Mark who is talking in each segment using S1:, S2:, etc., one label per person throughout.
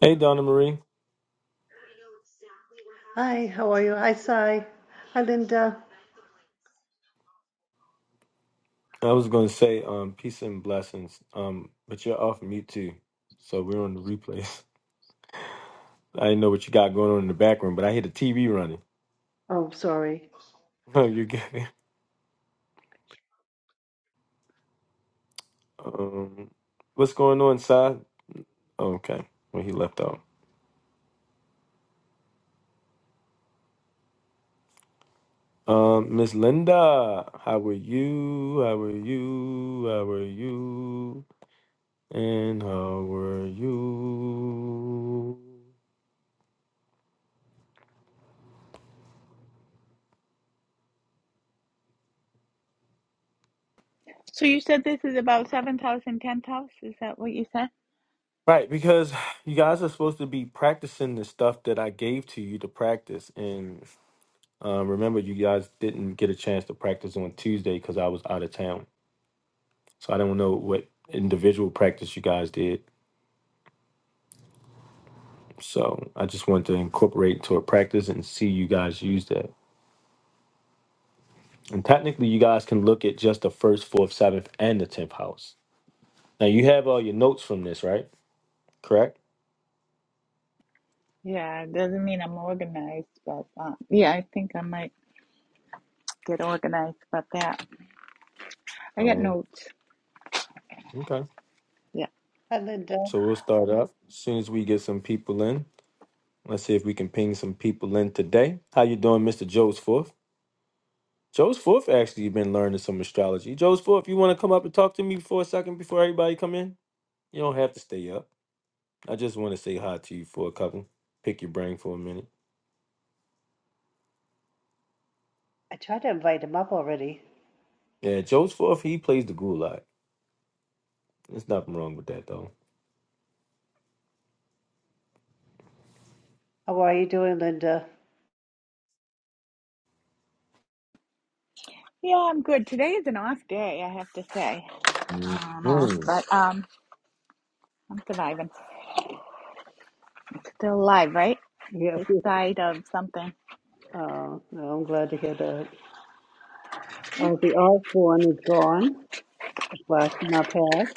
S1: Hey, Donna Marie.
S2: Hi, how are you? Hi, Sai. Hi, Linda.
S1: I was going to say um, peace and blessings, um, but you're off mute too. So we're on the replays. I didn't know what you got going on in the background, but I hear the TV running.
S2: Oh, sorry.
S1: No, you're good. Um, what's going on, Si? Okay, well, he left out. Um, Miss Linda, how are you? How are you? How are you? And how are you?
S3: So you said this is about seventh house and tenth house? Is that what you said?
S1: Right, because you guys are supposed to be practicing the stuff that I gave to you to practice. And um, remember, you guys didn't get a chance to practice on Tuesday because I was out of town. So I don't know what individual practice you guys did. So I just wanted to incorporate into a practice and see you guys use that. And technically, you guys can look at just the first, fourth, seventh, and the tenth house. Now, you have all your notes from this, right? Correct?
S3: Yeah, it doesn't mean I'm organized, but uh, yeah, I think I might get organized about that. I got
S1: Um,
S3: notes.
S1: okay.
S3: Yeah.
S2: Hi, Linda.
S1: So we'll start up as soon as we get some people in. Let's see if we can ping some people in today. How you doing, Mr. Joe's Fourth? Joe's Fourth actually been learning some astrology. Joe's Fourth, you want to come up and talk to me for a second before everybody come in? You don't have to stay up. I just want to say hi to you for a couple. Pick your brain for a minute.
S2: I tried to invite him up already.
S1: Yeah, Joe's Fourth, he plays the gulag. There's nothing wrong with that though.
S2: How are you doing, Linda?
S3: Yeah, I'm good. Today is an off day, I have to say. I don't know,
S1: Mhm.
S3: but um, I'm surviving. Still alive, right?
S2: Yes.
S3: This side of something.
S2: Oh, no, I'm glad to hear that. Ozzy Osbourne is gone. Blast my past.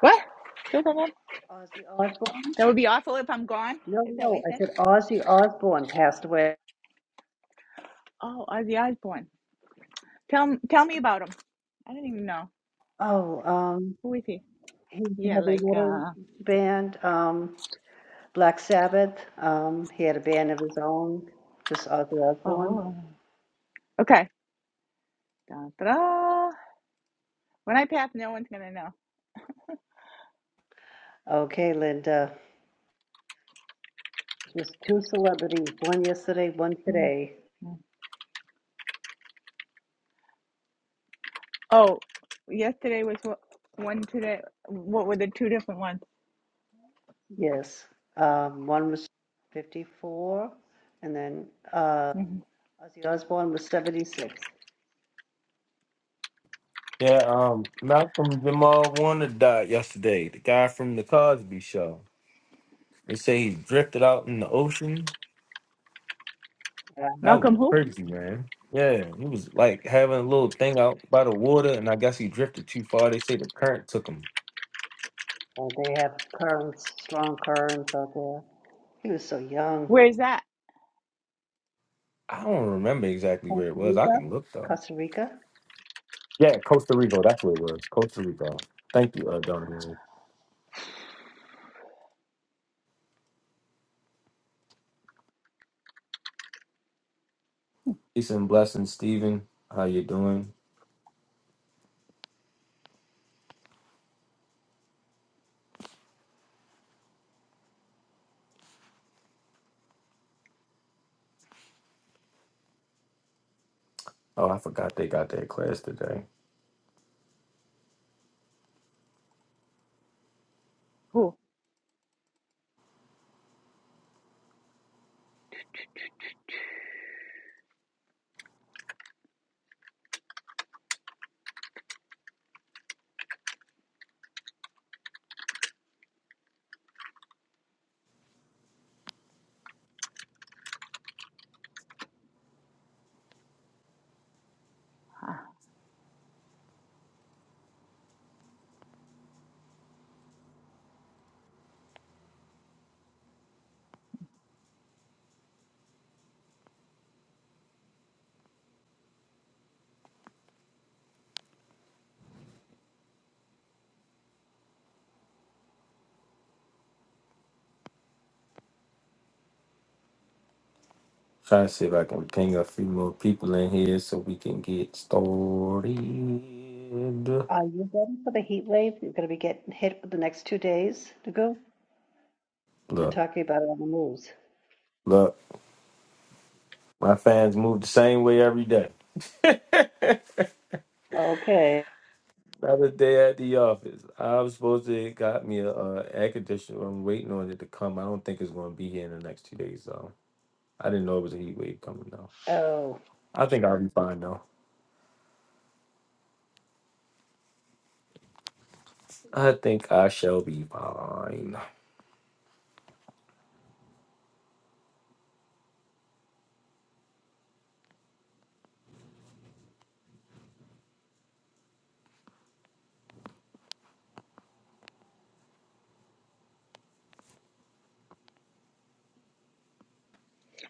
S3: What? Still alive?
S2: Ozzy Osbourne?
S3: That would be awful if I'm gone.
S2: No,
S3: Is that what
S2: no,
S3: you
S2: I
S3: said?
S2: said Ozzy Osbourne passed away.
S3: Oh, Ozzy Osbourne. Tell tell me about him. I don't even know.
S2: Oh, um,
S3: Who is he?
S2: he's a
S3: Yeah,
S2: heavy
S3: like
S2: metal
S3: uh
S2: band, um, Black Sabbath. Um, he had a band of his own, just Ozzy Osbourne.
S3: oh. Okay. Da-da-da. When I pass, no one's gonna know.
S2: Okay, Linda, just two celebrities, one yesterday, one
S3: Mm,
S2: today.
S3: mm. Oh, yesterday was what one today. What were the two different ones?
S2: Yes, um, one was 54, and then uh,
S3: Mhm.
S2: Ozzy Osbourne was 76.
S1: Yeah, um, Malcolm Jamal Warner died yesterday. The guy from the Cosby Show. They say he drifted out in the ocean That
S2: Um,
S1: was
S3: Malcolm, who?
S1: crazy, man. Yeah, he was like having a little thing out by the water, and I guess he drifted too far. They say the current took him.
S2: uh, they have currents, strong currents out there. He was so young.
S3: Where's that?
S1: I don't remember exactly where it
S2: Costa
S1: was. I
S2: Rica,
S1: can look though.
S2: Costa Rica.
S1: Yeah, Costa Rica. That's where it was. Costa Rica. Thank you, uh, Donovan. Peace and blessings, Stephen. How you doing? Oh, I forgot they got that class today.
S3: Who? Ah.
S1: Trying to see if I can ping a few more people in here so we can get started.
S2: Are you ready for the heat wave? You're going to be getting hit for the next two days to go. They're
S1: Look,
S2: talking about it on the news.
S1: look, my fans move the same way every day.
S2: Okay.
S1: Another day at the office. I was supposed to got me a uh, air conditioner. I'm waiting on it to come. I don't think it's going to be here in the next two days, though. I didn't know it was a heat wave coming, though.
S2: Oh,
S1: I think I'll be fine, though. I think I shall be fine.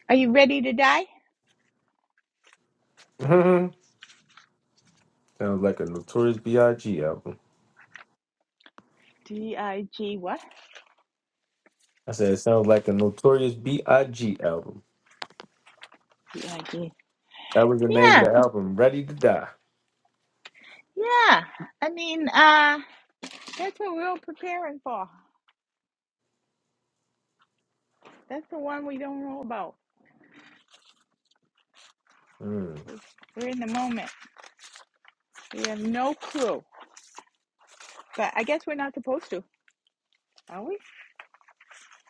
S3: Are you ready to die?
S1: sounds like a Notorious B.I.G. album.
S3: D I G what?
S1: I said it sounds like a Notorious B.I.G. album.
S3: D I G.
S1: That was the name of
S3: Yeah,
S1: the album, Ready to Die.
S3: yeah. I mean, uh, that's what we're all preparing for. That's the one we don't know about.
S1: Mm.
S3: We- We're in the moment. We have no clue. But I guess we're not supposed to, are we?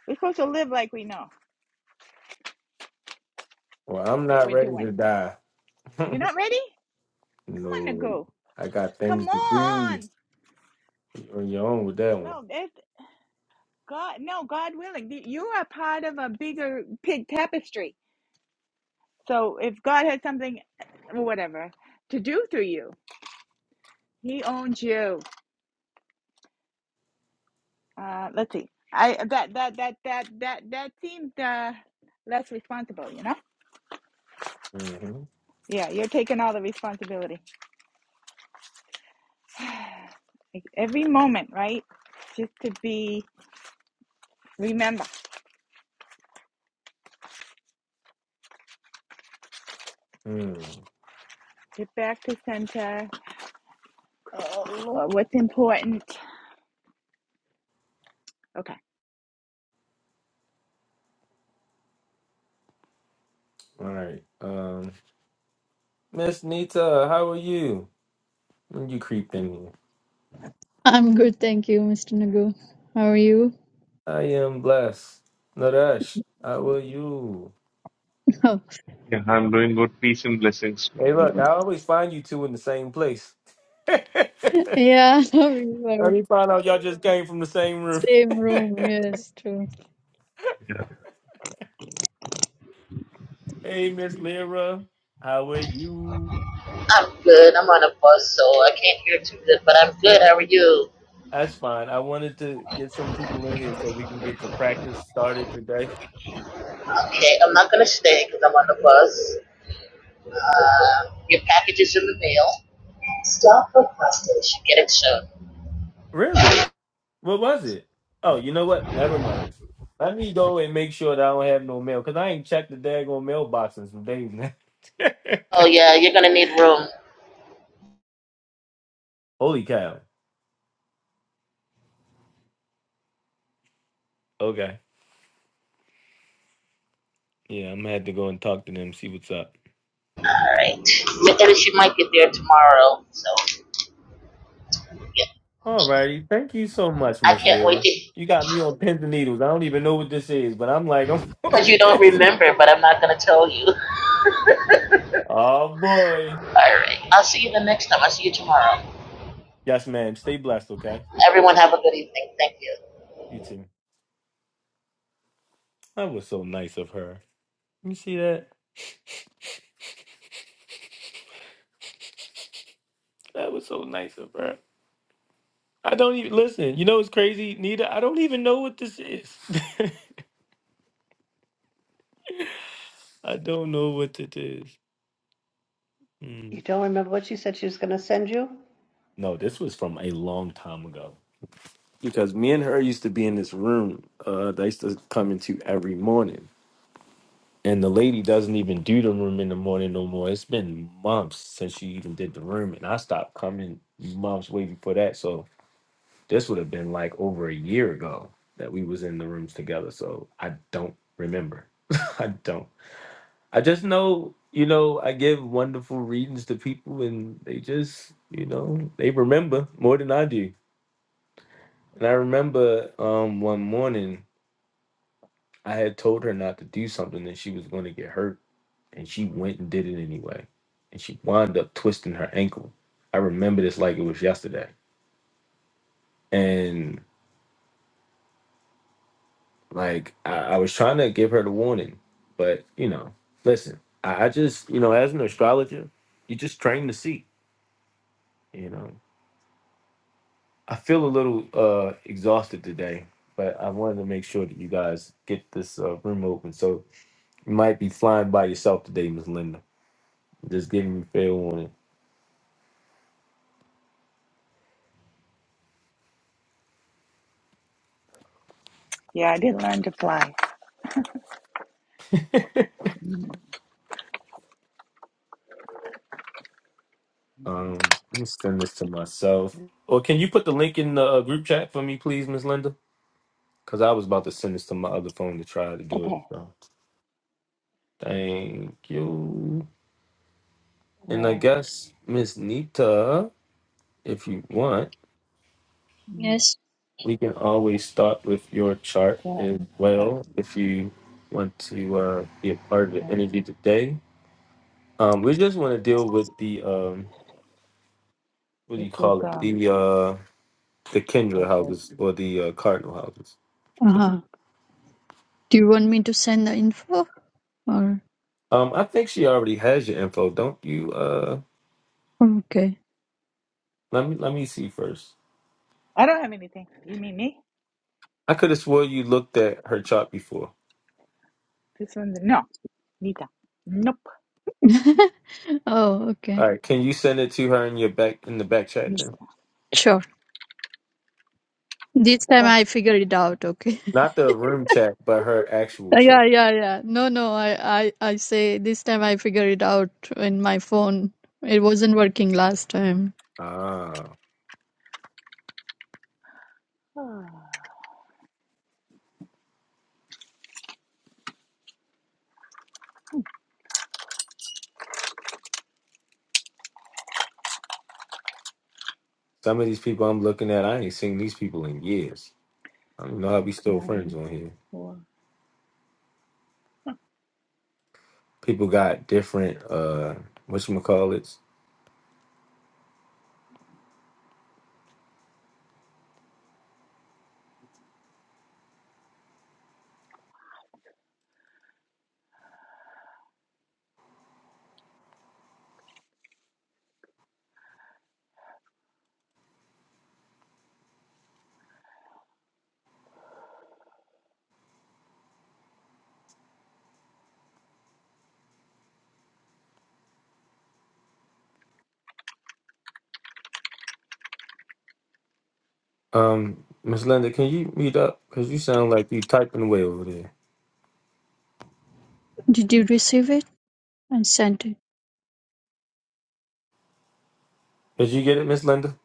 S3: We're supposed to live like we know
S1: Well, I'm
S3: what
S1: not
S3: we're
S1: ready
S3: doing.
S1: to die.
S3: You're not ready? Come on,
S1: no,
S3: go.
S1: I got
S3: Come
S1: things to do.
S3: on.
S1: You're on your own with that one.
S3: No, it, God. No, God willing, you are part of a bigger pig tapestry. So if God has something, uh, whatever, to do through you, He owns you. Uh, let's see. I that that that that that that seemed uh, less responsible. You know?
S1: Mm-hmm.
S3: Yeah, you're taking all the responsibility. Like every moment, right? Just to be. Remember,
S1: Hmm.
S3: get back to center. uh, What's important? Okay.
S1: all right. Um, Miss Nita, how are you? When you creeped in here,
S4: I'm good, thank you, Mr. Nagu. How are you?
S1: I am blessed. Naresh, how are you?
S4: Oh,
S5: Yeah, I'm doing good. Peace and blessings.
S1: Hey, look, I always find you two in the same place.
S4: yeah, we
S1: Let
S4: were
S1: me find out y'all just came from the same room.
S4: same room. Yes, true.
S1: Hey, Miss Lyra, how are you?
S6: I'm good. I'm on a bus, so I can't hear too good, but I'm good. How are you?
S1: That's fine. I wanted to get some people in here so we can get the practice started today.
S6: Okay, I'm not gonna stay because I'm on the bus. Your package is in the mail. Stop for bus station. Get it soon.
S1: Really? What was it? Oh, you know what? Never mind. Let me go and make sure that I don't have no mail because I ain't checked the daggone mailbox in some days now.
S6: Oh yeah, you're gonna need room.
S1: Holy cow. Okay. Yeah, I'm gonna have to go and talk to them, see what's up.
S6: All right. And she might get there tomorrow, so yeah.
S1: Alrighty. Thank you so much,
S6: I
S1: Miss
S6: can't wait
S1: Lyra.
S6: to
S1: You got me on pins and needles. I don't even know what this is, but I'm like, I'm on
S6: because you don't
S1: pins and-
S6: remember, but I'm not gonna tell you.
S1: Oh boy.
S6: All right. I'll see you the next time. I'll see you tomorrow.
S1: Yes, ma'am. Stay blessed, okay?
S6: Everyone have a good evening. Thank you.
S1: You too. That was so nice of her. You see that? That was so nice of her. I don't even listen. You know what's crazy, Nita? I don't even know what this is. I don't know what it is. Mm.
S2: you don't remember what she said she was going to send you?
S1: No, this was from a long time ago because me and her used to be in this room. Uh, that I used to come into every morning, and the lady doesn't even do the room in the morning no more. It's been months since she even did the room, and I stopped coming months way before that. So this would have been like over a year ago that we was in the rooms together. So I don't remember. I don't. I just know, you know, I give wonderful readings to people and they just, you know, they remember more than I do. And I remember um one morning I had told her not to do something and she was going to get hurt and she went and did it anyway. And she wound up twisting her ankle. I remember this like it was yesterday. And like I, I was trying to give her the warning, but you know, listen, I, I just, you know, as an astrologer, you just train to see, you know. I feel a little uh exhausted today, but I wanted to make sure that you guys get this uh, room open. So you might be flying by yourself today, Miss Linda. Just giving you fair warning.
S3: Yeah, I did learn to fly.
S1: Um, let me send this to myself. Or can you put the link in the uh, group chat for me, please, Miss Linda? Because I was about to send this to my other phone to try to do it.
S3: Okay.
S1: So. Thank you. And I
S3: Oh,
S1: guess Miss Nita, if you want.
S4: Yes.
S1: We can always start with your chart
S3: that,
S1: as
S3: that-
S1: well if you want to uh, be a part of the energy today. Um, we just want to deal with the um, what do
S3: this
S1: you
S3: is
S1: call it?
S3: um
S1: The uh, the Kendra
S3: okay.
S1: houses or the uh, Cardinal houses.
S4: Uh huh. Do you want me to send the info or
S1: Um, I think she already has your info, don't you? Uh,
S4: okay?
S1: let me let me see first.
S3: I don't have anything. You mean me?
S1: I could have swore you looked at her chart before.
S3: This one's no. Nita. Nope.
S4: oh,
S1: All
S4: okay.
S1: right, can you send it to her in your back in the back chat
S3: Nita.
S1: then?
S4: Sure. This time
S3: Go.
S4: I figure it out. Okay.
S1: Not the room chat, but her actual
S4: Uh,
S1: chat.
S4: yeah, yeah, yeah. No, no. I, I, I say this time I figure it out in my phone. It wasn't working last time.
S1: Ah.
S3: Ah,
S1: Some of these people I'm looking at, I ain't seen these people in years. I don't know how we still
S3: okay.
S1: friends on here.
S3: Well. All
S1: People got different uh whatchamacallits. Um, Miss Linda, can you mute up? Cause you sound like you typing away over there.
S4: Did you receive it? I sent it.
S1: Did you get it, Miss Linda?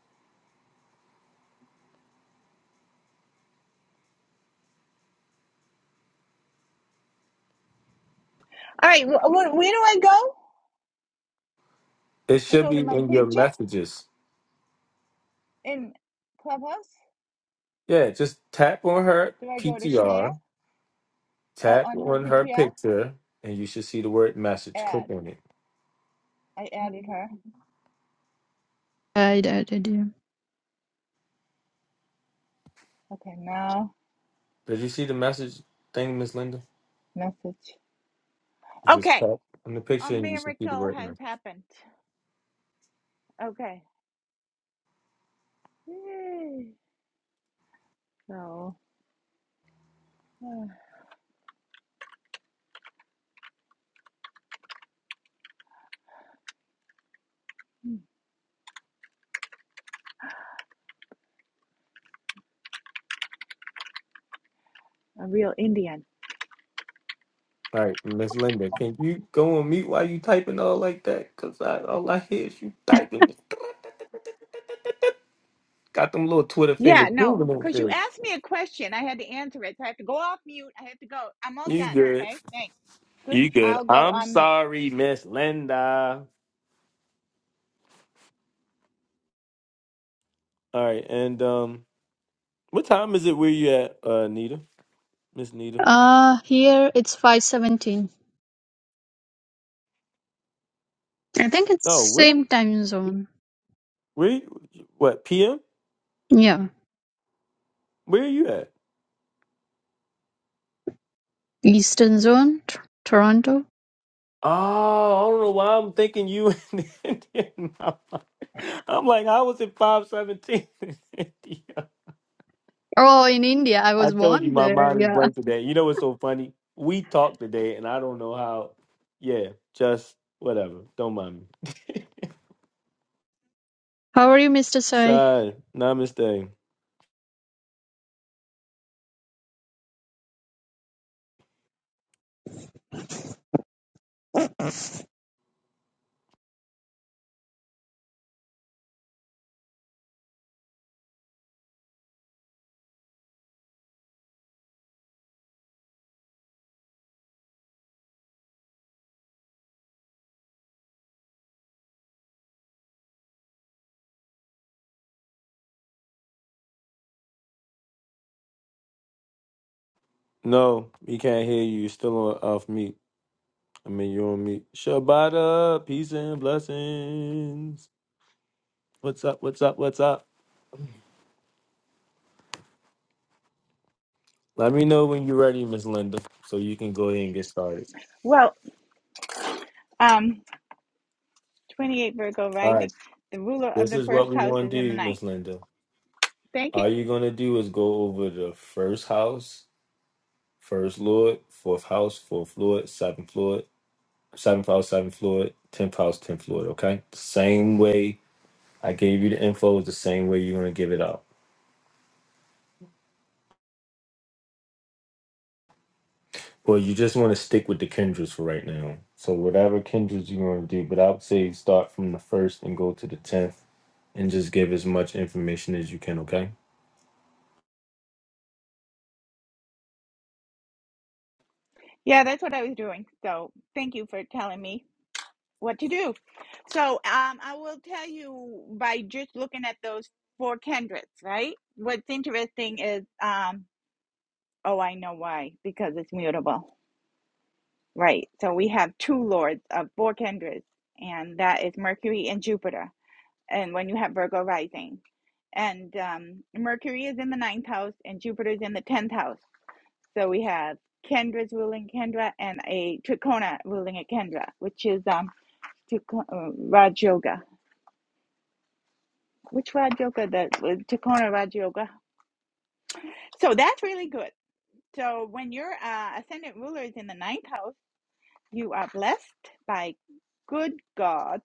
S3: right. Wh- wh- where do I go?
S1: It
S3: I
S1: should
S3: go
S1: be
S3: to my
S1: in your
S3: picture
S1: messages.
S3: in Clubhouse.
S1: Yeah, just tap on her
S3: Do I go to share?
S1: PTR,
S3: Oh,
S1: tap
S3: on her
S1: on her
S3: PTR?
S1: picture, and you should see the word message. Click
S3: Add.
S1: on it.
S3: I added her.
S4: I, I did. Yeah.
S3: Okay. Now
S1: Did you see the message thing, Miss Linda?
S3: message.
S1: Just
S3: Okay.
S1: tap on the
S3: A
S1: picture and you should see the
S3: miracle
S1: word message.
S3: has happened. Okay. Yay. So. uh, Mm, A real Indian.
S1: All right, Miss Linda, can you go on mute while you typing all like that? Cause I, all I hear is you typing. Got them little Twitter fingers
S3: Yeah, no,
S1: moving over
S3: because you
S1: there.
S3: asked me a question. I had to answer it. So I have to go off mute. I have to go. I'm all
S1: You
S3: done.
S1: good?
S3: Okay, thanks. Good.
S1: You good?
S3: I'll go
S1: I'm
S3: on mute.
S1: sorry, Miss Linda. All right, and um, what time is it? Where you at, uh, Nita? Miss Nita?
S4: Uh, here it's 517. I think
S1: Oh,
S4: it's
S1: where?
S4: same time zone.
S1: Where? you- What? PM?
S4: Yeah.
S1: Where are you at?
S4: Eastern zone, T- Toronto.
S1: Oh, I don't know why I'm thinking you in India. I'm like, I was at five seventeen.
S4: Oh, in India. I
S1: I
S4: was
S1: told you
S4: born
S1: my
S4: there.
S1: mind is
S4: Yeah.
S1: blank today. You know what's so funny? We talked today, and I don't know how. Yeah, just whatever. Don't mind me.
S4: How are you, Mr. Sai?
S1: Side, namaste. No, we can't hear you. You're still on off mute. I mean, you're on mute. Shabbat, peace and blessings. What's up? What's up? What's up? Let me know when you're ready, Miss Linda, so you can go ahead and get started.
S3: Well, um, 28 Virgo
S1: All right,
S3: rising. The ruler of
S1: this
S3: the
S1: is
S3: first
S1: what we
S3: house
S1: want
S3: is in
S1: to
S3: the
S1: do,
S3: ninth.
S1: Miss Linda.
S3: Thank you.
S1: All you're going to do is go over the first house First Lord, fourth house, fourth Lord, seventh Lord, seventh house, seventh Lord, tenth house, tenth Lord. Okay, same way I gave you the info is the same way you're gonna give it out. Well, you just want to stick with the kindreds for right now. So whatever kindreds you want to do, but I would say start from the first and go to the tenth, and just give as much information as you can. Okay.
S3: Yeah, that's what I was doing. So thank you for telling me what to do. So um, I will tell you by just looking at those four Kendricks, right? What's interesting is, um, oh, I know why, because it's mutable. Right. So we have two lords of four kindreds, and that is Mercury and Jupiter. And when you have Virgo rising, and um, Mercury is in the ninth house, and Jupiter is in the tenth house. So we have Kendra's ruling Kendra and a Trikona ruling a Kendra, which is um, Trik- uh, Raj Yoga. Which Raj Yoga? The uh, Trikona Raj Yoga. So that's really good. So when your uh, ascendant ruler is in the ninth house, you are blessed by good God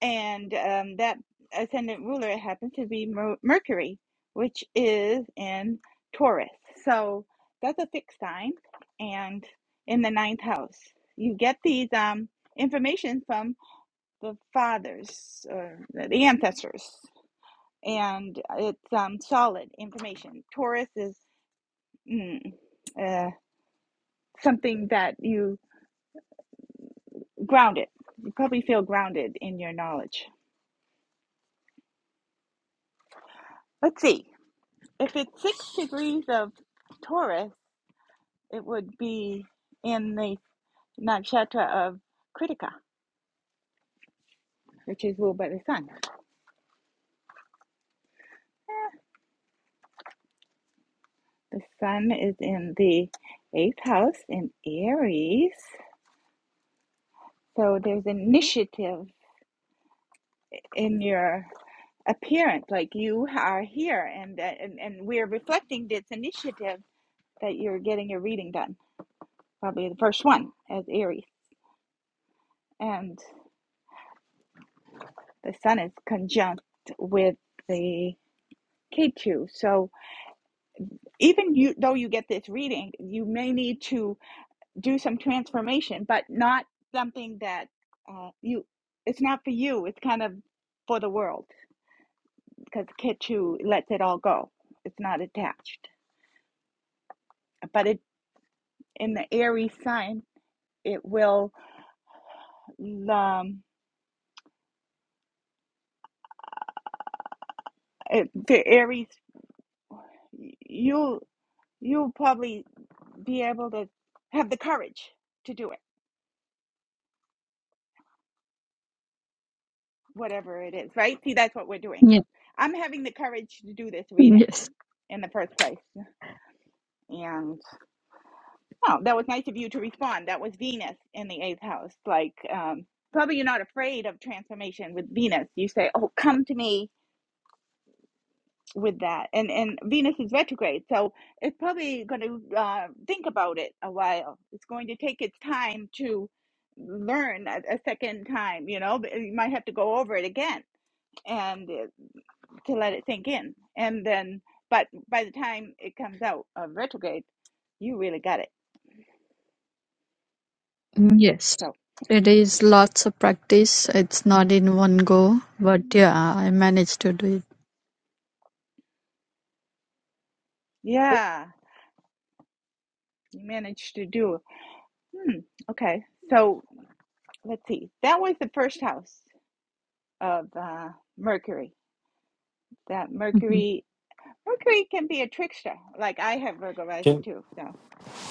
S3: and um, that ascendant ruler happens to be Mer- Mercury, which is in Taurus. So that's a fixed sign, and in the ninth house, you get these um, information from the fathers or the ancestors, and it's um, solid information. Taurus is mm, uh, something that you grounded. You probably feel grounded in your knowledge. Let's see. if it's six degrees of Taurus, it would be in the nakshatra of Kritika, which is ruled by the sun. The sun is in the eighth house in Aries. So there's initiative in your appearance. Like you are here and, and, and we're reflecting this initiative that you're getting your reading done. Probably the first one as Aries. And the sun is conjunct with the K2. So even you though you get this reading you may need to do some transformation but not something that uh, you it's not for you it's kind of for the world because Ketu lets it all go it's not attached but it in the aries sign it will um it, the aries you you'll you'll probably be able to have the courage to do it whatever it is, right? See, that's what we're doing.
S4: Yeah.
S3: I'm having the courage to do this reading
S4: Yes.
S3: in the first place. And oh, that was nice of you to respond. That was Venus in the eighth house. Like, um, probably you're not afraid of transformation with Venus. You say, "Oh, come to me with that." And and Venus is retrograde, so it's probably going to uh, think about it a while. It's going to take its time to learn a, a second time. You know, But you might have to go over it again. And to let it sink in. And then, but by the time it comes out of retrograde, you really got it.
S4: Yes.
S3: So,
S4: It is lots of practice. It's not in one go, but yeah, I managed to do it.
S3: yeah, you managed to do. Hmm, okay. So, let's see. That was the first house of uh, Mercury. That
S4: Mhm.
S3: Mercury, Mercury can be a trickster. Like I have Virgo rising
S1: Can
S3: too. So,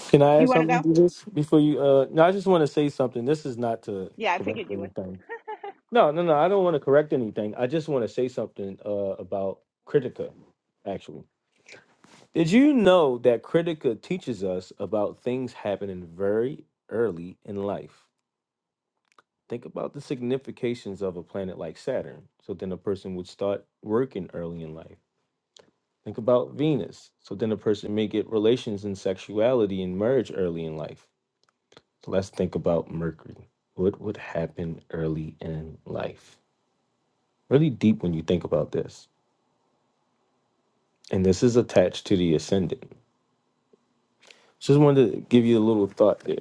S1: Can I
S3: you
S1: add
S3: want to
S1: something
S3: go?
S1: to this before you? Uh, no, I just want to say something. This is not to
S3: Yeah, I
S1: correct
S3: figured you would.
S1: everything. No, no, no. I don't want to correct anything. I just want to say something uh, about Critica, actually. Did you know that Critica teaches us about things happening very early in life? Think about the significations of a planet like Saturn. So then a person would start working early in life. Think about Venus. So then a person may get relations and sexuality and merge early in life. So let's think about Mercury. What would happen early in life? Really deep when you think about this. And this is attached to the ascendant. So, Just wanted to give you a little thought there.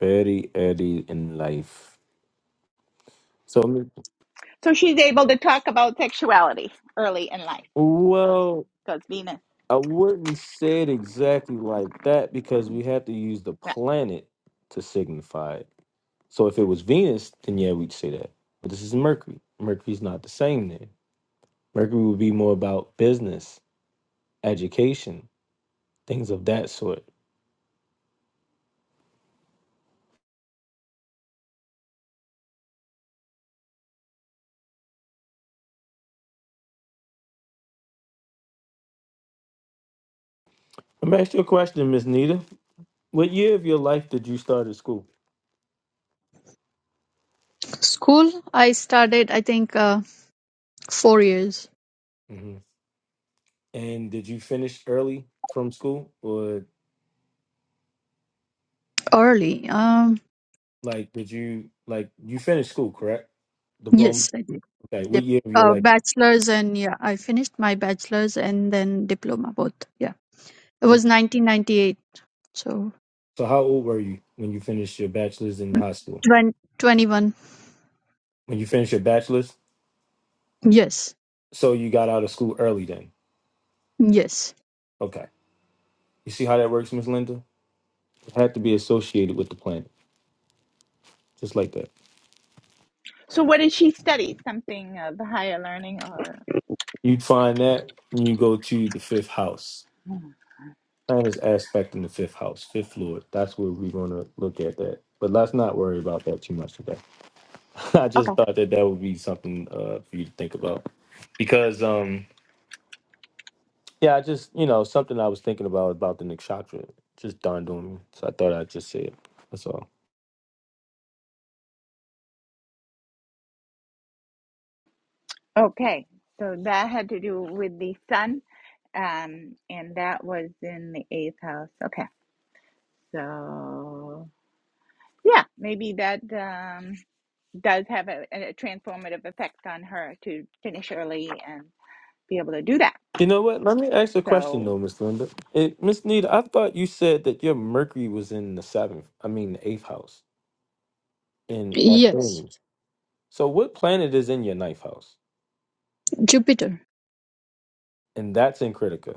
S1: Very early in life. So, I mean,
S3: So, she's able to talk about sexuality early in life
S1: well,
S3: because Venus.
S1: I wouldn't say it exactly like that because we have to use the
S3: Yeah.
S1: planet to signify it. So, if it was Venus, then yeah, we'd say that. But this is Mercury. Mercury's not the same there. Mercury would be more about business, education, things of that sort. I'm asking you a question, Miss Nita. What year of your life did you start at school?
S4: School, I started, I think, uh, four years
S1: Mhm. And did you finish early from school, or
S4: early. Um.
S1: like did you like you finished school, correct? Diploma.
S4: Yes, I did.
S1: Okay, what
S4: Dip,
S1: year of your
S4: uh,
S1: life?
S4: bachelor's and yeah, I finished my bachelor's and then diploma both. Yeah, it was
S1: So
S4: 1998, so
S1: how old were you when you finished your bachelor's in high school?
S4: 20 21.
S1: When you finished your bachelor's,
S4: Yes,
S1: so you got out of school early then.
S4: yes,
S1: Okay, you see how that works, Miss Linda? It had to be associated with the planet, just like that.
S3: So, what did she study? Something of higher learning or?
S1: You'd find that when you go to the fifth house. Planet is aspect in the fifth house, fifth lord. That's where we're gonna look at that. But let's not worry about that too much today. I
S3: Okay.
S1: just thought that that would be something uh, for you to think about because um yeah, I just you know something I was thinking about about the nakshatra just dawned on me, so I thought I'd just say it. That's all.
S3: Okay. So that had to do with the sun, um, and that was in the eighth house. Okay. So yeah, maybe that um, does have a, a transformative effect on her to finish early and be able to do that.
S1: You know what? Let me ask a question
S3: So
S1: though, Miss Linda. It, Miss Nita, I thought you said that your Mercury was in the seventh, I mean the eighth house in
S4: yes.
S1: Athens. So what planet is in your ninth house?
S4: Jupiter.
S1: And that's in Critica.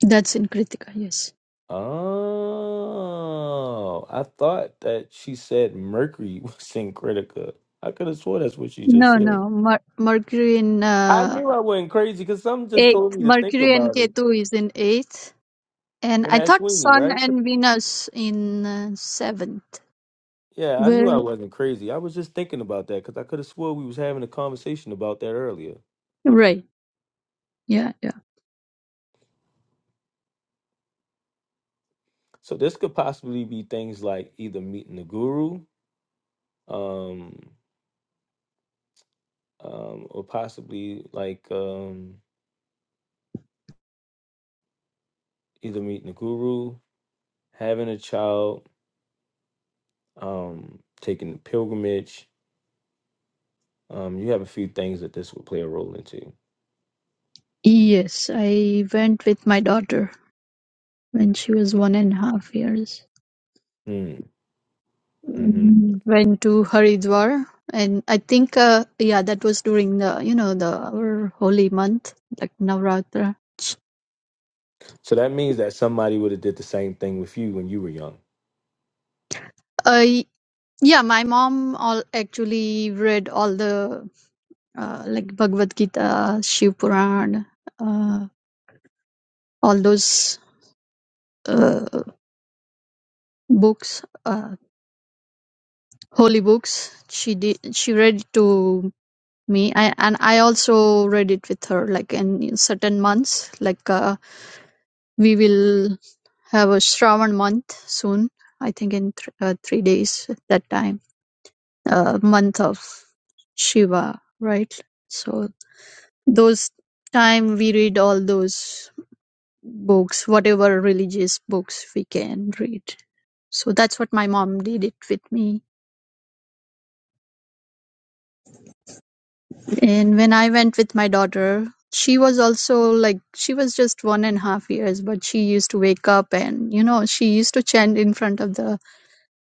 S4: That's in Kritika. Yes.
S1: Oh, I thought that she said Mercury was in Critica. I could have swore that's what she just
S4: No,
S1: said.
S4: no. Mer- Mercury in
S1: I
S4: uh,
S1: knew I wasn't crazy because something just told
S4: eighth.
S1: me to think
S4: Mercury and
S1: about it.
S4: Ketu is in eighth, and
S1: And
S4: I
S1: Ashwini,
S4: thought Sun
S1: right?
S4: and Venus in uh, seventh.
S1: Yeah, I knew
S4: Well,
S1: I wasn't crazy. I was just thinking about that because I could have swore we was having a conversation about that earlier.
S4: right. Yeah, yeah.
S1: So this could possibly be things like either meeting the guru, um, um, or possibly like um, either meeting the guru, having a child, um, taking the pilgrimage. Um, you have a few things that this would play a role into.
S4: Yes, I went with my daughter. when she was one and a half years.
S1: Mm, hmm
S4: Mm, Went to Haridwar, and I think, uh, yeah, that was during the you know the our holy month, like Navratra.
S1: So that means that somebody would have did the same thing with you when you were young.
S4: I yeah, my mom all actually read all the uh, like Bhagavad Gita, Shiv Puran, uh, all those uh, books, uh, holy books. She did. She read to me, I, and I also read it with her, like in certain months, like. Uh, We will have a Shravan month soon. I think in th- uh, three days at that time, uh, month of Shiva, right? So those time we read all those books, whatever religious books we can read. So that's what my mom did it with me. And when I went with my daughter, she was also like she was just one and a half years, but she used to wake up and you know she used to chant in front of the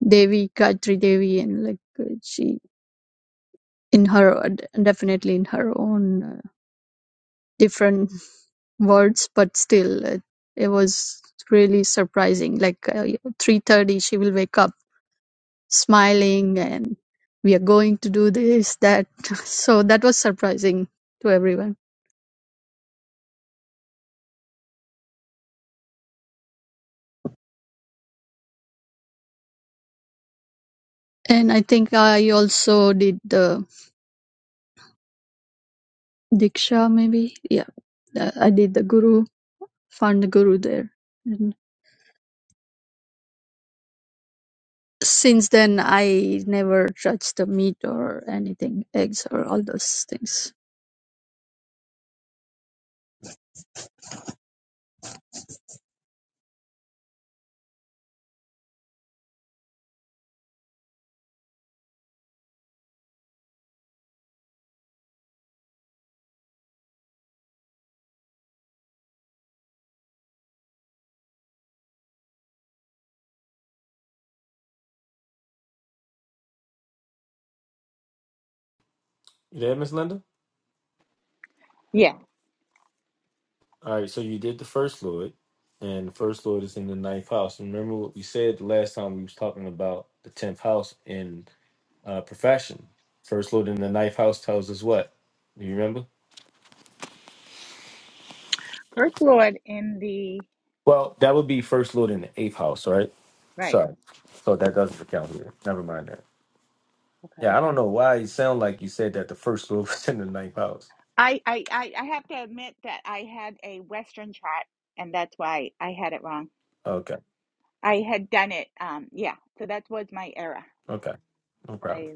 S4: Devi, Gayatri Devi, and like uh, she in her definitely in her own uh, different words, but still uh, it was really surprising. Like uh, three thirty, she will wake up smiling, and we are going to do this that. So that was surprising to everyone. And I think I also did the diksha, maybe. Yeah, uh, I did the guru, found the guru there. Since then, I never touched the meat or anything, eggs or all those things.
S1: You there, Miss Linda?
S3: yeah,
S1: All right. So you did the first Lord, and the first Lord is in the ninth house. And remember what we said the last time we was talking about the tenth house in uh, profession. First Lord in the ninth house tells us what? Do You remember?
S3: First Lord in the
S1: Well, that would be first Lord in the eighth house, right?
S3: right.
S1: Sorry. So that doesn't count here. Never mind that.
S3: Okay.
S1: Yeah, I don't know why it sounded like you said that the first lord was in the ninth house.
S3: I, I, I I have to admit that I had a Western chart, and that's why I had it wrong.
S1: Okay,
S3: I had done it. Um, yeah. So that was my error.
S1: okay, no problem.
S3: I.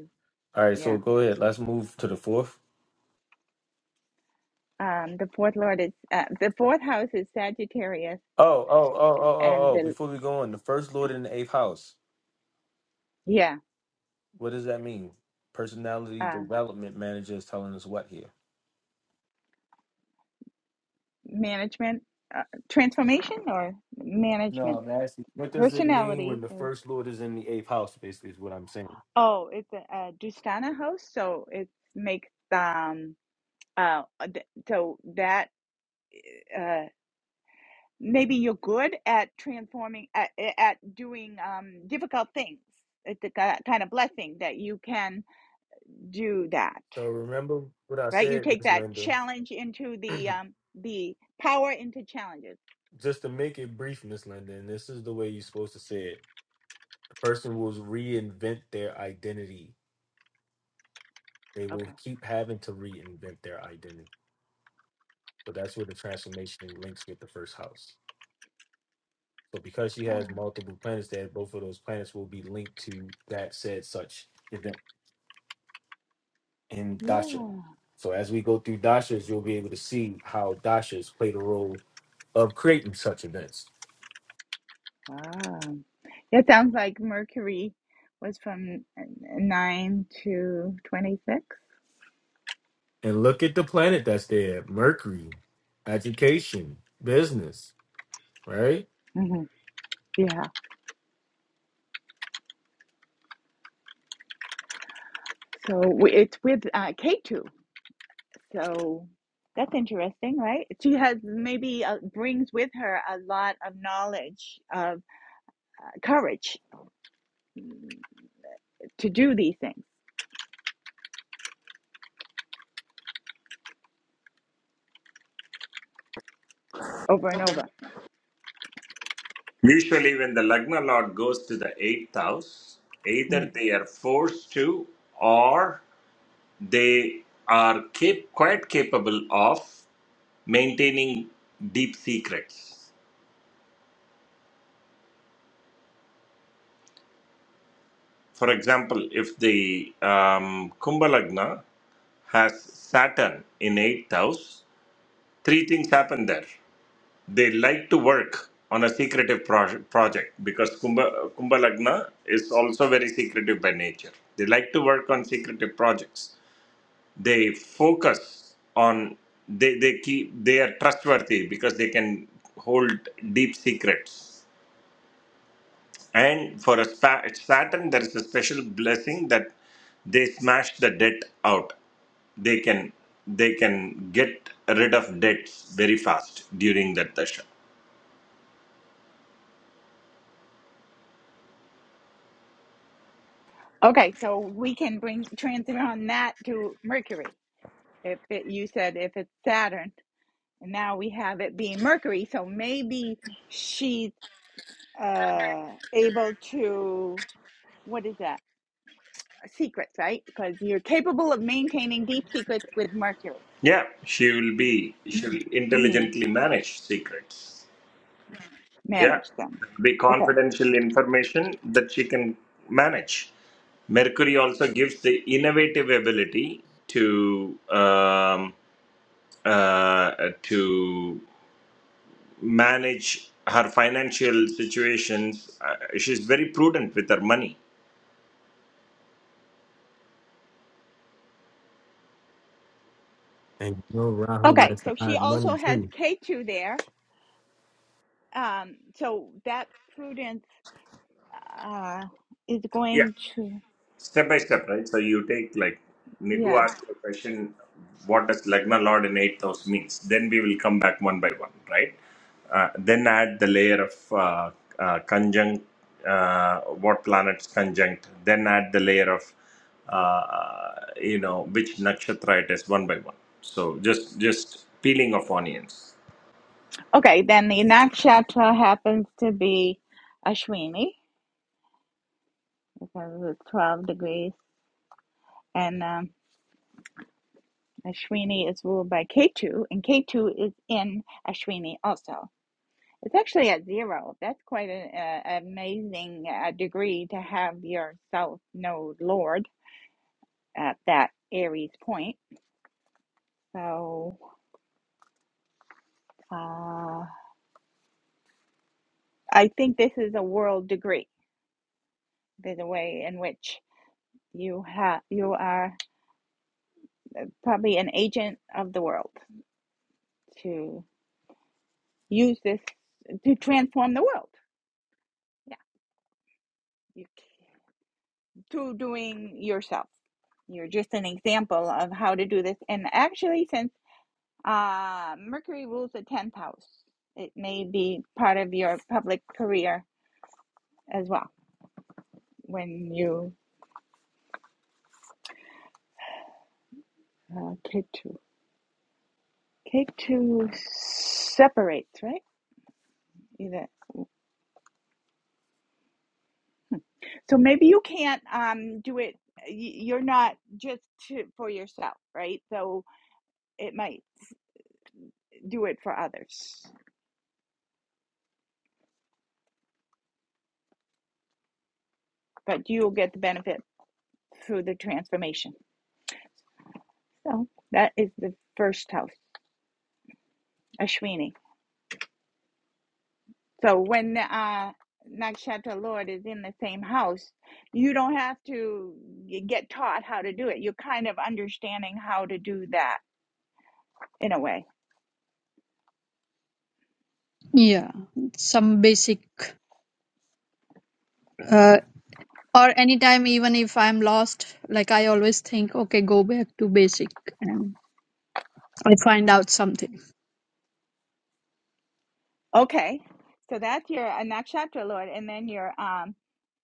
S1: All right, so
S3: Yeah.
S1: go ahead. Let's move to the fourth.
S3: Um, the fourth lord is uh, the fourth house is Sagittarius,
S1: Oh, oh, oh, oh, oh,
S3: and
S1: oh.
S3: the
S1: Before we go on, the first lord in the eighth house.
S3: yeah,
S1: What does that mean? Personality
S3: uh,
S1: development manager is telling us what here?
S3: management, uh, transformation or
S1: No,
S3: management.
S1: I'm asking. What does it mean when
S3: Personality
S1: the
S3: is
S1: first lord is in the eighth house? Basically, is what I'm saying.
S3: oh, it's a, a Dustana house, so it makes um uh th- so that uh maybe you're good at transforming at, at doing um difficult things. It's a ki- kind of blessing that you can do that.
S1: So remember what I
S3: right? You
S1: said,
S3: take
S1: Miss
S3: that
S1: Linda.
S3: challenge into the um, the power into challenges.
S1: Just to make it brief, Miss Linda, and this is the way you're supposed to say it. The person will reinvent their identity. They will
S3: Okay.
S1: keep having to reinvent their identity. So that's where the transformation links with the first house. So because she
S3: Oh,
S1: has multiple planets there, both of those planets will be linked to that said such event in
S3: yeah.
S1: Dasha.
S3: Wow.
S1: So as we go through Dashas, you'll be able to see how Dashas play the role of creating such events.
S3: That sounds like Mercury was from uh, nine to twenty mm
S1: And look at the planet that's there, Mercury, education, business, right?
S3: Mm-hmm. Yeah. So it's with uh, K two. So that's interesting, right? She has maybe uh, brings with her a lot of knowledge of uh, courage to do these things over and over.
S7: Usually, when the Lagna Lord goes to the eighth house,
S3: Mm-hmm.
S7: either they are forced to or they are cap- quite capable of maintaining deep secrets. For example, if the um, Kumbh Lagna has Saturn in eighth house, three things happen there. They like to work on a secretive proj- project because Kumbh, Kumbh Lagna is also very secretive by nature. They like to work on secretive projects they focus on they, they keep they are trustworthy because they can hold deep secrets and for a spa- saturn there is a special blessing that they smash the debt out they can they can get rid of debts very fast during that dasha
S3: Okay, so we can bring transit on that to Mercury. If it, you said if it's Saturn, and now we have it being Mercury, so maybe she's uh, able to what is that? Secrets, right? Because you're capable of maintaining deep secrets with Mercury.
S7: yeah she will be she will
S3: Mm,
S7: intelligently manage secrets Yeah,
S3: manage them.
S7: be
S3: Okay.
S7: confidential information that she can manage. Mercury also gives the innovative ability to um, uh, to manage her financial situations. Uh, she's very prudent with her money.
S1: And you know Rahu
S3: Okay,
S1: likes to
S3: so she
S1: hide money
S3: also has
S1: too.
S3: K2 there. Um, so that prudence uh, is
S7: Yeah.
S3: going to,
S7: step by step, right? So you take like Nigu
S3: yeah.
S7: asked you a question, what does Lagna Lord in eighth house means? Then we will come back one by one, right? Uh, then add the layer of uh, uh, conjunct, uh, what planets conjunct. Then add the layer of uh, you know which nakshatra it is one by one. So just just peeling of onions.
S3: Okay, then the nakshatra happens to be Ashwini because it's 12 degrees, and um, Ashwini is ruled by Ketu, and Ketu is in Ashwini also. It's actually at zero. That's quite an uh, amazing uh, degree to have your south node lord at that Aries point. So uh, I think this is a world degree. There's a way in which you have you are probably an agent of the world to use this to transform the world. Yeah, you, through doing yourself. You're just an example of how to do this. And actually, since uh, Mercury rules the 10th house, it may be part of your public career as well when you uh, K2. K2 separates, right? Either. So maybe you can't um, do it. You're not just to, for yourself, right? So it might. do it for others, but you'll get the benefit through the transformation. So that is the first house, Ashwini. So when uh, Nakshatra Lord is in the same house, you don't have to get taught how to do it. You're kind of understanding how to do that in a way.
S4: Yeah, some basic, uh, or anytime, even if I'm lost, like I always think, okay, go back to basic and I find out something.
S3: Okay, so that's your uh, Nakshatra Lord, and then your um,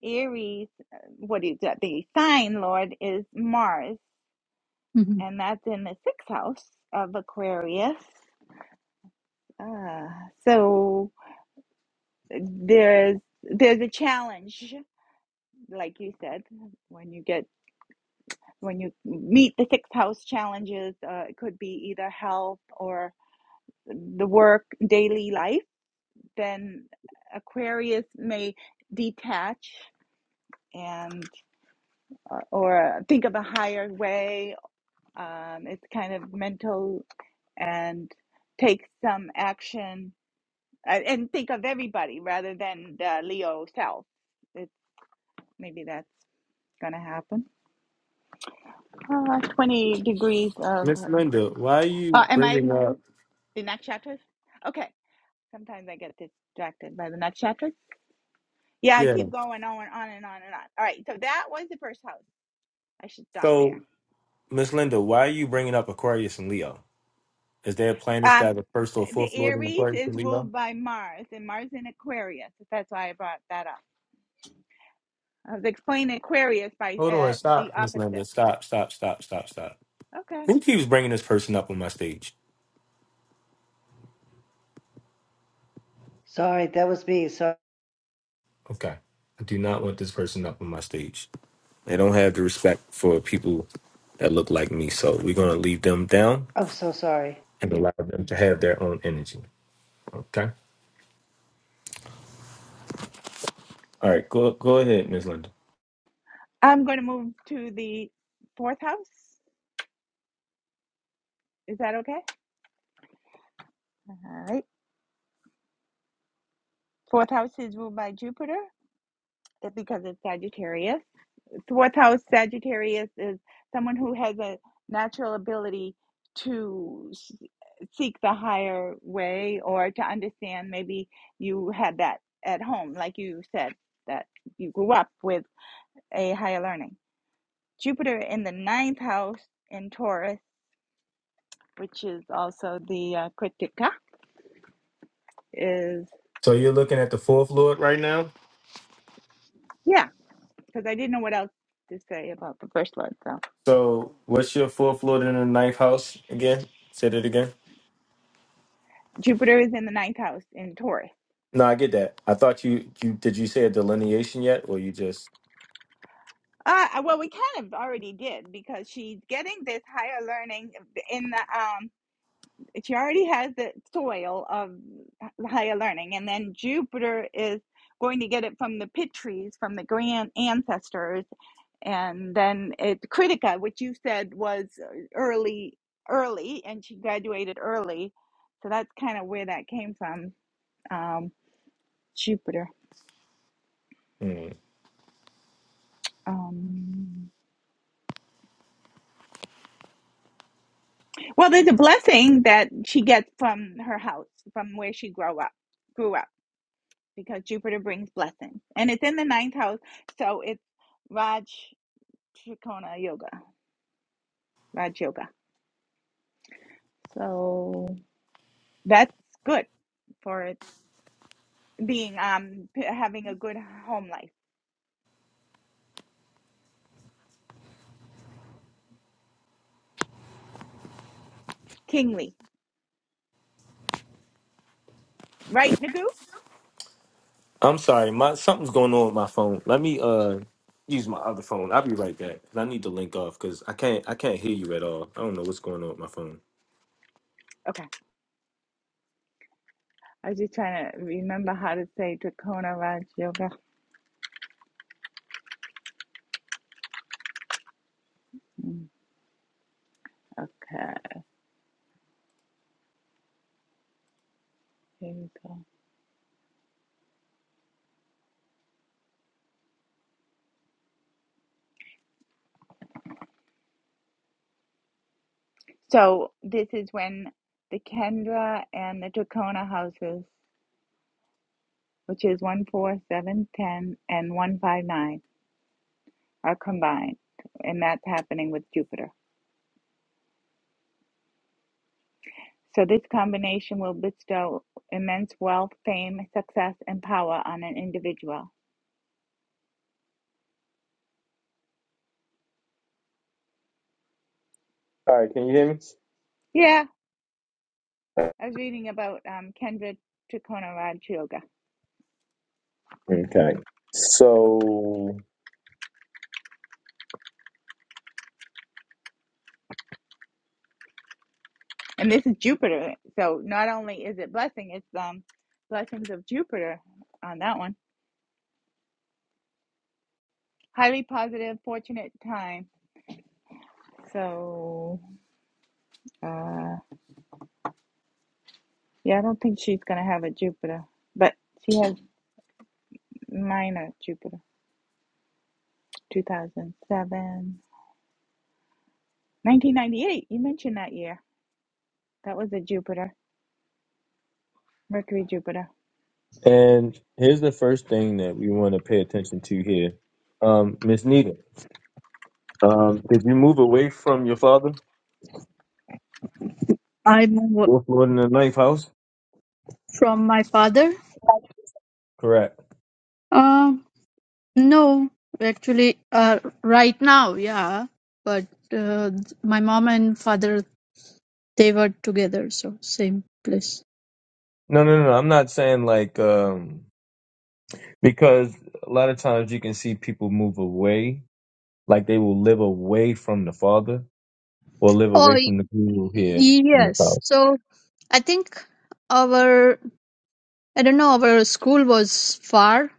S3: Aries, uh, what is that? The sign Lord is Mars,
S4: Mhm.
S3: and that's in the sixth house of Aquarius. Ah, so there's there's a challenge, like you said, when you get when you meet the six house challenges, uh, it could be either health or the work daily life. Then Aquarius may detach and or, or think of a higher way. Um, it's kind of mental and take some action uh, and think of everybody rather than the Leo self Maybe that's gonna happen. Uh, 20 degrees of.
S1: Miss Linda, why are
S3: Uh,
S1: you
S3: am I
S1: bringing up?
S3: the next chapter? Okay. Sometimes I get distracted by the next chapter. Yeah, I
S1: Yeah.
S3: keep going on and on and on and on. All right, so that was the first house. I should stop there.
S1: So, Miss Linda, why are you bringing up Aquarius and Leo? Is there planets that
S3: Um,
S1: have a first or
S3: the
S1: fourth lord in
S3: Aries
S1: Aquarius
S3: is
S1: and Leo?
S3: ruled by Mars, and Mars in Aquarius. That's why I brought that up. I was explaining Aquarius by
S1: Hold on,
S3: uh, the
S1: stop, Miss Linda.
S3: opposite.
S1: Stop, stop, stop, stop, stop.
S3: Okay.
S1: Who keeps bringing this person up on my stage?
S2: Sorry, that was me. So
S1: Okay. I do not want this person up on my stage. They don't have the respect for people that look like me. So, we're going to leave them down
S2: I'm so sorry.
S1: and allow them to have their own energy. Okay. All right. Go, go ahead, Miss Linda.
S3: I'm going to move to the fourth house. Is that okay? All right. Fourth house is ruled by Jupiter, That's because it's Sagittarius. It's Fourth house Sagittarius is someone who has a natural ability to s- seek the higher way or to understand. Maybe you had that at home, like you said, that you grew up with a higher learning. Jupiter in the ninth house in Taurus, which is also the uh, Kritika, is
S1: So, you're looking at the fourth lord right now?
S3: yeah, because I didn't know what else to say about the first lord. So
S1: So, what's your fourth lord in the ninth house again? Said it again.
S3: Jupiter is in the ninth house in Taurus
S1: No, I get that. I thought you you did you say a delineation yet, or you just?
S3: Uh, well, we kind of already did because she's getting this higher learning in the um. She already has the soil of higher learning, and then Jupiter is going to get it from the Pitris, from the grand ancestors, and then it's Critica, which you said was uh, early, early, and she graduated early, so that's kind of where that came from. Um, Jupiter.
S1: Hmm.
S3: Um, Well, there's a blessing that she gets from her house, from where she grow up, grew up, because Jupiter brings blessings, and it's in the ninth house, so it's Raj Trikona Yoga, Raj Yoga. So that's good for being um p- having a good home life, kingly, right, Nagu?
S1: I'm sorry, my something's going on with my phone. Let me uh use my other phone. I'll be right back. 'cause I need to link off because I can't I can't hear you at all. I don't know what's going on with my phone.
S3: Okay, I was just trying to remember how to say Trikona Raj Yoga. Mm, Okay, here we go. So this is when the Kendra and the Tacona houses, which is one four, seven, ten, and one five nine, are combined, and that's happening with Jupiter. So this combination will bestow immense wealth, fame, success, and power on an individual.
S1: All right, can you hear me?
S3: Yeah, I was reading about um, Kendra Tacona Raj Yoga,
S1: Okay. So,
S3: and this is Jupiter. So not only is it blessing, it's um blessings of Jupiter on that one. Highly positive, fortunate time So, uh, yeah, I don't think she's gonna have a Jupiter, but she has minor Jupiter. 2007, 1998. You mentioned that year. That was a Jupiter, Mercury Jupiter.
S1: and here's the first thing that we want to pay attention to here. Um, Miss Nita, um, did you move away from your father?
S4: I move
S1: Wolf Lord in the Knife House?
S4: from my father.
S1: Correct.
S4: Uh, no, actually, uh, right now, yeah, but uh, my mom and father they were together, so same place.
S1: No, no, no. no. I'm not saying like um because a lot of times you can see people move away, like they will live away from the father or live away
S4: Oh
S1: from the guru here in the
S4: Yes.
S1: house.
S4: So I think our I don't know our school was far,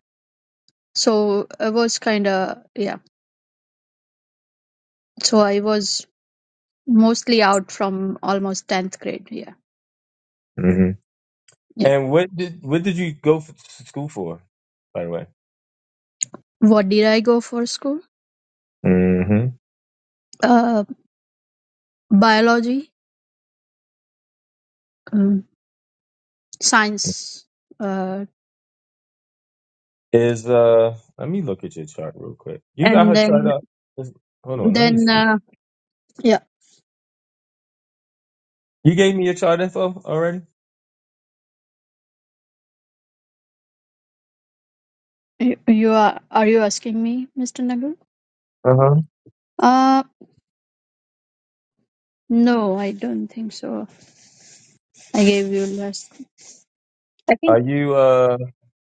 S4: so I was kind of yeah. So I was mostly out from almost tenth grade. Yeah,
S1: hmm
S4: yeah.
S1: And what did what did you go for, to school for, by the way?
S4: What did I go for school?
S1: hmm
S4: Uh, biology, um, science, uh,
S1: Is uh, let me look at your chart real quick. You got
S4: and
S1: her chart
S4: then
S1: up. Is- Hold on, let me
S4: then
S1: see.
S4: uh, yeah.
S1: You gave me your chart info already.
S4: You, you are are you asking me, Mr. Nagul?
S1: Uh huh.
S4: Uh, no, I don't think so. I gave you last. I think
S1: Are you uh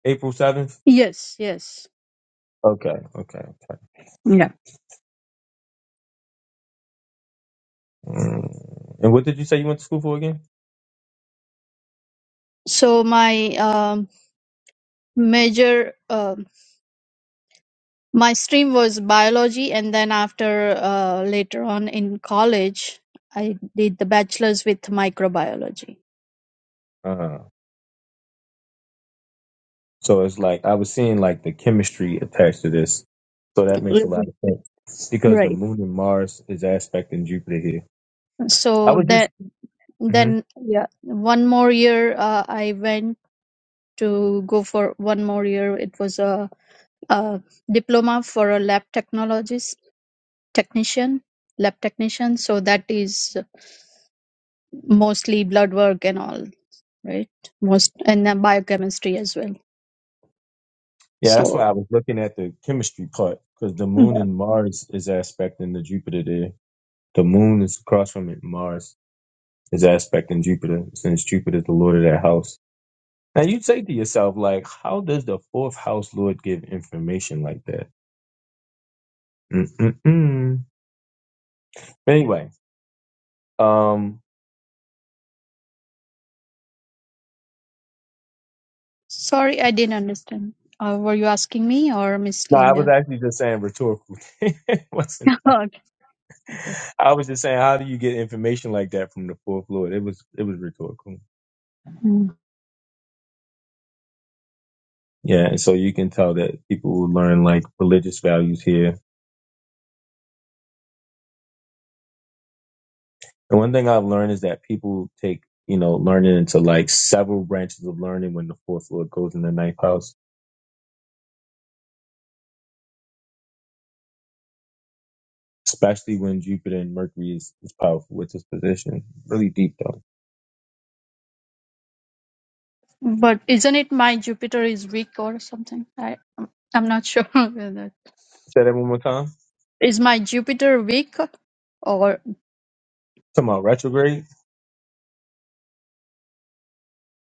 S1: April seventh?
S4: yes, yes.
S1: Okay, okay, okay.
S4: Yeah.
S1: Mm. And what did you say you went to school for again?
S4: so my um, major um my stream was biology and then after uh, later on in college i did the bachelor's with microbiology
S1: Uh, so it's like I was seeing like the chemistry attached to this, so that makes a lot
S4: Mhm.
S1: of sense because the
S4: right
S1: moon and Mars is aspecting Jupiter here. I
S4: so
S1: was just,
S4: that
S1: Mhm.
S4: then yeah one more year uh, i went to go for one more year it was a, a diploma for a lab technologist technician lab technician so that is mostly blood work and all right? Most and then biochemistry as well.
S1: yeah, that's why
S4: So
S1: I was looking at the chemistry part because the moon
S4: yeah.
S1: and Mars is aspecting the Jupiter there. The moon is across from it. Mars is aspecting Jupiter since Jupiter is the lord of that house. Now you say to yourself, like, how does the fourth house lord give information like that? Mm-mm-mm. Anyway, um,
S4: Sorry, I didn't understand. Uh, were you asking me or Miss
S1: no, I was
S4: Linda?
S1: actually just saying rhetorical. It wasn't.
S4: okay, okay.
S1: I was just saying, how do you get information like that from the fourth Lord? It was, it was rhetorical.
S4: Mm.
S1: Yeah, and so you can tell that people will learn like religious values here. And one thing I've learned is that people take, you know, learning into like several branches of learning when the fourth Lord goes in the ninth house, especially when Jupiter and Mercury is, is powerful with this position. Really deep though.
S4: But isn't it my Jupiter is weak or something? I I'm not sure. about that.
S1: Say that one more time.
S4: Is my Jupiter weak or
S1: Talking about retrograde.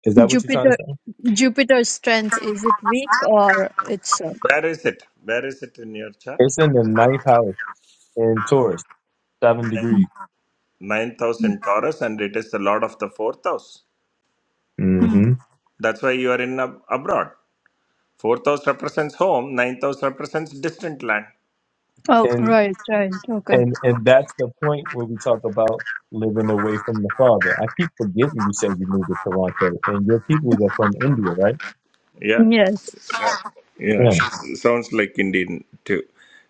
S1: Is that what you're trying to
S4: Jupiter
S1: say?
S4: Jupiter's strength is it weak or it's uh,
S7: Where is it? Where is it in your chart?
S1: It's in the ninth house in Taurus, seven
S4: Mm,
S1: degrees.
S7: Ninth house
S4: mm,
S7: in Taurus, and it is the Lord of the fourth house.
S4: mm.
S1: hmm
S7: That's why you are in ab- abroad. Fourth house represents home, ninth house represents distant land.
S4: oh
S1: And
S4: right right okay
S1: and and that's the point where we talk about living away from the father. I keep forgetting you said you moved to Toronto and your people are from India, right?
S7: Yeah,
S4: yes
S7: yeah,
S1: Yeah.
S7: sh- sounds like Indian too.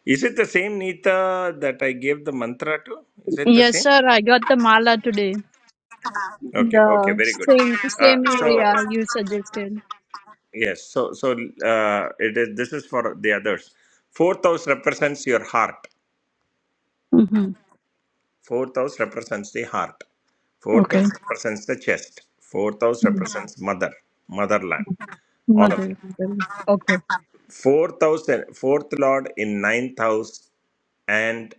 S7: Is it the same Nita that I gave the mantra to? Is it the
S4: yes
S7: same?
S4: sir I got the mala today
S7: Okay, okay,
S4: The
S7: very good.
S4: same
S7: Uh,
S4: same
S7: so
S4: area you suggested.
S7: yes, so so uh, it is. This is for the others. Fourth house represents your heart.
S4: Mm-hmm.
S7: Fourth house represents the heart. Fourth house
S4: Okay.
S7: represents the chest. Fourth house
S4: Mm,
S7: represents mother, motherland
S4: mm.
S7: All of.
S4: Mother. Well, Okay.
S7: Fourth house, and- fourth lord in ninth house, and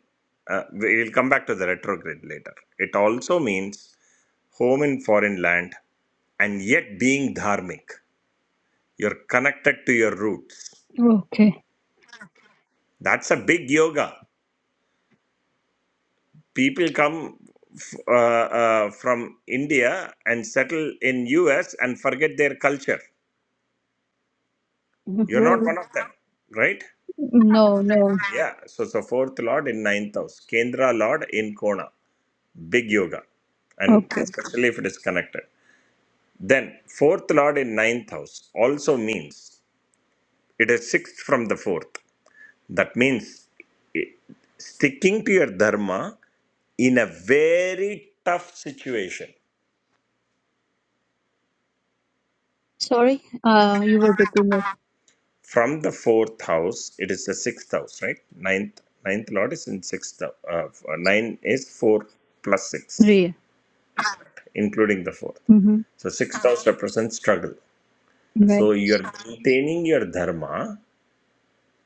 S7: uh, we will come back to the retrograde later. It also means home in foreign land and yet being dharmic. You're connected to your roots.
S4: Okay.
S7: That's a big yoga. People come f- uh, uh, from India and settle in US and forget their culture. You're not
S4: Right.
S7: one of them, right?
S4: no, no.
S7: Yeah. So, so fourth lord in ninth house, Kendra lord in Kona. big yoga and
S4: Okay.
S7: especially if it is connected then fourth lord in ninth house also means it is sixth from the fourth that means i- sticking to your dharma in a very tough situation
S4: Sorry. Uh, you were between us,
S7: from the fourth house it is the sixth house right ninth ninth lord is in sixth hou- uh, f- uh, nine is four plus six
S4: Rhea.
S7: including the fourth
S4: Mm-hmm.
S7: so sixth house represents struggle so
S4: Right.
S7: you are maintaining your dharma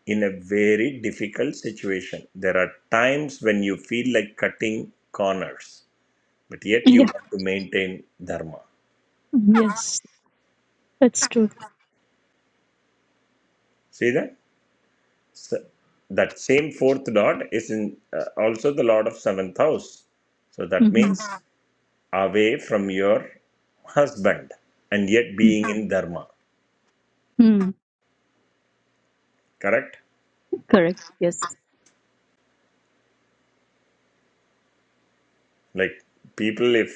S7: in a very difficult situation. There are times when you feel like cutting corners, but yet you
S4: Yeah.
S7: want to maintain dharma.
S4: Yes. That's true.
S7: See that? So that same fourth lord is in uh, also the lord of seventh house. So that
S4: Mm-hmm.
S7: means Uh-huh. away from your husband and yet being in dharma.
S4: Mm.
S7: Correct?
S4: Correct. Yes.
S7: Like people, if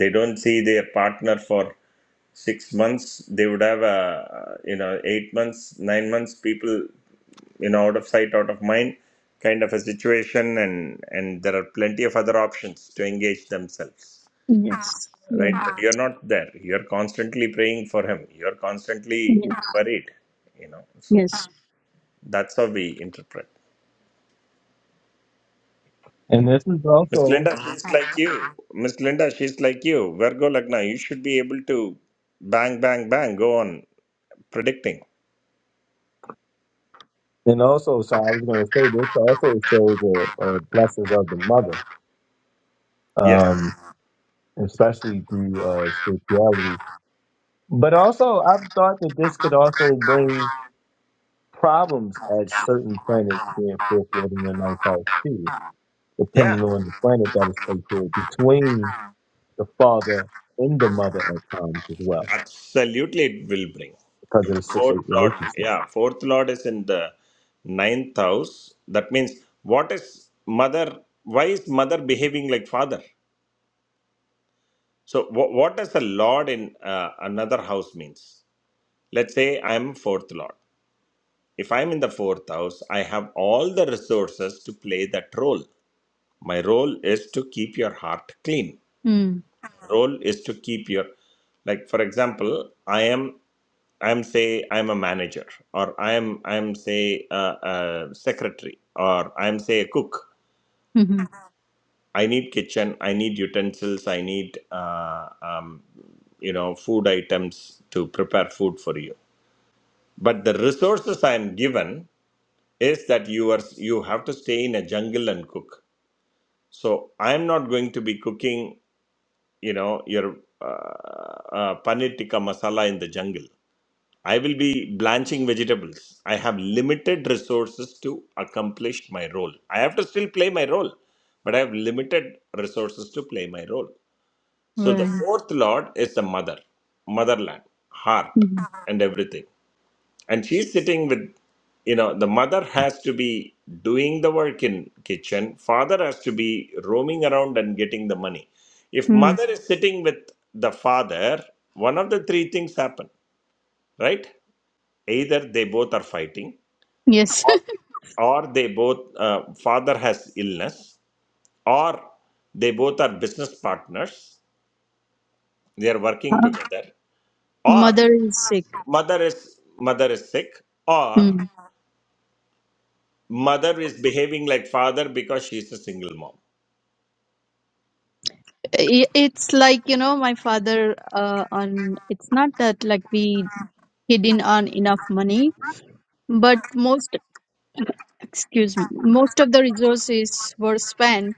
S7: they don't see their partner for six months they would have a you know eight months nine months people you know out of sight out of mind kind of a situation and and there are plenty of other options to engage themselves
S4: Yes.
S7: right
S4: Yeah.
S7: but Ah, you're not there you're constantly praying for him you're constantly
S4: Yes.
S7: worried you know so
S4: Yes.
S7: that's how we interpret
S1: And this is
S7: miss
S1: also
S7: linda she's right. like you miss linda she's like you virgo lagna you should be able to bang bang bang go on predicting
S1: and also so I was gonna say this also shows the uh, blessings of the mother.
S7: yes
S1: Um especially through uh spirituality. But also I've thought that this could also bring problems at certain planets being fulfilled in their ninth house too,
S7: yeah
S1: depending on the planet that is placed here between the father and the mother at times as well,
S7: Absolutely, it will bring.
S1: because
S7: If
S1: of the six
S7: fourth
S1: eight
S7: lord,
S1: relationship.
S7: yeah, fourth lord is in the ninth house. That means, what is mother? Why is mother behaving like father? So, wh- what does a lord in uh, another house means? Let's say I'm fourth lord. If I'm in the fourth house, I have all the resources to play that role. My role is to keep your heart clean.
S4: Mm.
S7: Role is to keep your, like for example, I am. I'm say I'm a manager, or I'm I'm say a, a secretary, or I'm say a cook.
S4: Mm-hmm.
S7: I need kitchen. I need utensils. I need uh, um, you know food items to prepare food for you. But the resources I am given is that you are you have to stay in a jungle and cook. So I am not going to be cooking you know your uh, uh, paneer tikka masala in the jungle. I will be blanching vegetables. I have limited resources to accomplish my role. I have to still play my role, but I have limited resources to play my role. So the
S4: Right.
S7: fourth lord is the mother, motherland, heart,
S4: Mm-hmm.
S7: and everything. And she's sitting with, you know, the mother has to be doing the work in kitchen. Father has to be roaming around and getting the money. If
S4: Mm.
S7: mother is sitting with the father, one of the three things happen, right? either they both are fighting
S4: Yes.
S7: or, or they both uh, father has illness or they both are business partners they are working together or
S4: Mother is sick.
S7: mother is mother is sick or mother is behaving like father because she's a single mom
S4: I- It's like, you know, my father, uh, on, it's not that like we didn't earn enough money, but most, excuse me, most of the resources were spent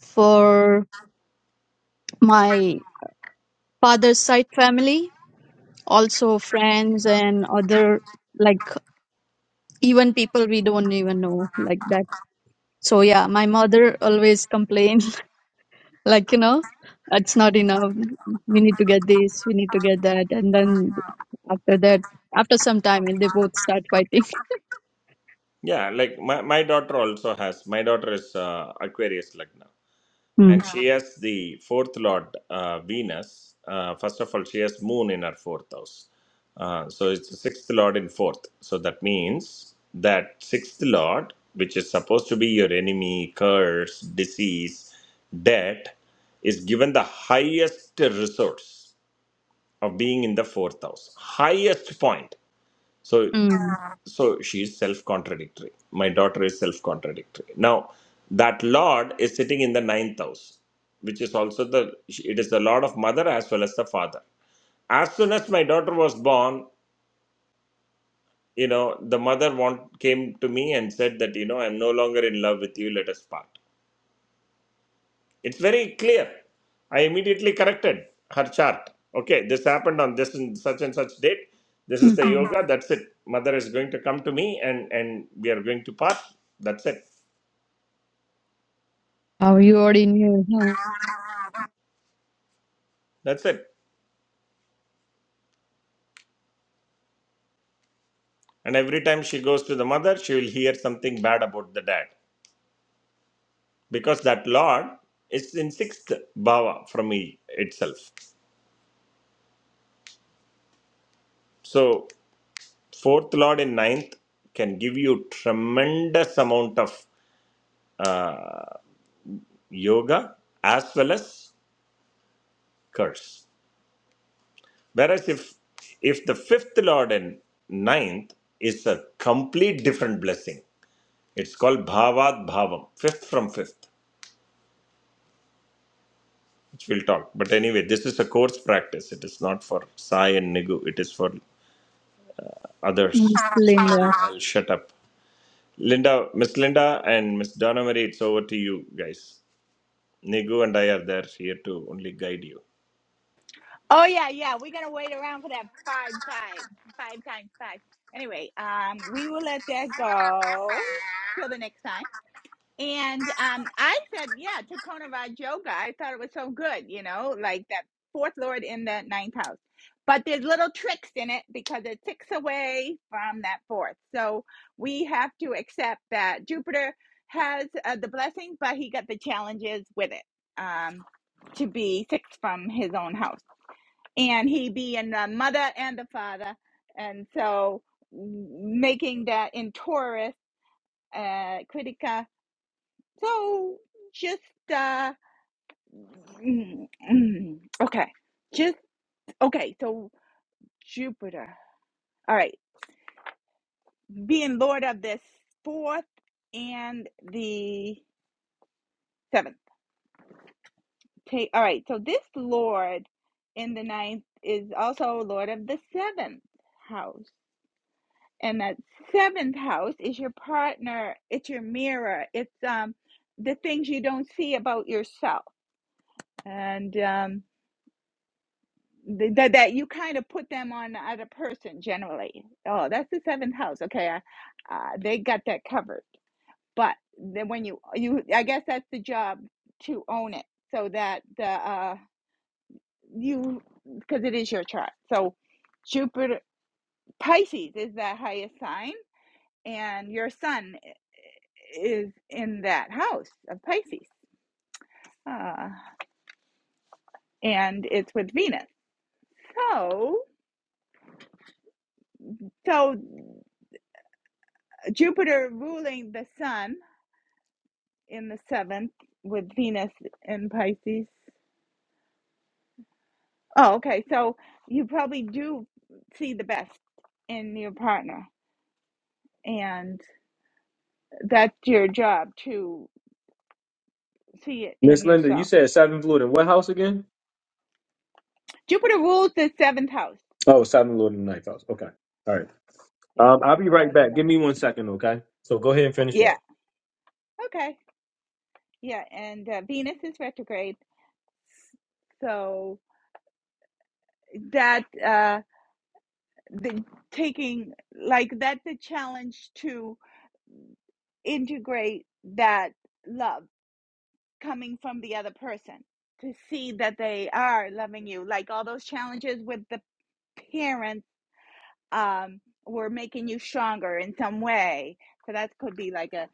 S4: for my father's side family, also friends and other, like even people we don't even know like that. So yeah, my mother always complained like you know it's not enough we need to get this we need to get that and then after that after some time they both start fighting
S7: yeah like my, my daughter also has my daughter is uh, aquarius lagna
S4: mm.
S7: and she has the fourth lord uh, venus uh, first of all she has moon in her fourth house uh, so it's the sixth lord in fourth so that means that sixth lord which is supposed to be your enemy curse disease debt is given the highest resource of being in the fourth house highest point So
S4: Mm.
S7: so she is self-contradictory my daughter is self-contradictory now that lord is sitting in the ninth house which is also the it is the lord of mother as well as the father as soon as my daughter was born you know the mother want came to me and said that you know i'm no longer in love with you let us part it's very clear i immediately corrected her chart okay this happened on this and such and such date this is the
S4: hmm
S7: yoga that's it mother is going to come to me and and we are going to part that's it
S4: oh you already knew huh?
S7: That's it. And every time she goes to the mother, she will hear something bad about the dad because that Lord is in sixth bhava from me itself. So fourth Lord in ninth can give you tremendous amount of uh, yoga as well as curse. Whereas if if the fifth Lord in ninth is a complete different blessing, it's called bhavad bhavam, fifth from fifth. which we'll talk. But anyway, this is a course practice. It is not for Sai and Nigu. It is for others.
S4: i'm still
S7: So
S4: in
S7: I'll,
S4: that
S7: I'll shut up. Linda, Miss Linda and Miss Donna Marie, it's over to you guys. Nigu and I are there here to only guide you.
S3: Oh yeah, yeah. We're gonna wait around for that five, five, five times five. Anyway, um, we will let that go till the next time. And um, I said, yeah, Takona Vaj Yoga. I thought it was so good, you know, like that fourth lord in the ninth house. But there's little tricks in it because it's six away from that fourth. So we have to accept that Jupiter has uh, the blessing, but he got the challenges with it um, to be six from his own house. And he be in the mother and the father. And so making that in Taurus, uh, Critica so just uh mm, mm, okay. Just okay, so Jupiter. All right. Being lord of this fourth and the seventh. Ta- All right. So this lord in the ninth is also lord of the seventh house. And that seventh house is your partner, it's your mirror. It's um the things you don't see about yourself. And um th- that that you kind of put them on the other person generally. Oh, that's the seventh house. Okay, I, uh, they got that covered. But then when you you, I guess that's the job to own it, so that the uh, you because it is your chart. So Jupiter Pisces is that highest sign, and your sun is in that house of Pisces, uh, and it's with Venus. So so Jupiter ruling the sun in the seventh with Venus in Pisces. Oh, okay. So you probably do see the best in your partner, and that's your job to see it
S1: Miss
S3: in
S1: Linda, you
S3: yourself.
S1: said seventh Lord in what house again?
S3: Jupiter rules the seventh house.
S1: Oh, seventh Lord in the ninth house. Okay. All right.
S3: Yeah,
S1: Um, I'll be
S3: seven
S1: right
S3: Lord in
S1: back. Give
S3: there.
S1: me one second, okay? So go ahead and finish
S3: Yeah.
S1: up.
S3: Okay. Yeah, and uh, Venus is retrograde, so that uh, the taking like that's a challenge to integrate that love coming from the other person to see that they are loving you like all those challenges with the parents um were making you stronger in some way so that could be like a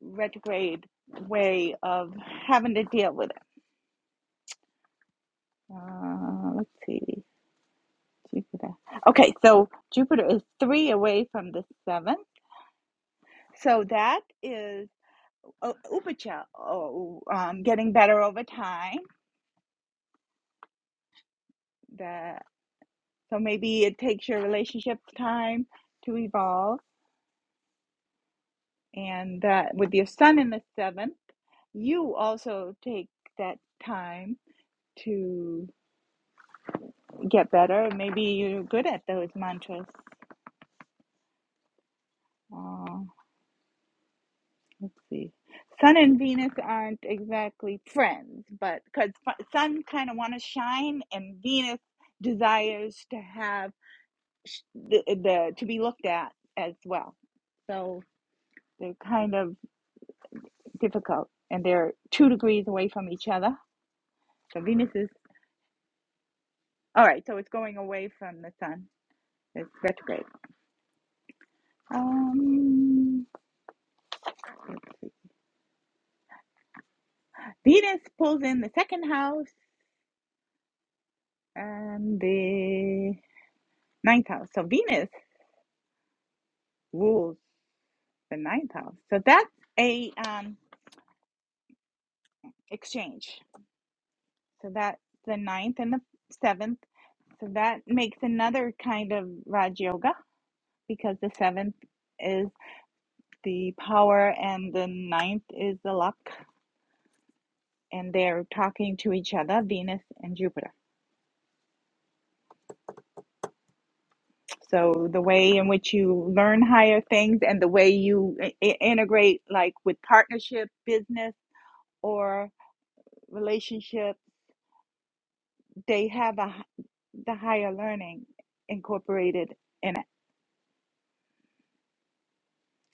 S3: retrograde way of having to deal with it uh, let's see jupiter okay so jupiter is three away from the seventh so that is uh, upacha oh, um, getting better over time The So maybe it takes your relationship time to evolve, and that with your Sun in the seventh, you also take that time to get better. Maybe you're good at those mantras. Uh, let's see. Sun and Venus aren't exactly friends, but because Sun kind of want to shine, and Venus desires to have the, the to be looked at as well. So they're kind of difficult and they're two degrees away from each other. So Venus is all right, so it's going away from the sun. It's retrograde. Um, Venus pulls in the second house and the ninth house. So Venus rules the ninth house. So that's a um, exchange. So that's the ninth and the seventh. So that makes another kind of Raj Yoga because the seventh is the power and the ninth is the luck. and they're talking to each other, Venus and Jupiter. So the way in which you learn higher things and the way you I- i- integrate like with partnership, business or relationship, they have a h- the higher learning incorporated in it.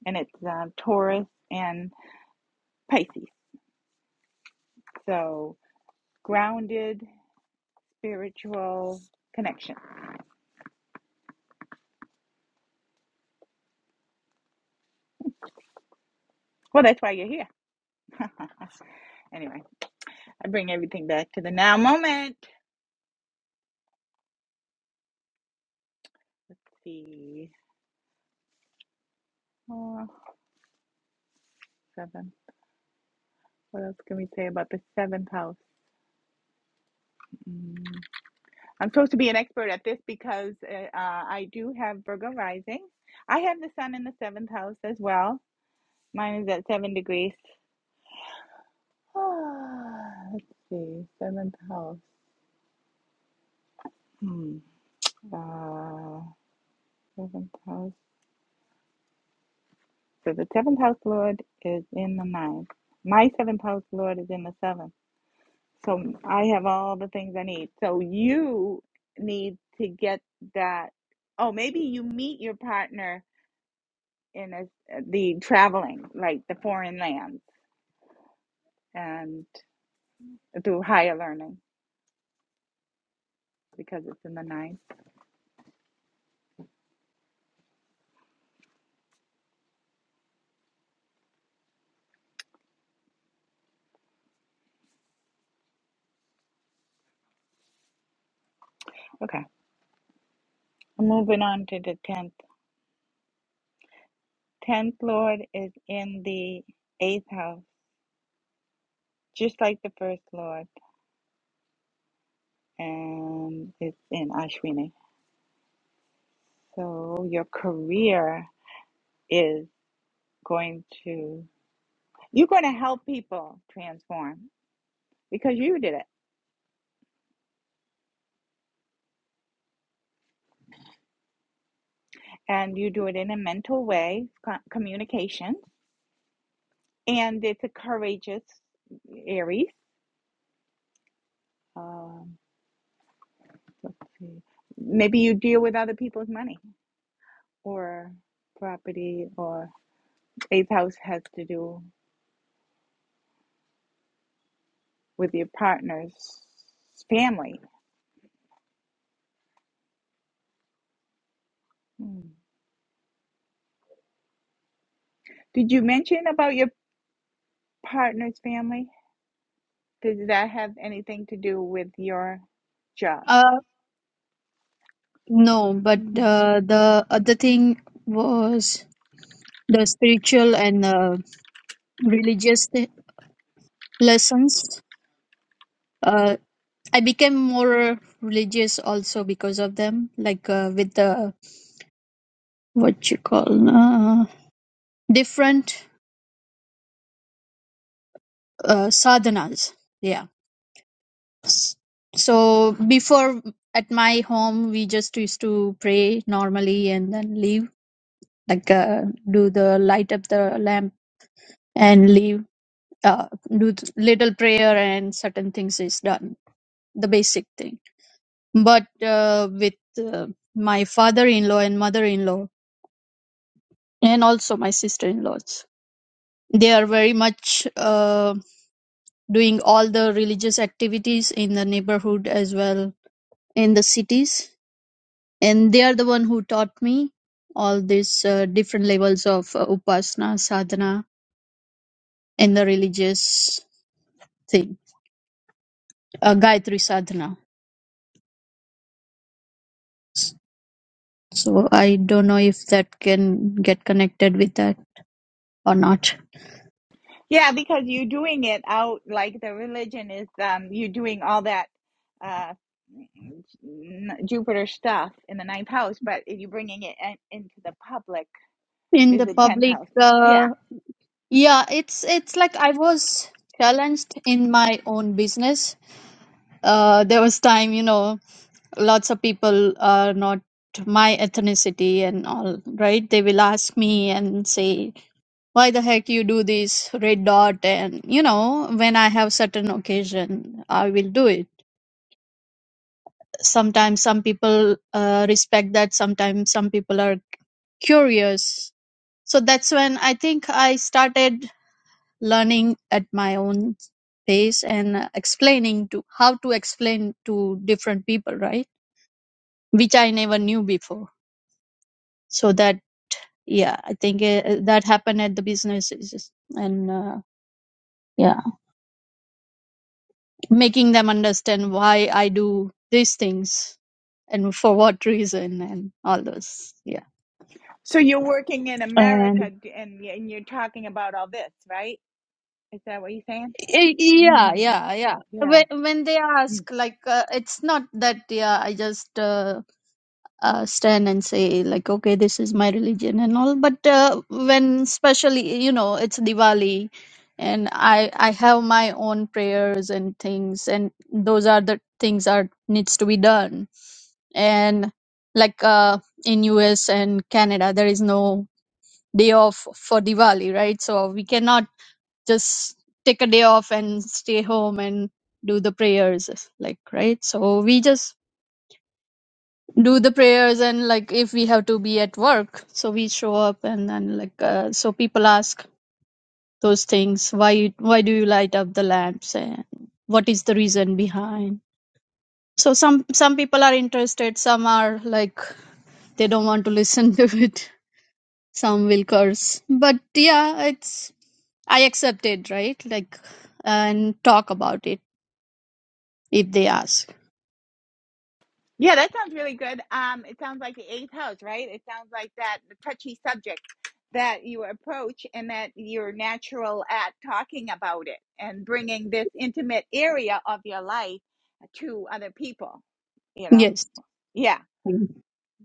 S3: And it's um, Taurus and Pisces. So grounded spiritual connection. Well, that's why you're here. anyway, I bring everything back to the now moment. Let's see. Uh, Seven. What else can we say about the seventh house? Mm. I'm supposed to be an expert at this because uh, uh, I do have Virgo rising. I have the sun in the seventh house as well. Mine is at seven degrees. Oh, Let's see, seventh house. Hmm. Uh, seventh house. So the seventh house lord is in the ninth. My seventh house lord is in the seventh. So I have all the things I need. So you need to get that. Oh, maybe you meet your partner in a, the traveling, like the foreign lands, and through higher learning because it's in the ninth. Okay, moving on to the tenth. Tenth Lord is in the eighth house, just like the first Lord, and it's in Ashwini. So your career is going to. You're going to help people transform because you did it. And you do it in a mental way, communication, And it's a courageous Aries. Um, let's see. Maybe you deal with other people's money or property, or eighth house has to do with your partner's family. Hmm. Did you mention about your partner's family? Does that have anything to do with your job?
S4: uh no but
S3: Hmm.
S4: uh,
S3: Hmm.
S4: the other thing was the spiritual and uh, religious th- lessons uh i became more religious also because of them like uh, with the what you call uh, different uh, sadhanas. Yeah. So before at my home, we just used to pray normally and then leave, like uh, do the light up the lamp and leave, uh, do th- little prayer and certain things is done, the basic thing. But uh, with uh, my father-in-law and mother-in-law and also my sister-in-laws, they are very much uh, doing all the religious activities in the neighborhood as well in the cities and they are the one who taught me all these uh, different levels of uh, upasana sadhana and the religious thing uh, gayatri sadhana so i don't know if that can get connected with that or not
S3: Yeah, because you're doing it out like the religion is um you're doing all that uh n- Jupiter stuff in the ninth house, but if you're bringing it in, into the public
S4: in
S3: is
S4: the
S3: the tenth
S4: public
S3: house. Yeah.
S4: uh, yeah it's it's like i was challenged in my own business uh, there was time you know lots of people are not my ethnicity and all right they will ask me and say why the heck you do this red dot and you know when i have certain occasion i will do it sometimes some people uh, respect that sometimes some people are curious so that's when i think i started learning at my own pace and uh, explaining to how to explain to different people right which i never knew before so that yeah i think uh, that happened at the businesses and uh, yeah making them understand why I do these things and for what reason and all those. Yeah.
S3: So you're working in America
S4: And
S3: d- and y- and you're talking about all this, right? Is that what you're saying?
S4: y- yeah,
S3: Mm,
S4: yeah, yeah.
S3: yeah.
S4: When when they ask, like, uh, it's not that. Yeah, I just. Uh, uh, stand and say like okay this is my religion and all but uh, when especially you know it's diwali and i i have my own prayers and things and those are the things are needs to be done and like uh, in us and canada there is no day off for diwali right so we cannot just take a day off and stay home and do the prayers like right so we just do the prayers and like if we have to be at work so we show up and then like uh, so people ask those things why why do you light up the lamps and what is the reason behind so some some people are interested some are like they don't want to listen to it some will curse but yeah it's i accept it right like and talk about it if they ask
S3: Yeah, that sounds really good. Um, it sounds like the eighth house, right? It sounds like that the touchy subject that you approach and that you're natural at talking about it and bringing this intimate area of your life to other people, you know?
S4: yes
S3: Yeah.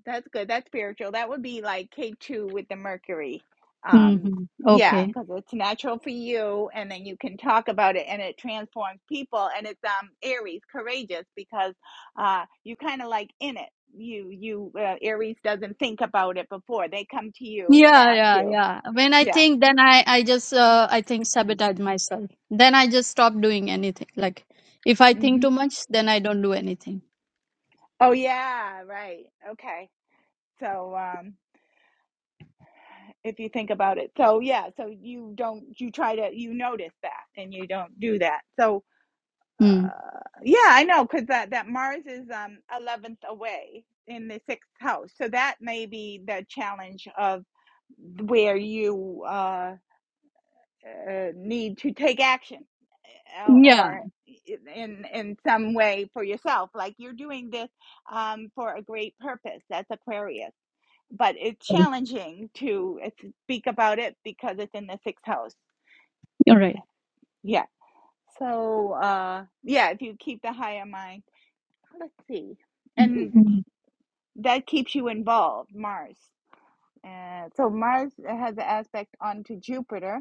S3: That's good. That's spiritual. That would be like K2 with the Mercury. Um,
S4: hmm
S3: yeah,
S4: okay
S3: because it's natural for you, and then you can talk about it, and it transforms people. And it's um Aries, courageous, because uh you kind of like in it. You you uh, Aries doesn't think about it before they come to you and
S4: Yeah,
S3: ask
S4: yeah,
S3: you.
S4: yeah. When I
S3: Yeah.
S4: think, then I, I just, uh, I think
S3: mm,
S4: sabotage myself. Then I just stop doing anything. Like, if I think
S3: Mm-hmm.
S4: too much, then I don't do anything.
S3: Oh yeah, right. Okay. So um if you think about it. So yeah, so you don't you try to you notice that and you don't do that. So
S4: Hmm.
S3: Uh, yeah, I know, because that, that Mars is um 11th away in the sixth house. So that may be the challenge of where you uh, uh need to take action uh,
S4: Yeah,
S3: or in in some way for yourself. Like you're doing this um for a great purpose. That's Aquarius. But it's challenging to uh, speak about it because it's in the sixth house.
S4: you're right.
S3: Yeah. So uh yeah, if you keep the higher mind, let's see. and.
S4: Mhm.
S3: that keeps you involved, Mars. Uh, so Mars has an aspect onto Jupiter,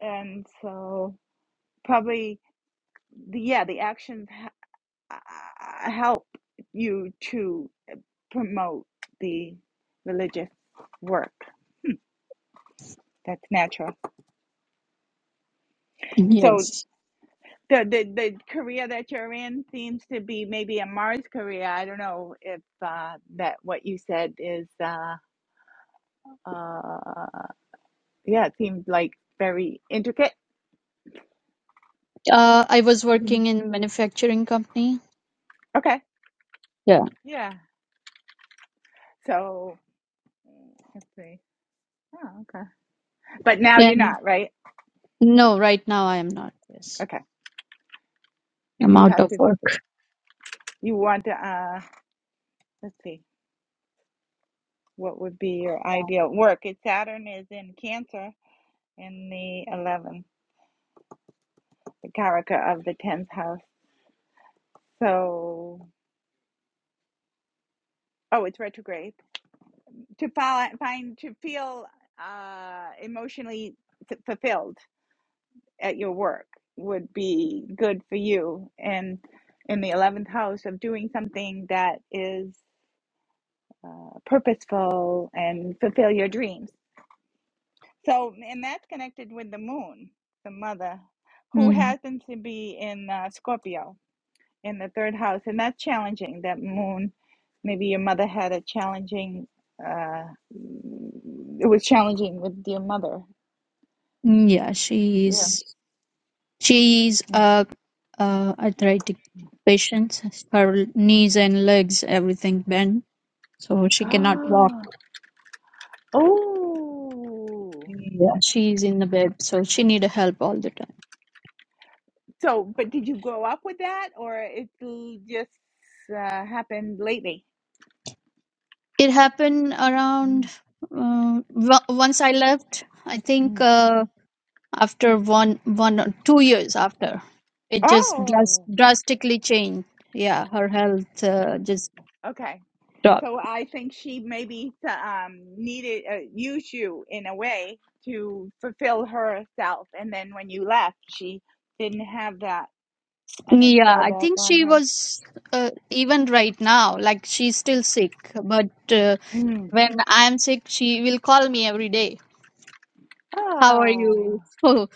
S3: and so probably the, yeah, the actions ha- uh, uh, help you to promote the religious work. That's natural. So
S4: Yes.
S3: the, the the career that you're in seems to be maybe a Mars career. I don't know if uh, that what you said is uh, uh, yeah, it seems like very intricate.
S4: Uh, I was
S3: Mhm.
S4: working in manufacturing company.
S3: Okay.
S4: Yeah.
S3: Yeah. So mm, let's see. Oh, okay. But now you're
S4: And
S3: not, right?
S4: no, right now I am not. Yes,
S3: Okay.
S4: I'm
S3: You
S4: out
S3: have
S4: of
S3: to,
S4: work.
S3: you want to, uh, let's see, what would be your ideal work? It's Saturn is in Cancer in the 11th, the Karaka of the 10th house. So, oh, it's retrograde. To follow, find, to feel uh, emotionally f- fulfilled at your work would be good for you. And in the 11th house of doing something that is uh, purposeful and fulfill your dreams. So, and that's connected with the moon, the mother, who
S4: Hmm.
S3: happens to be in uh, Scorpio in the third house. And that's challenging, that moon. Maybe your mother had a challenging, uh, it was challenging with your mother.
S4: Yeah, she
S3: Yeah.
S4: is. She is
S3: Mm.
S4: a, a arthritic patient. Her knees and legs, everything bent, so she cannot walk.
S3: Oh, oh.
S4: Yeah, she is in the bed, so she need help all the time.
S3: So, but did you grow up with that or it l- just uh, happened lately?
S4: It happened around
S3: Mm,
S4: uh, w- once I left. I think
S3: mm.
S4: uh, after one one or two years after, it just dras-
S3: Oh.
S4: drastically changed. Yeah, her health uh, just
S3: Okay.
S4: dropped.
S3: So I think she maybe um, needed uh, used you in a way to fulfill herself, and then when you left, she didn't have that, and it
S4: Yeah,
S3: fell
S4: I
S3: back
S4: think
S3: on
S4: she
S3: her.
S4: was uh, even right now, like she's still sick. But uh,
S3: Mm.
S4: when I'm sick, she will call me every day. How are
S3: Oh,
S4: you? uh,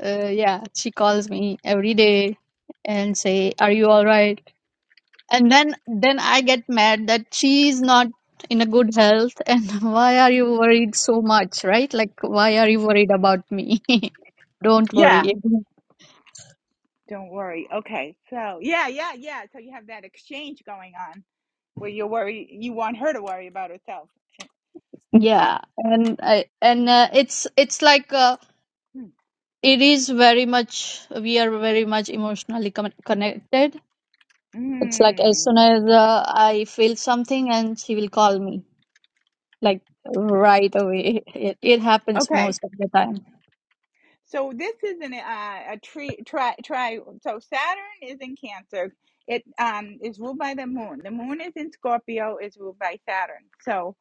S4: yeah, she calls me every day and say, "Are you all right?" And then then I get mad that she's not in a good health and why are you worried so much, right? Like why are you worried about me? Don't
S3: yeah.
S4: worry.
S3: Don't worry. Okay. So yeah, yeah, yeah. So you have that exchange going on where you worry, you want her to worry about herself. Huh.
S4: Yeah, and I, and uh, it's it's like. Uh,
S3: Mm.
S4: It is very much, we are very much emotionally con- connected. It's like as
S3: Mm.
S4: soon as uh, I feel something and she will call me, like right away. It, it happens
S3: Okay.
S4: most of the time.
S3: So this isn't uh, a tree try try so Saturn is in Cancer. It um is ruled by the moon. The moon is in Scorpio, is ruled by Saturn. So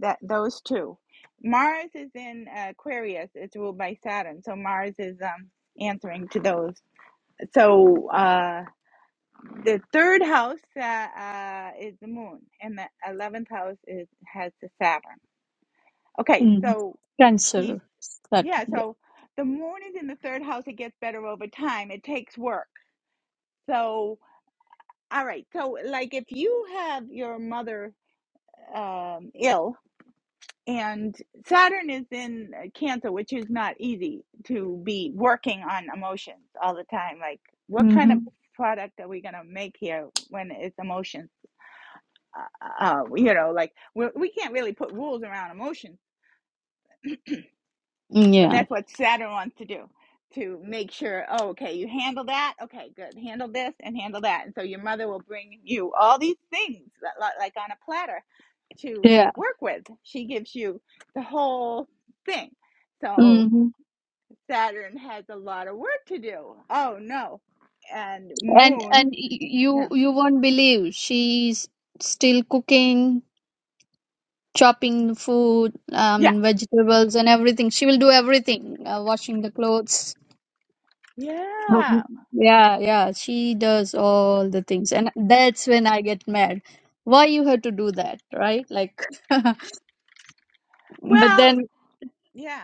S3: that those two. Mars is in Aquarius, it's ruled by Saturn. So Mars is um answering to those. So uh the third house uh, uh is the moon and the 11th house is has the Saturn. Okay,
S4: Mm.
S3: so these
S4: Cancer, that,
S3: yeah,
S4: yeah.
S3: so the moon is in the third house, it gets better over time. It takes work. So, all right. So, like if you have your mother um, ill and Saturn is in uh, Cancer, which is not easy to be working on emotions all the time. Like, what kind
S4: hmm
S3: of product are we going to make here when it's emotions? Uh, uh, you know, like we we can't really put rules around emotions But
S4: Yeah.
S3: that's what Saturn wants to do to make sure, oh, okay, you handle that. Okay, good. Handle this and handle that. And so your mother will bring you all these things like on a platter to
S4: Yeah.
S3: work with. She gives you the whole thing. So
S4: hmm
S3: Saturn has a lot of work to do. Oh, no. And
S4: And and
S3: Moon,
S4: y-
S3: yeah.
S4: you you won't believe she's still cooking, chopping the food, I
S3: Yeah.
S4: mean vegetables and everything. She will do everything, uh, washing the clothes.
S3: Yeah.
S4: Um, Yeah, yeah, she does all the things, and that's when I get mad. Why you have to do that, right? Like, but
S3: Well,
S4: then
S3: yeah.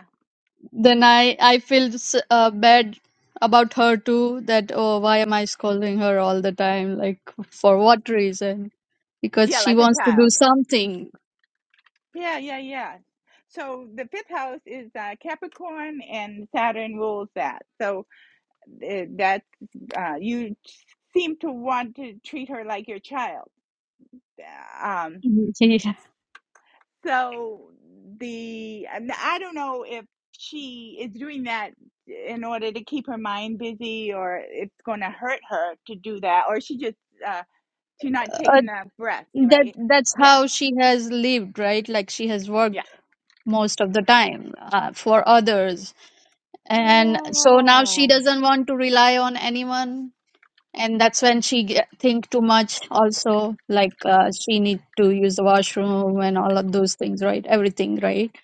S4: then I I feel s- uh, bad about her too. That oh, why am I scolding her all the time? Like, for what reason? Because
S3: Yeah,
S4: she
S3: like a
S4: wants to do
S3: child.
S4: something.
S3: Yeah, yeah, yeah. So the fifth house is uh, Capricorn, and Saturn rules that. So uh, that's uh, you seem to want to treat her like your child. Um,
S4: Mhm. Yeah.
S3: so the and I don't know if she is doing that in order to keep her mind busy, or it's going to hurt her to do that, or she just uh, she's not
S4: Uh,
S3: taking a breath,
S4: that
S3: right?
S4: that's
S3: Yeah,
S4: how she has lived, right? Like she has
S3: yeah.
S4: worked most of the time uh, for others and so now she
S3: Oh
S4: doesn't want to rely on anyone and that's when she get, think too much also like uh, she need to use the washroom and all of those things right everything right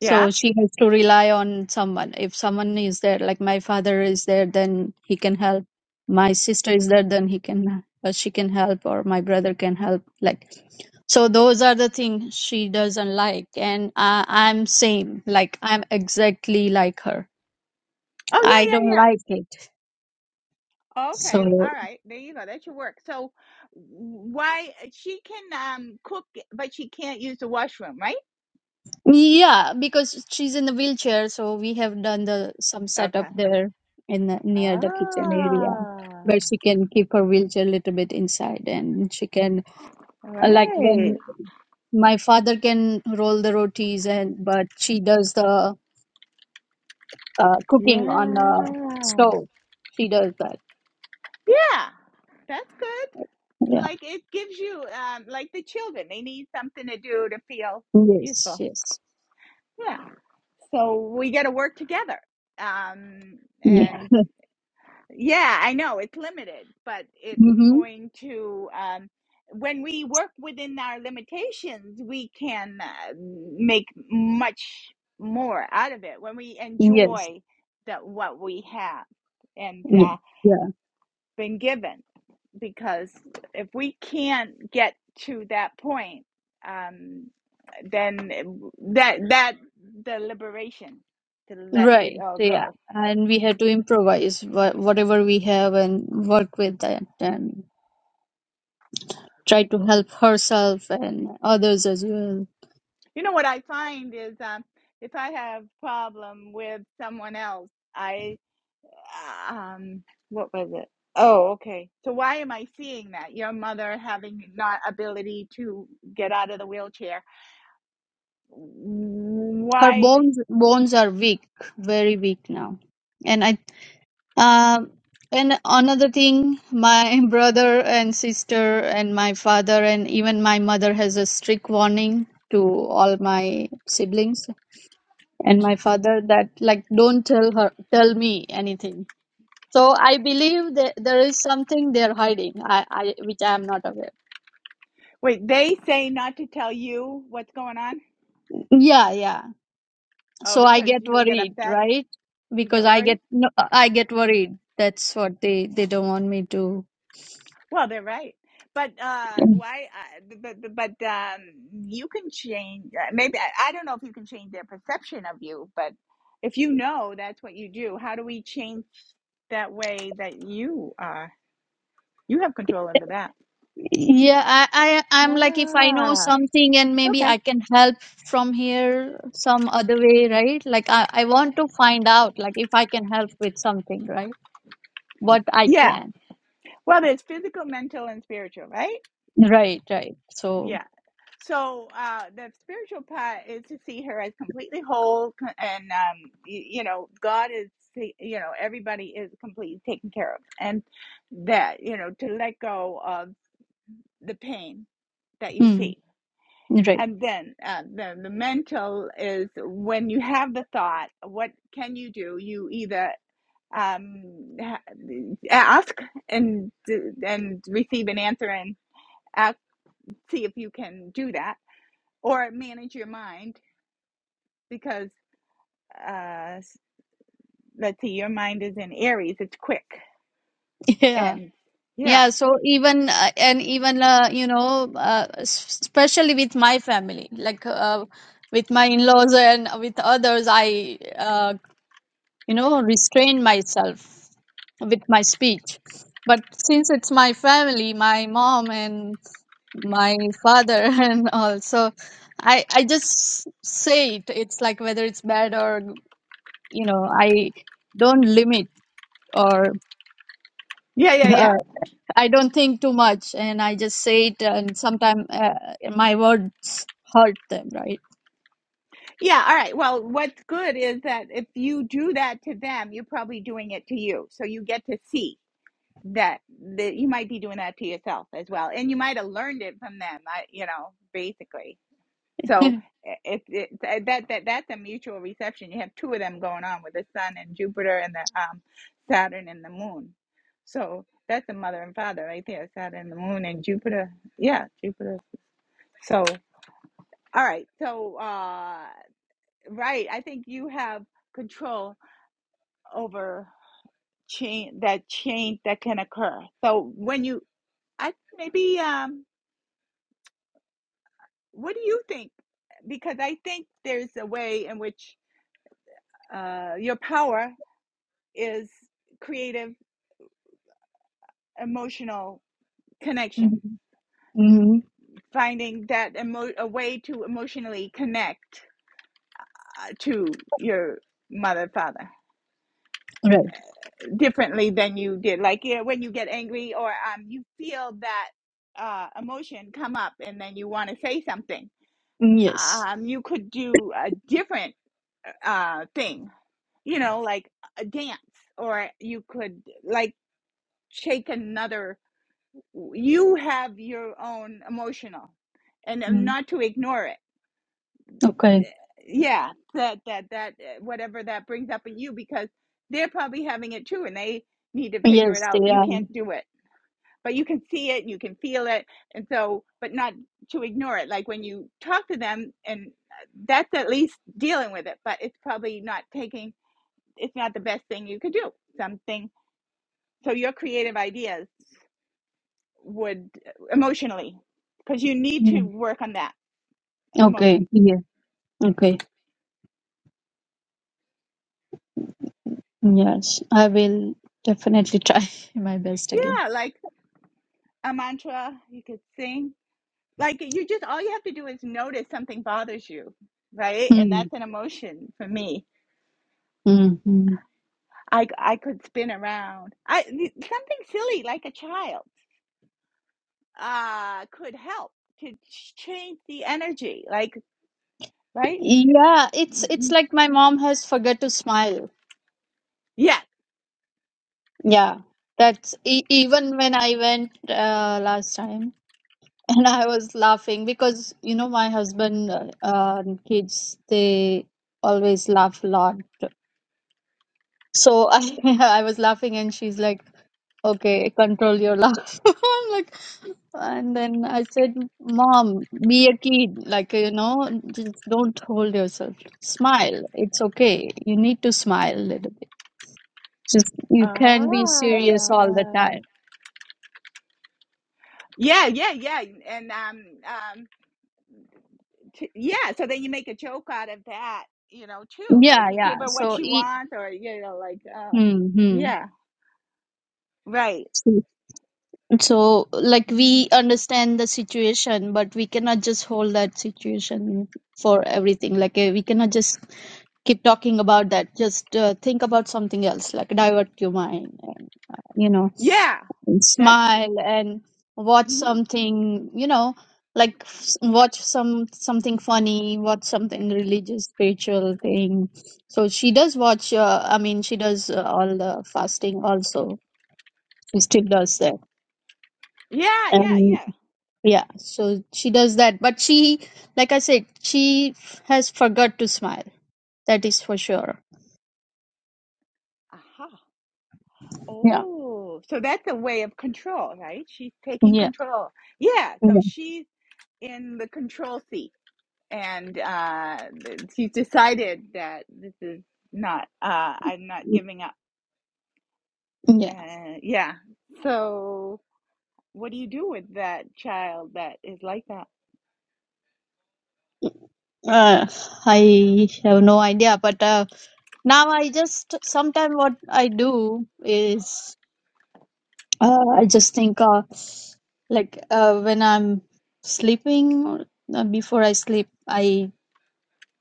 S3: yeah, yeah.
S4: so she has to rely on someone if someone is there like my father is there then he can help my sister is there then he can uh, she can help or my brother can help like so those are the things she doesn't like and I, i'm same like i'm exactly like her
S3: Oh
S4: i
S3: yeah,
S4: don't
S3: yeah, yeah.
S4: like it
S3: Okay,
S4: So
S3: all right. There you go. That should work. So, why uh, she can um cook, but she can't use the washroom, right?
S4: yeah, because she's in the wheelchair, so we have done the some setup
S3: Okay.
S4: there in the, near the kitchen area
S3: Ah,
S4: where she can keep her wheelchair a little bit inside, and she can uh, like
S3: right.
S4: when my father can roll the rotis, and but she does the uh, cooking on
S3: Yeah.
S4: the stove. She does that.
S3: Yeah, that's good.
S4: Yeah.
S3: Like it gives you um like the children, they need something to do to feel
S4: Yes.
S3: useful.
S4: Yes.
S3: Yeah. So we got to work together. Um,
S4: Yeah.
S3: and. Yeah, I know it's limited, but it's
S4: Mm-hmm.
S3: going to, um, when we work within our limitations, we can uh, make much more out of it when we
S4: Yes.
S3: enjoy the, what we have and
S4: Yeah.
S3: uh, been given. Because if we can't get to that point, um, then it- that that the liberation to let it
S4: Right,
S3: all
S4: yeah.
S3: go.
S4: And we had to improvise wha- whatever we have and work with that and try to help herself and others as well.
S3: You know what I find is um, if I have problem with someone else, I um what was it? Oh, okay. So why am I seeing that? Your mother having not ability to get out of the wheelchair.
S4: Her
S3: Why?
S4: bones bones are weak, very weak now. And I um and another thing, my brother and sister and my father and even my mother has a strict warning to all my siblings and my father that like don't tell her tell me anything So I believe that there is something they're hiding, I, I which I am not aware.
S3: Wait, they say not to tell you what's going on?
S4: Yeah, yeah.
S3: Oh,
S4: So I
S3: because
S4: get
S3: you'll get
S4: worried,
S3: upset.
S4: right?
S3: You
S4: Because
S3: get
S4: I
S3: worried?
S4: get no, I get worried. That's what they they don't want me to.
S3: Well, they're right. But uh, why? Uh, but but but, um, you can change. uh, Maybe I I don't know if you can change their perception of you, but if you know that's what you do, how do we change that way that you are? You have control over that.
S4: Yeah, I, I I'm like if I know
S3: Wow.
S4: something and maybe
S3: Okay.
S4: I can help from here some other way, right? Like I I want to find out like if I can help with something, right? What I
S3: Yeah.
S4: can.
S3: Well, there's physical, mental, and spiritual, right?
S4: Right, right.
S3: Yeah.
S4: So,
S3: So uh, the spiritual part is to see her as completely whole, co- and um, you, you know, God is, see- you know, everybody is completely taken care of, and that you know to let go of the pain that you
S4: hmm,
S3: see,
S4: right.
S3: and then uh, the the mental is when you have the thought, what can you do? You either um, ha- ask and and receive an answer, and ask, see if you can do that, or manage your mind because uh let's see your mind is in aries it's quick
S4: Yeah.
S3: and yeah
S4: Yeah, so even uh, and even uh, you know, uh, s- especially with my family, like uh, with my in-laws and with others, I uh, you know restrain myself with my speech. But since it's my family, my mom and my father and all, so I I just say it. It's like whether it's bad or you know, I don't limit or
S3: yeah yeah yeah
S4: I don't think too much, and I just say it, and sometimes uh, my words hurt them, right?
S3: yeah all right well what's good is that if you do that to them you're probably doing it to you so you get to see that that you might be doing that to yourself as well and you might have learned it from them I, you know basically So
S4: mm-hmm.
S3: it, it, that that that's a mutual reception. You have two of them going on with the sun and Jupiter and the um, Saturn and the moon. So that's the mother and father right there. Saturn, the moon, and Jupiter. Yeah, Jupiter. So all right. So uh, right. I think you have control over change that change that can occur. So when you, I maybe um, what do you think? Because I think there's a way in which uh, your power is creative emotional connection finding that emo- a way to emotionally connect uh, to your mother father
S4: Right.
S3: differently than you did like yeah, when you get angry or um, you feel that uh, emotion come up and then you want to say something
S4: Mm, Yes.
S3: um, you could do a different uh, thing you know like a dance or you could like shake another you have your own emotional and um,
S4: Mm.
S3: not to ignore it
S4: Okay.
S3: yeah that that that uh, whatever that brings up in you because they're probably having it too and they need to figure it
S4: Yes,
S3: out
S4: they
S3: you
S4: are.
S3: can't do it but you can see it you can feel it and so but not to ignore it like when you talk to them and uh, that's at least dealing with it but it's probably not taking it's not the best thing you could do something so your creative ideas would uh, emotionally because you need to
S4: Mm.
S3: work on that
S4: Okay.
S3: emotion.
S4: Yeah. Okay. Yes, I will definitely try my best again.
S3: Yeah, like a mantra you could sing. Like you just all you have to do is notice something bothers you, right? And
S4: Mm.
S3: that's an emotion for me.
S4: Mm-hmm.
S3: I I could spin around. I something silly like a child uh could help to change the energy. Like right?
S4: Yeah, it's it's
S3: Mm,
S4: like my mom has forgot to smile.
S3: Yeah.
S4: Yeah, that's e- even when I went uh, last time. And I was laughing because, you know, my husband uh, and kids, they always laugh a lot. So I, I was laughing and she's like, okay, control your laugh. I'm like, and then I said, Mom, be a kid. Like, you know, just don't hold yourself. Smile. It's okay. You need to smile a little bit. Just, you can't be serious all the
S3: Ah.
S4: time.
S3: Yeah, yeah, yeah. And um um T- yeah so then you make a joke out of that you know too
S4: Yeah,
S3: like you
S4: yeah.
S3: give her what
S4: So,
S3: she
S4: e-
S3: wants or you know like oh
S4: hmm,
S3: yeah right
S4: hmm. So, like,
S3: Mhm.
S4: we understand the situation, but we cannot just hold that situation for everything. Like, uh, we cannot just keep talking about that. Just uh, think about something else, like, divert your mind and, uh, you know,
S3: yeah
S4: and
S3: that's
S4: smile and watch
S3: mhm.
S4: something, you know, like, s- watch some something funny, watch something religious, spiritual thing. So, she does watch, uh, I mean, she does uh, all the fasting also. She still does
S3: yeah yeah
S4: that.
S3: yeah
S4: Yeah, so she does that. But she, like I said, she f- has forgot to smile. That is for sure.
S3: aha
S4: Yeah,
S3: oh so that's a way of control right she's taking
S4: yeah,
S3: control yeah so she's in the control seat and uh th- she's decided that this is not uh i'm not
S4: yeah.
S3: giving up
S4: Yeah,
S3: uh yeah so What do you do with that child that is like that?
S4: uh, I have no idea, but uh, now I just sometimes what I do is uh, I just think uh, like uh, when I'm sleeping or uh, before I sleep, I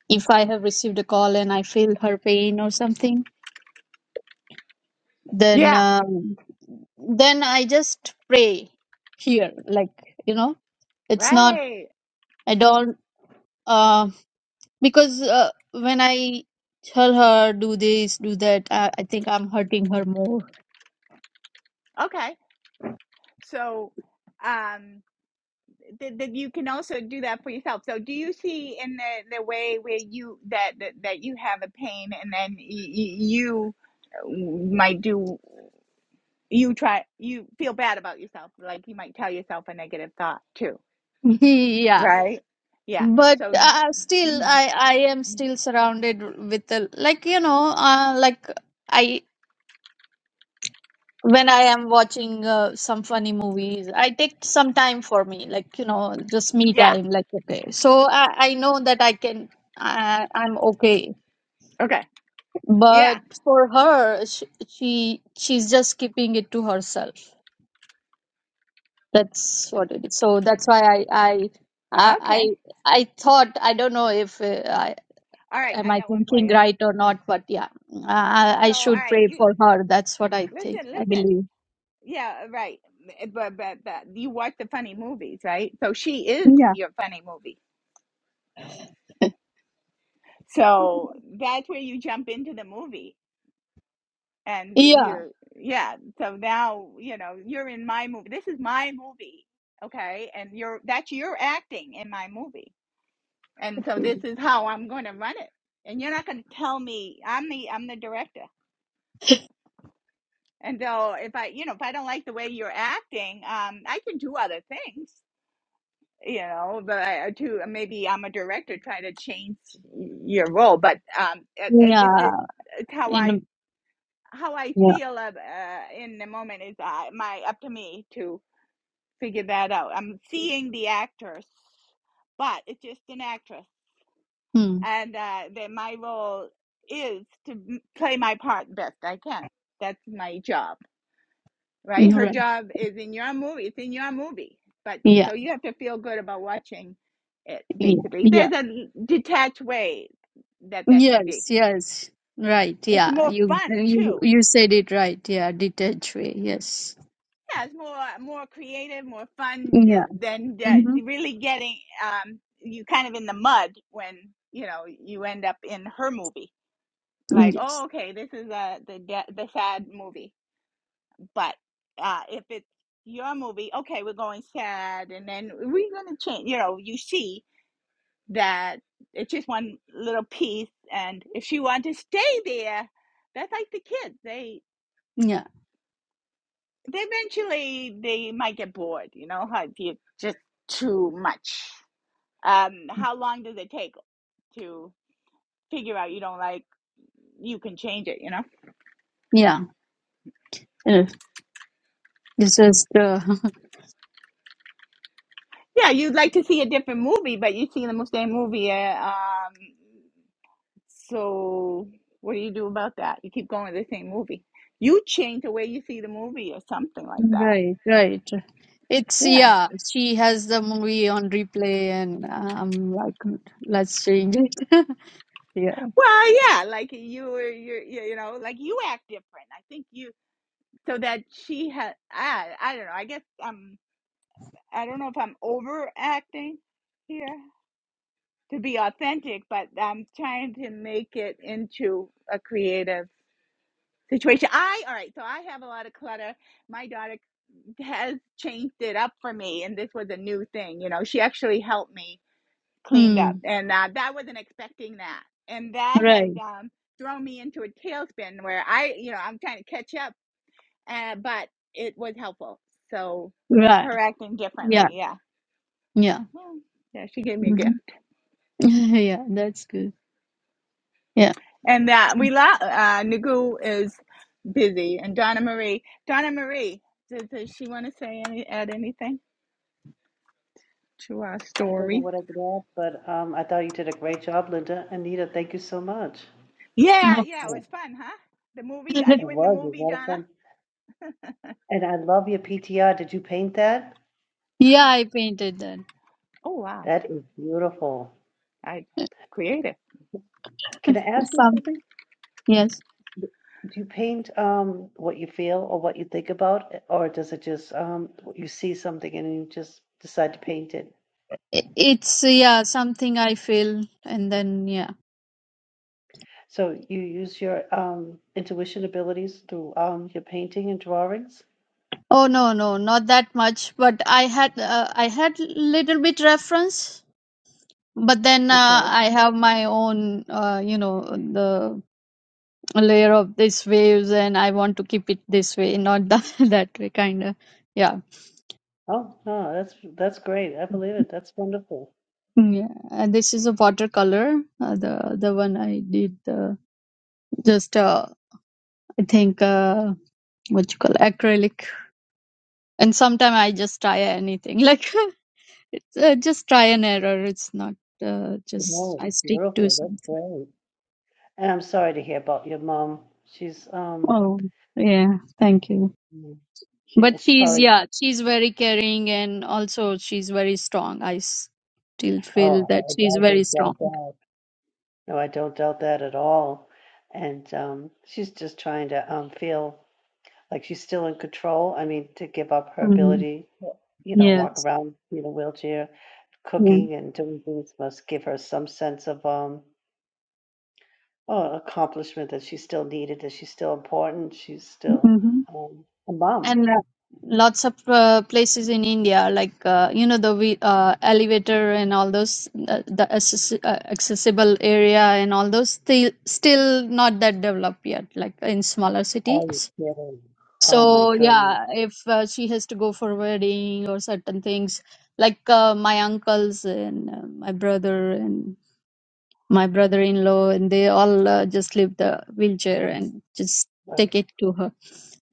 S4: if I have received a call and I feel her pain or something, then
S3: Yeah.
S4: um, then i just pray here like you know it's not
S3: Right.
S4: i don't uh, because uh, when i tell her do this do that uh, i think i'm hurting her more
S3: Okay. So, um, that that you can also do that for yourself. So, do you see in the the way where you that that, that you have a pain and then y- y- you might do you try you feel bad about yourself, like you might tell yourself a negative thought too,
S4: yeah
S3: right? Yeah.
S4: but
S3: So,
S4: uh, still
S3: mm,
S4: i i am
S3: mm,
S4: still surrounded with a, like you know uh, like I when I am watching uh, some funny movies, I take some time for me, like you know, just me
S3: yeah.
S4: time. Like okay, so I, I know that I can, I, I'm okay.
S3: Okay. Yeah.
S4: But for her, she, she she's just keeping it to herself. That's what it is. So that's why I I I
S3: Okay.
S4: I, I thought I don't know if uh, I
S3: All right.
S4: am
S3: I
S4: I
S3: got one for
S4: thinking
S3: you.
S4: right or not, but yeah, I I
S3: So,
S4: I
S3: all
S4: should
S3: right.
S4: pray
S3: you.
S4: for her. That's what I think.
S3: Listen,
S4: I
S3: listen.
S4: believe.
S3: Yeah, uh, right. But but but you watch the funny movies, right? So she is
S4: Yeah.
S3: your funny movie. So that's where you jump into the movie and you
S4: Yeah.
S3: are yeah, so now, you know, you're in my movie. This is my movie. Okay? And you're that's your acting in my movie. And so this is how I'm going to run it. And you're not going to tell me I'm the I'm the director. And so if I, you know, if I don't like the way you're acting, um I can do other things you know but I- to maybe i'm a director trying to change your role but um it, it, it,
S4: Yeah.
S3: it, it's how
S4: In
S3: i
S4: a-
S3: how i
S4: yeah,
S3: feel of, uh, in the moment is uh, my up to me to figure that out i'm seeing the actress but it's just an actress
S4: Hmm.
S3: and uh that my role is to m- play my part best i can that's my job right? Her
S4: right,
S3: job is in your movie. It's in your movie. But
S4: yeah,
S3: so you have to feel good about watching it,
S4: yeah,
S3: basically.
S4: yeah,
S3: There's a detached way that that can be.
S4: yes, yes, right,
S3: It's
S4: yeah.
S3: more
S4: You
S3: fun,
S4: you
S3: too.
S4: you said it right. Yeah, detached way. Yes.
S3: Yeah, it's more more creative, more fun uh,
S4: Yeah.
S3: than
S4: Mm-hmm.
S3: uh, really getting um, you kind of in the mud when you know you end up in her movie. Like, oh,
S4: Yes.
S3: okay, this is uh, the de- the sad movie But uh, if it's your movie, okay, we're going sad, and then we're gonna change. You know, you see that it's just one little piece, and if you want to stay there, that's like the kids. They
S4: Yeah.
S3: they eventually they might get bored. You know, how you just too much. Um, how long does it take to figure out you don't like? You can change it. You know.
S4: Yeah. Yes. This is the
S3: Yeah, you'd like to see a different movie, but you see the same movie. Uh, um, So, what do you do about that? You keep going to the same movie. You change the way you see the movie or something like that.
S4: right, right. It's
S3: Yeah.
S4: yeah. She has the movie on replay, and um, like, let's change it. yeah.
S3: Well, yeah, like you were, you're, you you know, like you act different. I think you, so that she had, I, I don't know. I guess um, I don't know if I'm overacting here to be authentic, but I'm trying to make it into a creative situation. I, all right, so I have a lot of clutter. My daughter has changed it up for me and this was a new thing you know she actually helped me cleaned up
S4: Hmm.
S3: and uh, that wasn't expecting that and that has
S4: Right.
S3: um, thrown me into a tailspin where i you know i'm trying to catch up uh, but it was helpful so
S4: Right.
S3: her acting
S4: Yeah.
S3: differently yeah
S4: Yeah.
S3: yeah yeah, she gave me a
S4: hmm
S3: gift
S4: yeah. That's good. Yeah.
S3: and uh, we love. uh, nagu is busy and donna marie donna marie does, does she want to say any add anything to our
S2: I don't know
S3: story
S2: what I did add, but um, I thought you did a great job, Linda. Anita, thank you so much.
S4: Oh.
S3: Yeah, yeah, it was
S2: Oh,
S3: fun, huh? The movie. Are
S2: it
S3: you in the
S2: was. It was a
S3: movie,
S2: lot of
S3: Donna?
S2: fun. And I love your PTR. Did you paint that?
S4: yeah, I painted that.
S3: Oh wow,
S2: That is beautiful.
S3: I creative.
S2: Can I ask you
S4: Some
S2: something?
S4: yes,
S2: Do you paint um, what you feel or what you think about, or does it just um, you see something and you just decide to paint it?
S4: I- it's yeah something I feel, and then yeah.
S2: So you use your um, intuition abilities through um, your painting and drawings?
S4: Oh no, no, not that much. But I had uh, I had little bit reference, but then
S2: Okay.
S4: uh, I have my own uh, you know the layer of these waves, and I want to keep it this way, not that that way, kind of. Yeah,
S2: Oh, no, that's that's great. I believe it. That's wonderful.
S4: yeah. And this is a watercolor. Uh, the the one I did uh, just uh, I think uh, what you call acrylic and sometimes i just try anything like it's uh, just try and error it's not uh, just
S2: No,
S4: i stick to
S2: beautiful. That's
S4: something
S2: great. And I'm sorry to hear about your mom. She's um,
S4: oh yeah thank you
S2: mm, she
S4: but
S2: is
S4: she's
S2: probably.
S4: yeah she's very caring and also she's very strong i s- still feel
S2: Oh,
S4: that
S2: I,
S4: she's
S2: I
S4: very
S2: don't
S4: strong
S2: doubt that. No, I don't doubt that at all. And um, she's just trying to um feel like she's still in control. I mean, to give up her
S4: Mm.
S2: ability, you know, walk
S4: yes
S2: around in a wheelchair,
S4: yeah
S2: cooking and doing things must give her some sense of um. uh, accomplishment that she's still needed, that she's still important. She's still
S4: hmm
S2: um, a mom.
S4: and uh, lots of uh, places in India, like uh, you know the we- uh, elevator and all those uh, the accessi- uh, accessible area and all those still still not that developed yet, like in smaller
S2: Are you
S4: cities.
S2: kidding? Oh my
S4: So
S2: goodness.
S4: yeah, if uh, she has to go for wedding or certain things, like uh, my uncles and uh, my brother and my brother-in-law and they all uh, just leave the wheelchair and just
S2: Right.
S4: take it to her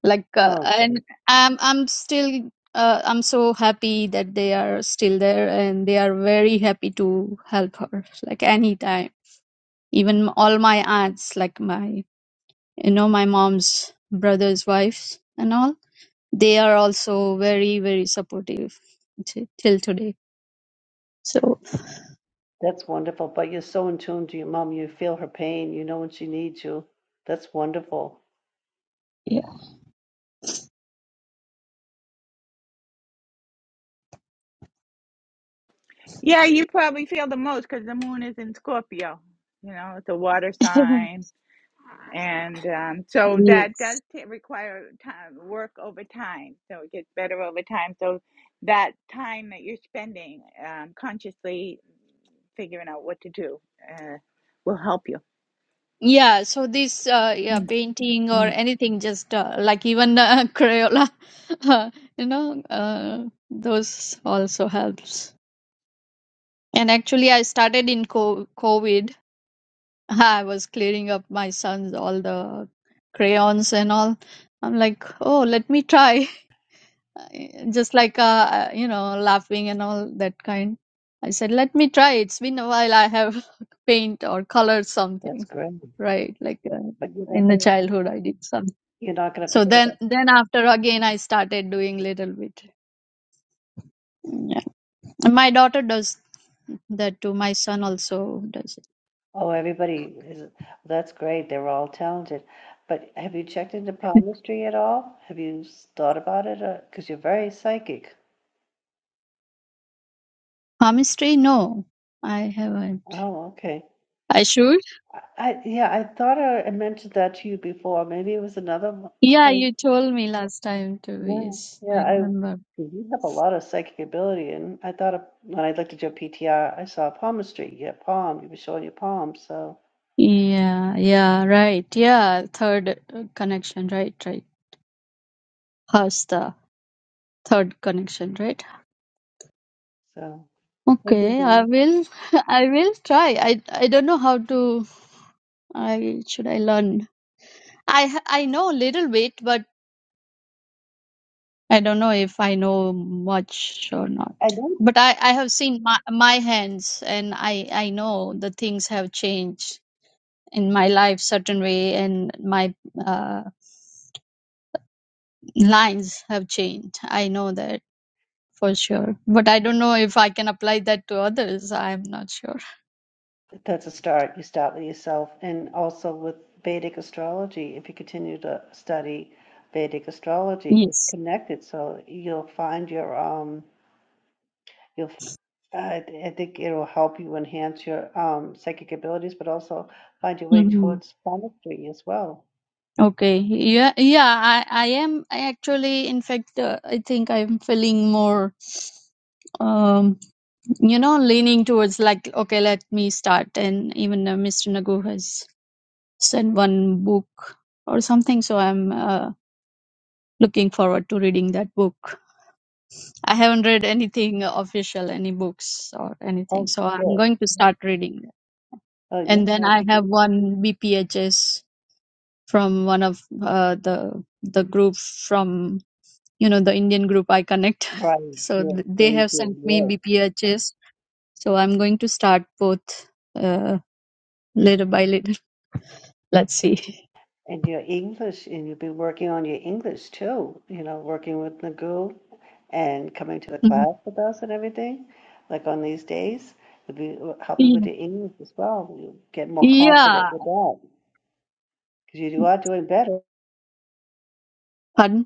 S4: like uh,
S2: Oh, that-
S4: and i'm i'm still uh, i'm so happy that they are still there and they are very happy to help her like anytime even all my aunts like my you know my mom's brother's wives and all they are also very very supportive t- till today so
S2: that's wonderful. But you're so in tune to your mom. You feel her pain. You know when she needs you. That's wonderful.
S4: yeah
S3: Yeah, you probably feel the most because the moon is in Scorpio. You know, it's a water sign, and um, so that
S4: Yes.
S3: does t- require time, work over time. So it gets better over time. So that time that you're spending um, consciously figuring out what to do uh, will help you.
S4: Yeah, so this uh, yeah
S3: Mm,
S4: painting or
S3: mm.
S4: anything just uh, like even uh, Crayola, you know, uh, those also helps. And actually, I started in co COVID. I was clearing up my son's all the crayons and all. I'm like, oh, let me try. I- Just like uh, uh, you know, laughing and all that kind. I said, let me try. It's been a while I have paint or colored something
S2: That's great.
S4: right like uh,
S2: But you're not
S4: in the
S2: gonna,
S4: childhood i did some
S2: you're not going to
S4: so
S2: forget
S4: then
S2: about.
S4: then after again i started doing little bit yeah. And my daughter does that too my son also does
S2: Oh, everybody is. That's great. They're all talented. But have you checked into
S4: it
S2: palmistry at all? Have you s- thought about it? Because you're very psychic.
S4: palmistry no i haven't
S2: Oh, okay.
S4: i should
S2: I I yeah, I thought I I mentioned that to you before. Maybe it was another one.
S4: yeah
S2: Oh,
S4: you told me last time too
S2: Yeah,
S4: yes i
S2: yeah, I
S4: remember
S2: you have a lot of psychic ability, and I thought of, when I looked at your PTR, I saw palmistry. Yeah, palm. You were showing your palm, so
S4: yeah yeah right yeah third uh, connection right right hasta third connection right
S2: so. I do
S4: okay i
S2: believe-
S4: will i will try i i don't know how to I should I learn? I ha- I know a little bit, but I don't know if I know much or not.
S2: I know
S4: But I I have seen my my hands, and I I know the things have changed in my life certain way, and my uh, lines have changed. I know that for sure, but I don't know if I can apply that to others. I'm not sure.
S2: that's a start. You start with yourself, and also with Vedic astrology. If you continue to study Vedic astrology, it's
S4: Yes.
S2: connected, so you'll find your um You'll, f- I, I think it'll help you enhance your um, psychic abilities, but also find your way towards planetary as well.
S4: Okay. Yeah, yeah, I, I am I actually in fact uh, I think I'm feeling more um you know leaning towards like okay, let me start and even uh, Mr. Nagu has sent one book or something so I'm uh, looking forward to reading that book. I haven't read anything official any books or anything
S2: Oh,
S4: so I'm
S2: good.
S4: going to start reading that.
S2: Oh, yeah,
S4: And then
S2: no,
S4: I
S2: he could,
S4: have one BPHS from one of uh, the the group from you know the indian group i connect
S2: right,
S4: so
S2: yes,
S4: th- they
S2: thank
S4: have
S2: you,
S4: sent
S2: Yes.
S4: me bphs so i'm going to start both uh, little by little let's see
S2: And your English, and you've been working on your English too, you know, working with Nagu and coming to the
S4: Mhm.
S2: class with us and everything, like on these days, it'd be uh, helping with
S4: yeah.
S2: your English as well. You get more confident
S4: yeah
S2: with that because you are doing better.
S4: pardon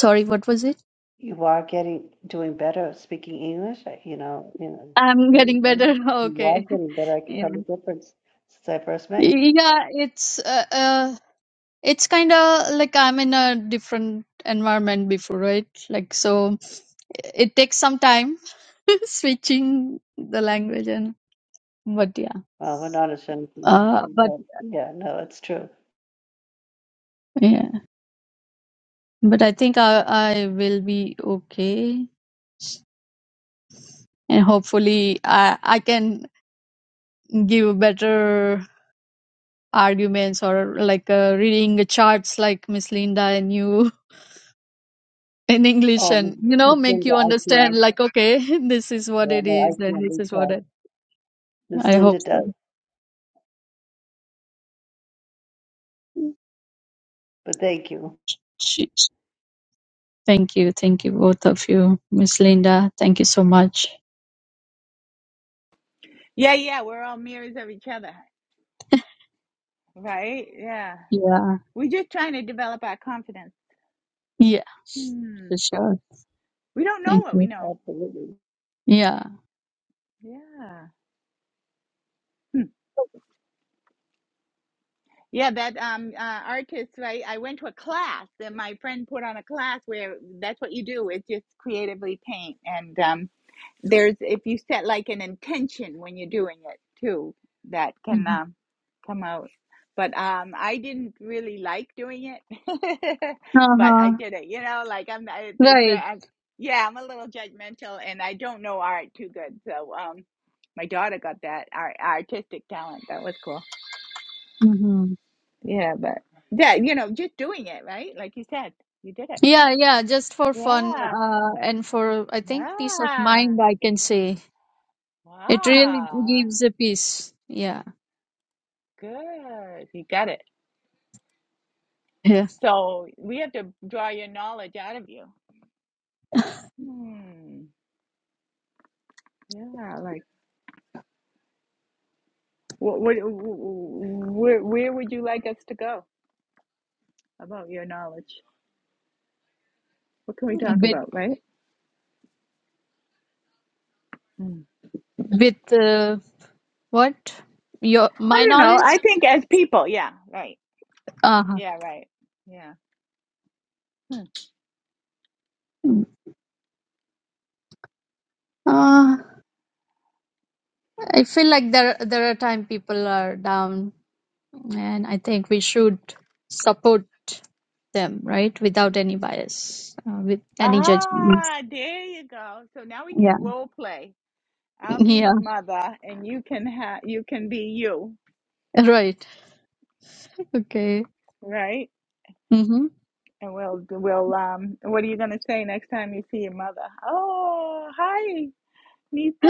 S4: sorry what was it
S2: You are getting doing better speaking English, uh, you know, you know,
S4: i'm
S2: you
S4: getting
S2: are
S4: better
S2: you are
S4: okay
S2: getting better. I can tell
S4: yeah
S2: the difference since I first met you.
S4: yeah it's uh, uh it's kind of like i'm in a different environment before right like so it takes some time switching the language and but yeah
S2: Well, we're not ashamed,
S4: uh but
S2: but yeah, no, it's true.
S4: yeah But I think I, I will be okay. And hopefully I, I can give better arguments or like uh, reading the charts like Miss Linda and you in English
S2: Um,
S4: and, you know,
S2: Miss
S4: make
S2: Linda,
S4: you
S2: I can't.
S4: understand like, okay, this is what
S2: Yeah,
S4: it
S2: no, I
S4: is and
S2: can't
S4: this
S2: reach
S4: is what
S2: out.
S4: it,
S2: Miss
S4: I hope
S2: Linda
S4: so.
S2: does, but thank you.
S4: She- Thank you. Thank you, both of you. Miss Linda, thank you so much.
S3: Yeah, yeah, we're all mirrors of each other, right? Yeah.
S4: Yeah.
S3: We're just trying to develop our confidence.
S4: Yeah,
S3: Hmm.
S4: for sure.
S3: We don't know
S4: Thank
S3: what we
S4: you.
S3: know.
S2: Absolutely.
S4: Yeah.
S3: Yeah. Hmm. Yeah, that um uh, artist, right? I went to a class that my friend put on a class where that's what you do It's just creatively paint. And um there's if you set like an intention when you're doing it too that can
S4: hmm
S3: um, come out but um i didn't really like doing it but i
S4: Uh-huh.
S3: did it you know like i'm I- it's, it's
S4: Right.
S3: I, yeah i'm a little judgmental and i don't know art too good so um my daughter got that art, artistic talent that was cool
S4: Mm-hmm.
S3: yeah but yeah you know just doing it right like you said you did it
S4: Yeah, yeah, just for fun
S3: yeah
S4: uh, and for, I think, peace of
S3: yeah
S4: mind, I can say. It really
S3: wow
S4: gives a peace. Yeah.
S3: good you got it
S4: Yeah.
S3: So we have to draw your knowledge out of you. Hmm. Yeah, like what, what, where, where would you like us to go about your knowledge? What can we talk
S4: With,
S3: about, right? Hmm.
S4: with uh, what? Your
S3: I
S4: my
S3: don't know. I
S4: knowledge?
S3: think as people, yeah, right.
S4: Uh-huh.
S3: Yeah, right. Yeah. Hmm.
S4: Uh, I feel like there there are times people are down, and I think we should support them, right? Without any bias, uh, with any judgment.
S3: Ah, there you go. So now we
S4: Yeah.
S3: can role play. I'll be the mother, and you can have you can be you,
S4: Yeah. Right. Okay.
S3: right?
S4: Mm-hmm.
S3: And we'll we'll um. What are you gonna say next time you see your mother? Oh, hi. Nita,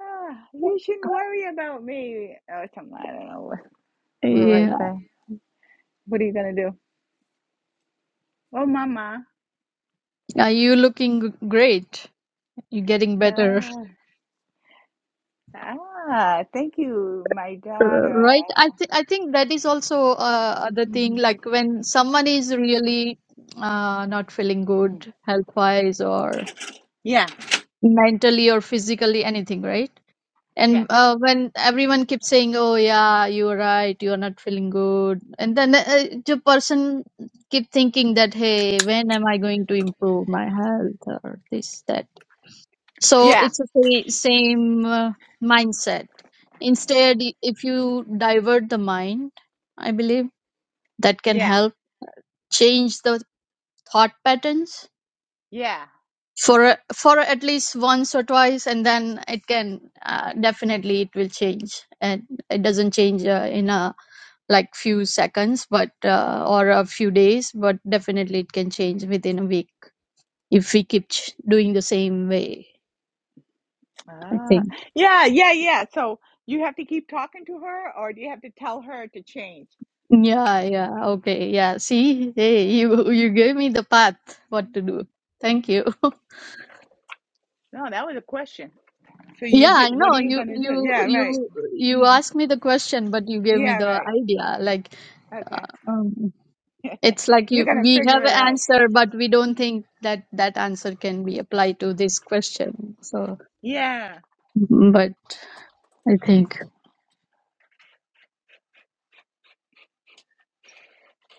S3: ah, you shouldn't worry about me. Or something. I don't know. What, what do I
S4: Yeah.
S3: say? What are you going to do? Oh, Mama.
S4: Are you looking g- great? You're getting
S3: Ah,
S4: better,
S3: ah, thank you, my daughter.
S4: right? I th- I think that is also uh, the thing.
S3: Mhm.
S4: Like when someone is really uh, not feeling
S3: Mm.
S4: good health wise or
S3: yeah,
S4: mentally or physically anything, right?
S3: yeah,
S4: And uh, when everyone keeps saying, "Oh yeah, you're right. You're not feeling good," and then uh, the person keep thinking that, "Hey, when am I going to improve my health or this that?" So
S3: yeah,
S4: it's the sa- same uh, mindset. Instead, i- if you divert the mind, I believe that can
S3: yeah,
S4: help change the thought patterns
S3: yeah.
S4: for a- for at least once or twice, and then it can uh, definitely it will change, and it doesn't change uh, in a like few seconds, but uh, or a few days, but definitely it can change within a week if we keep ch- doing the same way. I
S3: Ah,
S4: think.
S3: yeah, yeah, yeah. So you have to keep talking to her, or do you have to tell her to change?
S4: Yeah, yeah. Okay. Yeah. See, hey,
S3: Mm.
S4: you you gave me the path what to do. Thank you.
S3: No, that was a question. So you
S4: Yeah,
S3: do.
S4: I
S3: What
S4: know
S3: are you
S4: you
S3: going to
S4: you
S3: do? Yeah,
S4: you
S3: right.
S4: you
S3: Mm.
S4: asked me the question, but you gave me
S3: Yeah,
S4: the
S3: right.
S4: idea. Like,
S3: Okay.
S4: um, it's like
S3: You're
S4: you
S3: gonna
S4: we
S3: figure
S4: have
S3: it
S4: an
S3: out.
S4: answer, but we don't think that that answer can be applied to this question. So,
S3: Yeah.
S4: Mhm. but I think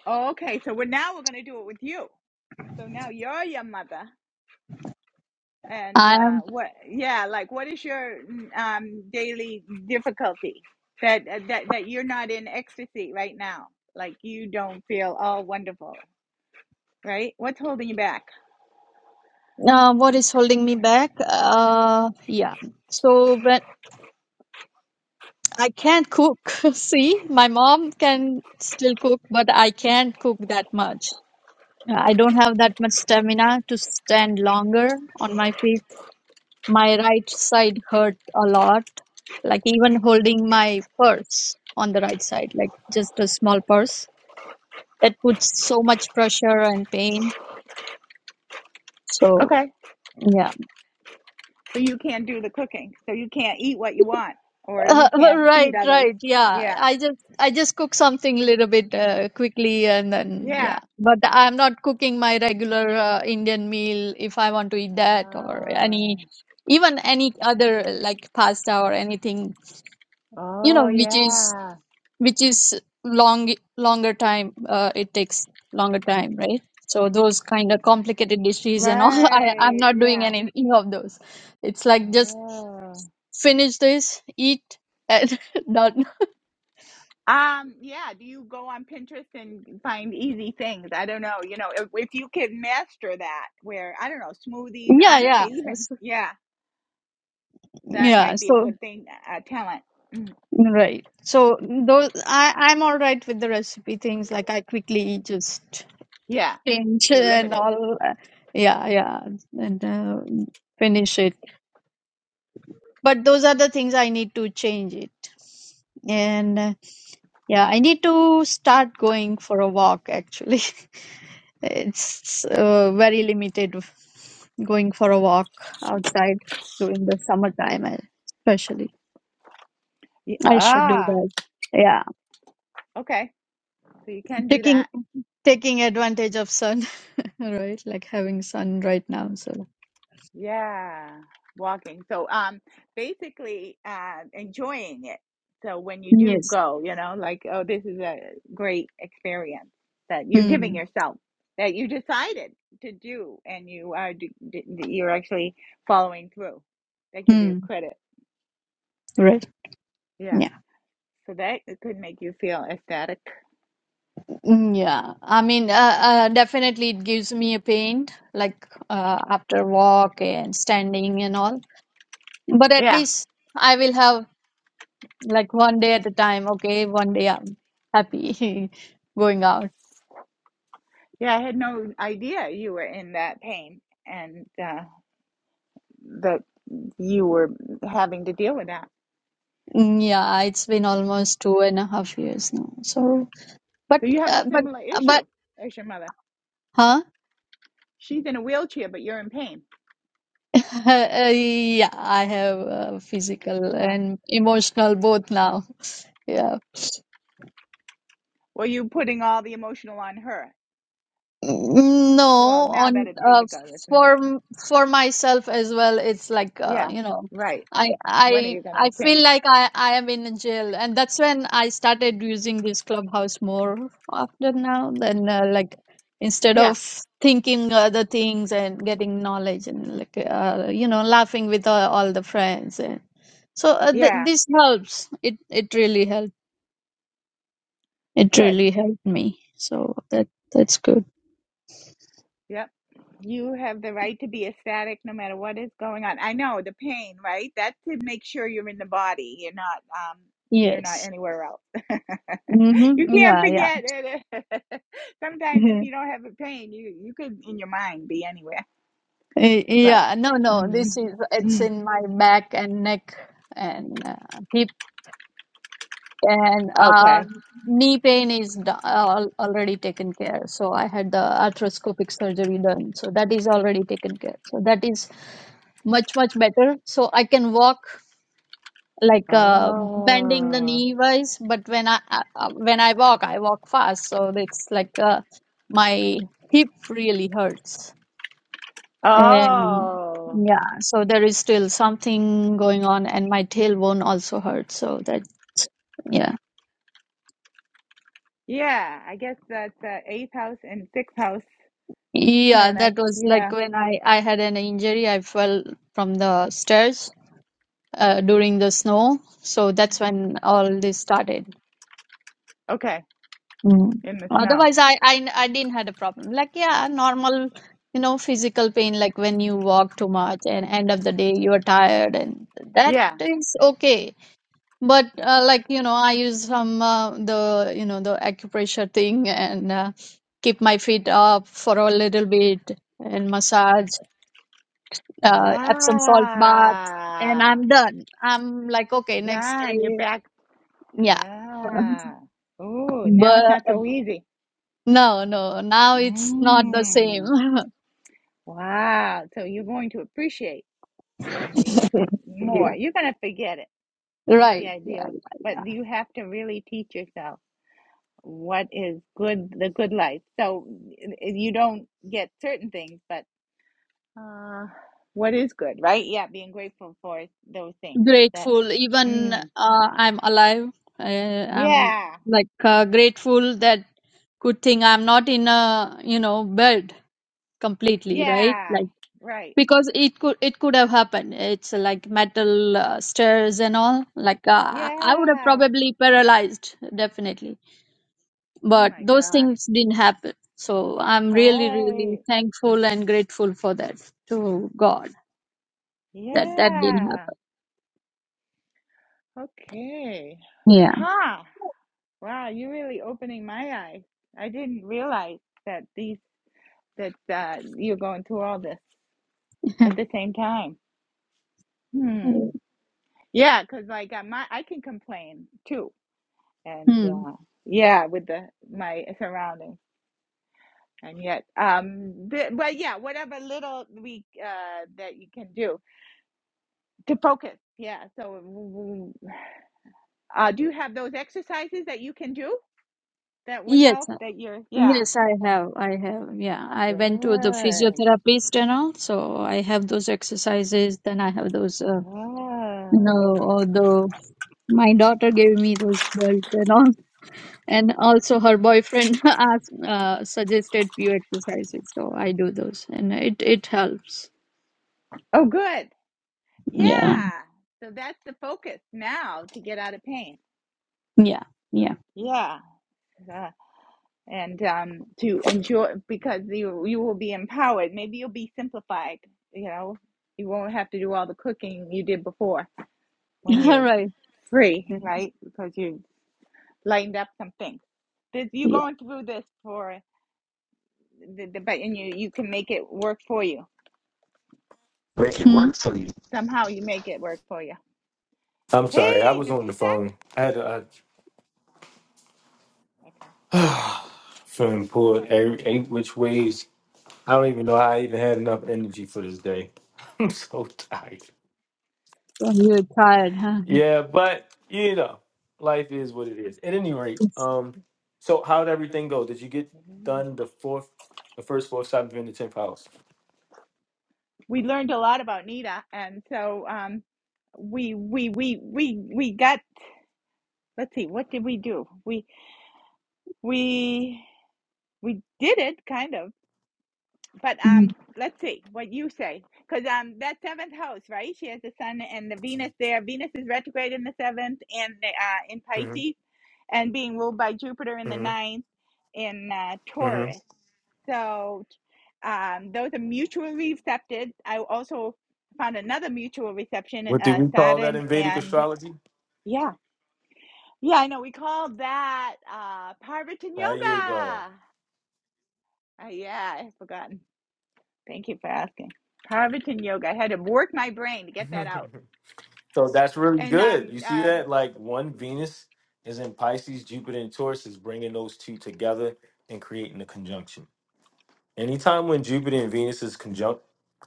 S3: Oh, okay. So we're now we're gonna do it with you. So now you're your mother, and
S4: I
S3: uh,
S4: am.
S3: what? Yeah, like what is your mm, um, daily difficulty that uh, that that you're not in ecstasy right now? Like you don't feel all wonderful, right? What's holding you back?
S4: Uh, what is holding me back? Uh, yeah. So when I can't cook. See, my mom can still cook, but I can't cook that much. I don't have that much stamina to stand longer on my feet. My right side hurt a lot, like even holding my purse on the right side, like just a small purse. That puts so much pressure and pain. So,
S3: Okay.
S4: yeah.
S3: So you can't do the cooking. So you can't eat what you want, or you
S4: Uh,
S3: can't feed
S4: right,
S3: others.
S4: right. Yeah,
S3: Yeah.
S4: I just I just cook something a little bit uh, quickly and then
S3: Yeah.
S4: yeah. But I'm not cooking my regular uh, Indian meal if I want to eat that or any
S3: Oh.
S4: even any other uh, like pasta or anything, you
S3: Oh
S4: know, which is
S3: yeah.
S4: which is long longer time uh, it takes longer time, right? So those kind of complicated dishes and all, I I'm
S3: Right.
S4: not doing
S3: Yeah.
S4: any any of those. It's like just
S3: Oh.
S4: finish this, eat and done
S3: Um, yeah, do you go on Pinterest and find easy things? I don't know. You know, if, if you could master that where I don't know, smoothies,
S4: Yeah,
S3: I don't know,
S4: yeah,
S3: even.
S4: so,
S3: Yeah, that
S4: yeah.
S3: might be a
S4: So
S3: good thing, a talent. Mm,
S4: right. So those I I'm all right with the recipe things. Like I quickly just
S3: Yeah.
S4: change
S3: You're
S4: and
S3: limited.
S4: all. uh, Yeah, yeah, and uh, finish it. But those are the things I need to change it. And uh, yeah, I need to start going for a walk. Actually, it's uh, very limited going for a walk outside during the summertime, uh, especially.
S3: Y-
S4: I should do
S3: Ah,
S4: that. Yeah,
S3: okay. So you can do
S4: taking
S3: that.
S4: taking advantage of sun, right? Like having sun right now. So
S3: Yeah, walking. So, um, basically, uh, enjoying it. So when you do
S4: yes.
S3: go, you know, like, oh, this is a great experience that you're giving
S4: Hmm.
S3: yourself that you decided to do, and you are d d you're actually following through. They give you
S4: Hmm.
S3: credit.
S4: Right.
S3: Yeah.
S4: Yeah.
S3: So that it could make you feel ecstatic.
S4: Mm, Yeah. I mean, uh, uh, definitely it gives me a pain, like uh, after walk and standing and all. But at
S3: Yeah.
S4: least I will have like one day at a time. Okay, one day I'm happy going out.
S3: Yeah, I had no idea you were in that pain and uh, that you were having to deal with that.
S4: Mm, Yeah, it's been almost two and a half years now. So, but
S3: So you have a
S4: uh, but
S3: similar issue
S4: but
S3: as your mother.
S4: huh?
S3: She's in a wheelchair, but you're in pain.
S4: Uh, yeah, I have uh, physical
S3: Yeah.
S4: and emotional both now. Yeah.
S3: Well, you putting all the emotional on her. Well,
S4: No,
S3: now that
S4: on
S3: it's
S4: uh,
S3: physical, it's
S4: for
S3: emotional.
S4: m- for myself as well, it's like uh,
S3: Yeah,
S4: you know,
S3: right.
S4: I
S3: When are
S4: I
S3: you going to
S4: I feel
S3: change?
S4: like I I am in a jail, and that's when I started using this clubhouse more often now than uh, like instead
S3: Yeah,
S4: of thinking other things and getting knowledge and like uh, you know laughing with all, all the friends and so uh, th
S3: yeah,
S4: this helps. It it really helped. It
S3: good.
S4: really helped me. So that that's good.
S3: Yep. You have the right to be ecstatic no matter what is going on. I know the pain, right? That's to make sure you're in the body. You're not, um, you're not
S4: Yes.
S3: anywhere else. you
S4: Mm-hmm.
S3: can't
S4: Yeah,
S3: forget it. Sometimes if
S4: yeah.
S3: you don't have a pain, you you could in your mind be anywhere.
S4: Eh,
S3: But
S4: Yeah, no, no,
S3: mm,
S4: this is it's
S3: mm,
S4: in my back and neck and uh, hip and uh,
S3: okay.
S4: knee pain is do- al already taken care. So I had the arthroscopic surgery done. So that is already taken care. So that is much, much better. So I can walk like uh, bending the
S3: Oh,
S4: knee wise, but when I uh, uh, when I walk, I walk fast. So it's like uh, my hip really hurts. And
S3: oh,
S4: yeah, so there is still something going on, and my tailbone also hurt. So that, yeah.
S3: yeah. I guess that's uh, eighth house and sixth house
S4: Yeah,
S3: planets.
S4: that was
S3: Yeah.
S4: like when I, I had an injury. I fell from the stairs uh, during the snow. So that's when all this started.
S3: Okay.
S4: Mm.
S3: In the snow.
S4: Otherwise, I, I, I didn't had a problem. Like, yeah, normal, you know, physical pain, like when you walk too much and end of the day you are tired and that
S3: Yeah.
S4: is okay But uh, like you know, I use some uh, the you know the acupressure thing and uh, keep my feet up for a little bit and massage, uh, Epsom salt bath, and
S3: Yeah.
S4: I'm done. I'm like okay, next
S3: Done. You're
S4: day,
S3: back.
S4: yeah.
S3: Yeah. Ooh. Now it's
S4: But
S3: not so easy.
S4: no, no, now it's not the same.
S3: Mm. Wow. So you're going to appreciate and you more.
S4: yeah
S3: You're gonna forget it. That's the
S4: Right.
S3: idea.
S4: Yeah.
S3: But you have to really teach yourself what is good, the good life. So you don't get certain things, but uh, what is good, right? Yeah, being grateful for those things. That,
S4: grateful even
S3: mm,
S4: uh, i'm alive I, i'm
S3: yeah,
S4: like uh, grateful that good thing i'm not in a you know bed completely right
S3: yeah,
S4: like
S3: right,
S4: because it could it could have happened it's like metal uh, stairs and all like uh, i I would have
S3: yeah.
S4: probably paralyzed definitely
S3: Oh
S4: but
S3: my
S4: those
S3: gosh,
S4: things didn't happen so i'm really really
S3: right,
S4: thankful and grateful for that to god that that didn't
S3: yeah.
S4: happen
S3: Okay,
S4: yeah
S3: huh? Wow, you're really opening my eyes. I didn't realize that these that uh, you're going through all this at the same time. Hmm. Yeah, because like uh, my I can complain too, and
S4: Hmm.
S3: uh, yeah, with the my surroundings, and yet, um, th- but yeah, whatever little we uh, that you can do to focus. Yeah. So, uh, do you have those exercises that you can do that would
S4: Yes,
S3: help? That you're yeah.
S4: Yes, I
S3: Okay.
S4: have. I have. Yeah, I went to the
S3: Good.
S4: physiotherapist and all, so I have those exercises. Then I have those, uh, you
S3: Ah.
S4: know, all the my daughter gave me those belts and all, and also her boyfriend asked, uh, suggested few exercises, so I do those, and it it helps.
S3: Oh, good.
S4: Yeah,
S3: Yeah. So that's the focus now to get out of pain.
S4: yeah, yeah.
S3: Yeah. Uh, and um, to enjoy because you you will be empowered. Maybe you'll be simplified, you know. You won't have to do all the cooking you did before when
S4: All
S3: you're
S4: right.
S3: free,
S4: Yeah.
S3: right? Because you lightened up some things. This, you're
S4: Yeah.
S3: going through this for the, the but and you you can make it work for you.
S1: Make it
S4: Hmm?
S1: work for you.
S3: Somehow you make it work for you.
S1: I'm sorry, I
S3: Hey,
S1: was on the
S3: Nagu's back.
S1: phone. I had
S3: Okay.
S1: a, feeling
S3: All
S1: pulled
S3: right.
S1: every eight which ways. I don't even know how I even had enough energy for this day. I'm so tired.
S4: So you're tired, huh?
S1: Yeah, but you know, life is what it is. At any rate,
S4: Yes.
S1: um, so how did everything go? Did you get done the fourth, the first, fourth, seventh, and the tenth house?
S3: we learned a lot about Nita, and so um, we we we we we got. Let's see, what did we do? We we we did it kind of, but um,
S4: Mm.
S3: let's see what you say, because um, that seventh house, right? She has the sun and the Venus there. Venus is retrograde in the seventh and uh, in
S1: hmm
S3: Pisces, and being ruled by Jupiter in the
S1: hmm
S3: ninth in uh,
S1: hmm
S3: Taurus. So um, those are mutually accepted. I also found another mutual reception,
S1: What do
S3: uh,
S1: we call that
S3: Saturn
S1: in Vedic
S3: and
S1: astrology?
S3: yeah, yeah, I know we called that uh, Parvatan
S1: There you go.
S3: Yoga. Uh, yeah, I have forgotten. Thank you for asking. Parvatan Yoga. I had to work my brain to get that out.
S1: so that's really
S3: And
S1: good.
S3: um,
S1: You see
S3: uh,
S1: that? Like one Venus is in Pisces, Jupiter and Taurus is bringing those two together and creating a conjunction. Anytime when Jupiter and Venus is conjunct,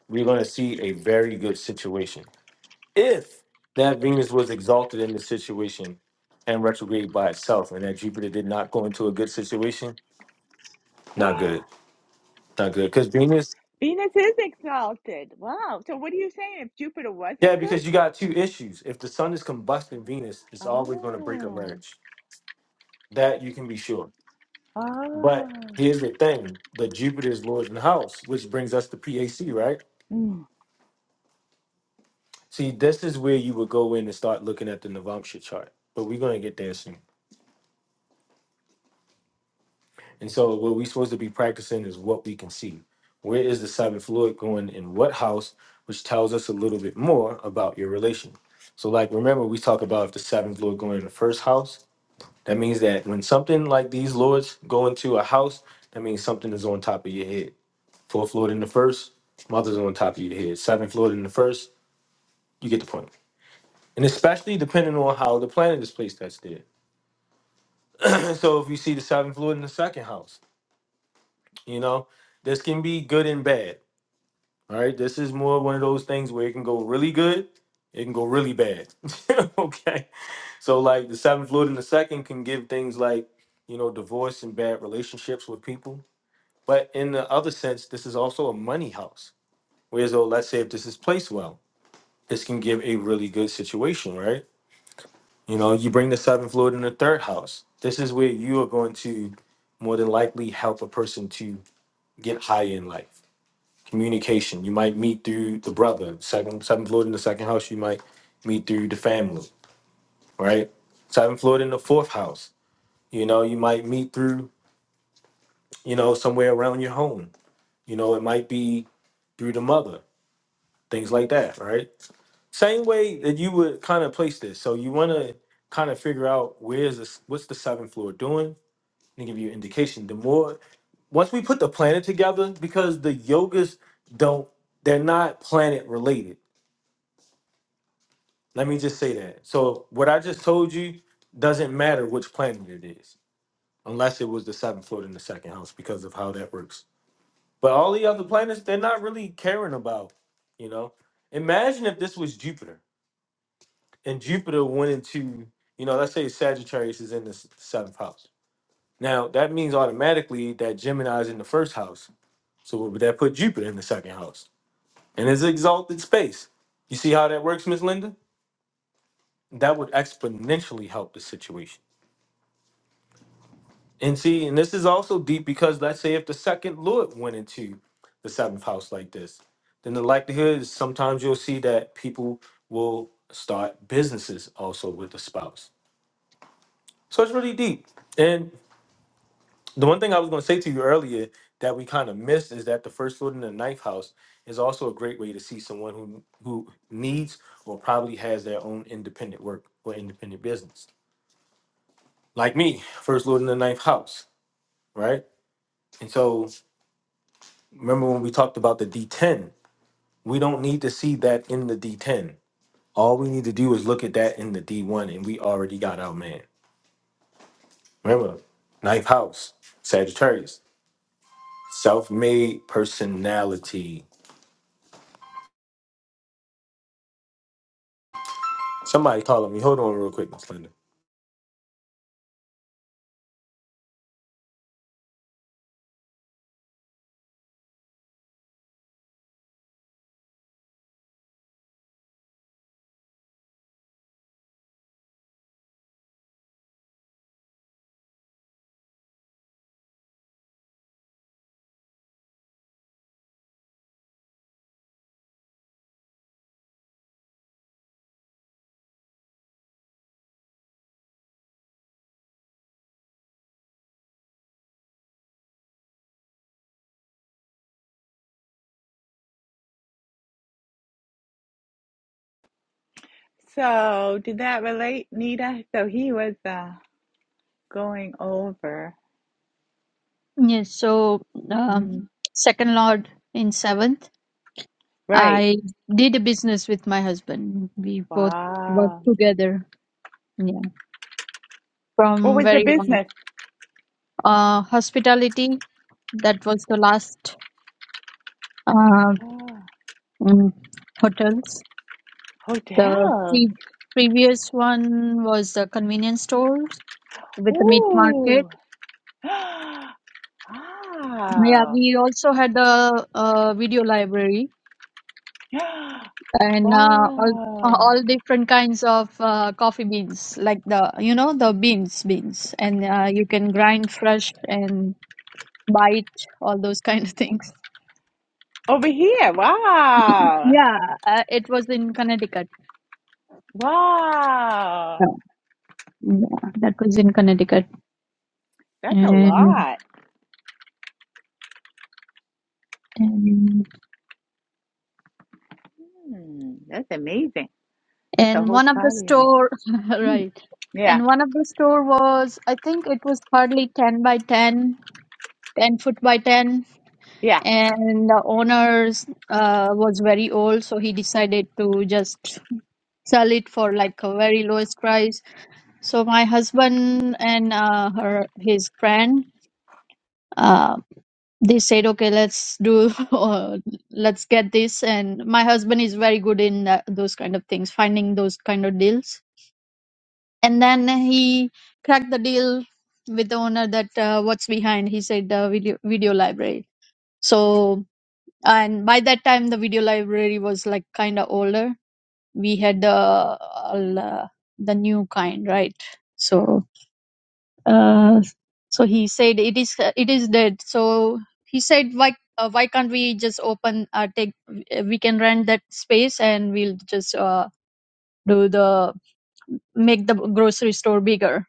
S1: we're going to see a very good situation. If that Venus was exalted in the situation and retrograde by itself, and that Jupiter did not go into a good situation, not good, not good. Because Venus,
S3: Venus is exalted. Wow. So what are you saying? If Jupiter
S1: yeah,
S3: wasn't good?
S1: because you got two issues. If the sun is combusting Venus, it's always going to break a
S3: Oh,
S1: marriage. That you can be sure.
S3: oh.
S1: But here's the thing: the Jupiter is Lord in the house, which brings us to PAC, right? See, this is where you would go in and start looking at the Navamsha chart, but we're going to get there soon. And so, what we're supposed to be practicing is what we can see. Where is the seventh lord going in what house, which tells us a little bit more about your relation. So, like, remember, we talk about if the seventh lord going in the first house, that means that when something like these lords go into a house, that means something is on top of your head. Fourth lord in the first, mother's on top of your head. Seventh lord in the first, you get the point. And especially depending on how the planet is placed that's there. so if you see the seventh lord in the second house, you know, this can be good and bad. All right. This is more one of those things where it can go really good, it can go really bad. okay. So like the seventh lord in the second can give things like, you know, divorce and bad relationships with people. But in the other sense, this is also a money house. Whereas though, let's say if this is placed well, this can give a really good situation, right? You know, you bring the seventh Lord in the third house. This is where you are going to more than likely help a person to get higher in life. Communication. You might meet through the brother. Second seventh Lord in the second house, you might meet through the family, right? Seventh Lord in the fourth house. You know, you might meet through, you know, somewhere around your home. You know, it might be through the mother, things like that, right? Same way that you would kind of place this. So you want to kind of figure out where's this, what's the seventh floor doing? and give you an indication. The more once we put the planet together, because the yogas don't they're not planet related. Let me just say that. So what I just told you doesn't matter which planet it is, unless it was the seventh floor in the second house because of how that works. But all the other planets, they're not really caring about, you know. Imagine if this was Jupiter and Jupiter went into, you know, let's say Sagittarius is in the s- seventh house. Now that means automatically that Gemini is in the first house So what would that put Jupiter in the second house? And it's exalted space. You see how that works, Miss Linda? That would exponentially help the situation. And see, and this is also deep because let's say if the second lord went into the seventh house like this, then the likelihood is sometimes you'll see that people will start businesses also with the spouse. So it's really deep. And The one thing I was going to say to you earlier that we kind of missed is that the first foot in the ninth house is also a great way to see someone who who needs or probably has their own independent work or independent business. Like me, first lord in the ninth house, right? And so remember when we talked about the D10, we don't need to see that in the D10. All we need to do is look at that in the D1 and we already got our man. Remember, ninth house, Sagittarius, self-made personality Somebody calling me. Hold on real quick, Miss Linda.
S3: So, did that relate, Nita? So he was uh, going over.
S4: Yes. So, um,
S3: Mhm.
S4: second Lord in seventh.
S3: Right.
S4: I did a business with my husband. We both worked
S3: Wow.
S4: together. Yeah,
S3: What
S4: from
S3: was the
S4: very long.
S3: business?
S4: Uh, hospitality. That was the last uh,
S3: Oh,
S4: mm, hotels. The
S3: hotels.
S4: pre- previous one was the convenience stores with the meat
S3: Ooh.
S4: market. Yeah,
S3: Wow.
S4: we also had the uh video library and uh, all,
S3: Wow.
S4: all different kinds of uh, coffee beans like the you know the beans beans and uh, you can grind fresh and buy it all those kind of things
S3: Over here. Wow.
S4: yeah uh, it was in connecticut
S3: Wow.
S4: yeah, yeah that was in connecticut
S3: That's a
S4: and
S3: lot.
S4: and,
S3: Hmm. That's amazing. That's a
S4: and
S3: whole
S4: one of the
S3: pile.
S4: store
S3: Hmm.
S4: right
S3: Yeah.
S4: and one of the store was i think it was hardly 10 by 10, 10 foot by 10
S3: Yeah.
S4: and the owners uh, was very old so he decided to just sell it for like a very lowest price so my husband and uh, her his friend uh, they said okay let's do uh, let's get this and my husband is very good in that, those kind of things finding those kind of deals and then he cracked the deal with the owner that uh, what's behind he said uh, video video library so and by that time the video library was like kind of older we had the uh, the new kind right so uh, so he said it is it is dead so he said why uh, why can't we just open uh, take we can rent that space and we'll just uh, do the make the grocery store bigger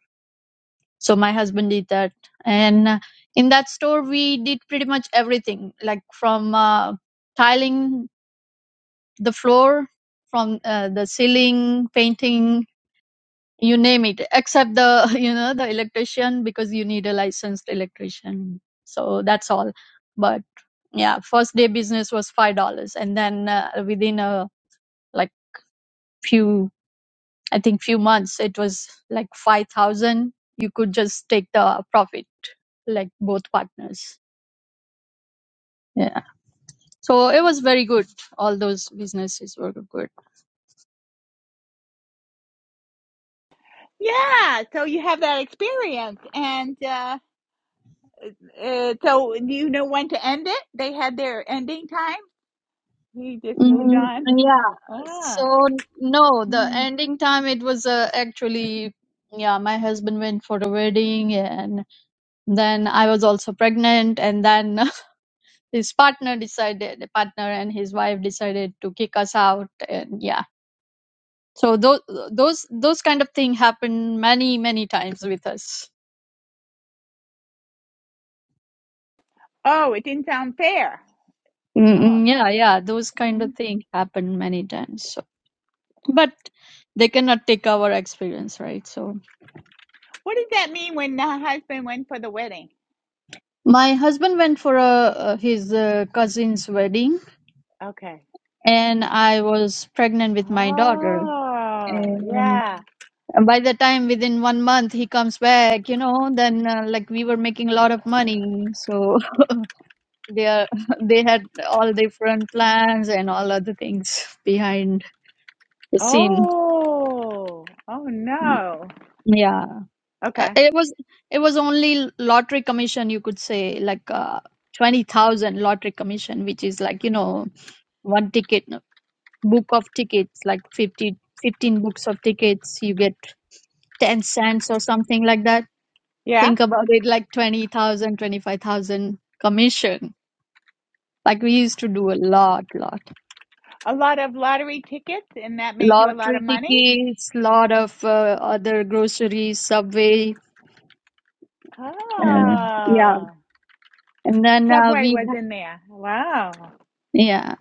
S4: so my husband did that and uh, in that store we did pretty much everything like from uh, tiling the floor from uh, the ceiling painting you name it except the you know the electrician because you need a licensed electrician so that's all but yeah first day business was five dollars and then uh, within a like few i think few months it was like five thousand you could just take the profit like both partners yeah so it was very good all those businesses were good
S3: Yeah, so you have that experience, and uh, uh, so do you know when to end it? They had their ending time. He just moved
S4: Mm,
S3: on.
S4: yeah.
S3: Ah,
S4: So no, the
S3: Mm.
S4: ending time it was uh, actually yeah, my husband went for the wedding and then I was also pregnant and then his partner decided, the partner and his wife decided to kick us out and yeah. So those those those kind of thing happen many many times with us.
S3: oh, it didn't sound fair. Oh,
S4: Mm, yeah, yeah, those kind
S3: Mm.
S4: of thing happen many times. So, but they cannot take our experience, right? So
S3: what does that mean when the husband went for the wedding?
S4: My husband went for a, uh, his uh, cousin's wedding,
S3: Okay.
S4: and I was pregnant with my daughter.
S3: Oh,
S4: And
S3: yeah.
S4: by the time within one month he comes back, you know, then uh, like we were making a lot of money, so they are they had all different plans and all other things behind the scene.
S3: Oh, oh no.
S4: Yeah, Uh,
S3: Okay.
S4: it was it was only lottery commission, you could say, like uh, twenty thousand lottery commission, which is like you know one ticket book of tickets, like 50, 15 books of tickets, you get 10 cents or something like that.
S3: Yeah,
S4: Think about it like 20,000, 25,000 commission. Like we used to do a lot, lot.
S3: a lot of lottery tickets, and that made you a lot of
S4: Lottery
S3: money.
S4: tickets, lot of uh, other groceries, subway. Uh, yeah.
S3: Oh.
S4: And then uh,
S3: Subway
S4: we,
S3: was
S4: ha-
S3: in there. Wow.
S4: yeah.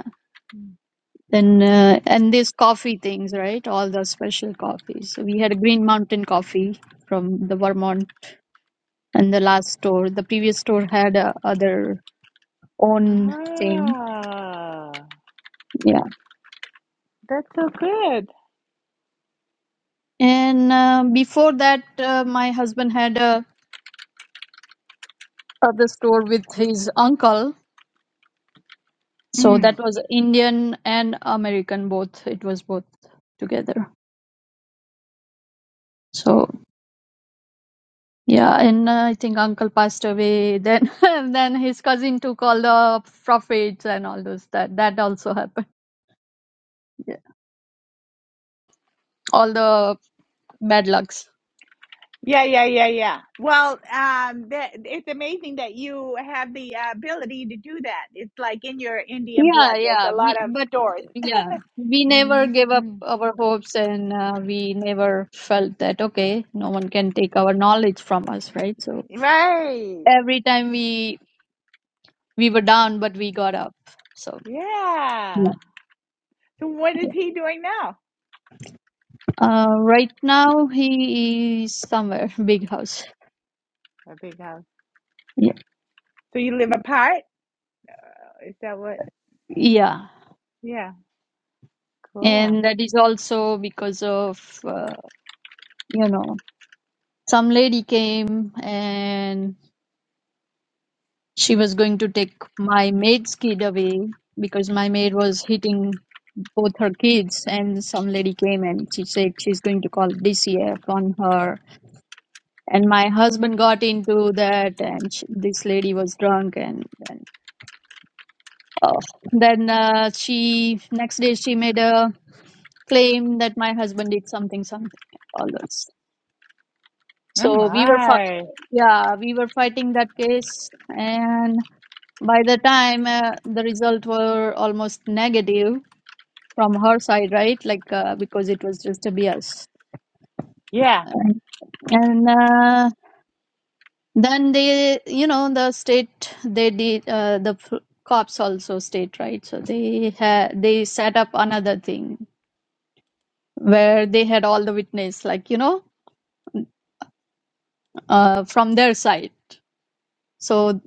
S4: Then, uh, and these coffee things, right? All the special coffees. So we had a Green Mountain coffee from the Vermont and the last store the previous store had uh, other own thing
S3: Oh,
S4: yeah
S3: that's so good.
S4: and uh, before that uh, my husband had a other store with his uncle so
S3: Mm.
S4: that was indian and american both it was both together so yeah and uh, i think uncle passed away then and then his cousin took all the profits and all those that that also happened yeah. all the bad lucks
S3: Yeah, yeah, yeah, yeah. Well, um, that, it's amazing that you have the uh, ability to do that. It's like in your Indian
S4: Yeah,
S3: blood. There's
S4: yeah.
S3: a lot
S4: We,
S3: of
S4: but
S3: stores.
S4: yeah, we
S3: hmm
S4: never gave up our hopes and uh, we never felt that, okay, no one can take our knowledge from us, right? So
S3: Right.
S4: every time we we were down, but we got up. So
S3: Yeah.
S4: yeah.
S3: So what is
S4: yeah.
S3: he doing now?
S4: Uh, right now he is somewhere, big house.
S3: A big house.
S4: Yeah.
S3: So you live apart? Is that what?
S4: Yeah.
S3: Yeah. Cool.
S4: And that is also because of, uh, you know, some lady came and she was going to take my maid's kid away because my maid was hitting both her kids and some lady came and she said she's going to call DCF on her and my husband got into that and she, this lady was drunk and, and oh. then uh, she next day she made a claim that my husband did something something all those
S3: Oh
S4: So we were, fi-
S3: my.
S4: yeah, we were fighting that case, and by the time uh, the result were almost negative from her side, right? Like uh, because it was just a BS,
S3: Yeah.
S4: and, and uh, then they, you know, the state they did uh, the p- cops also state right, so they had they set up another thing where they had all the witness, like you know, uh, from their side. So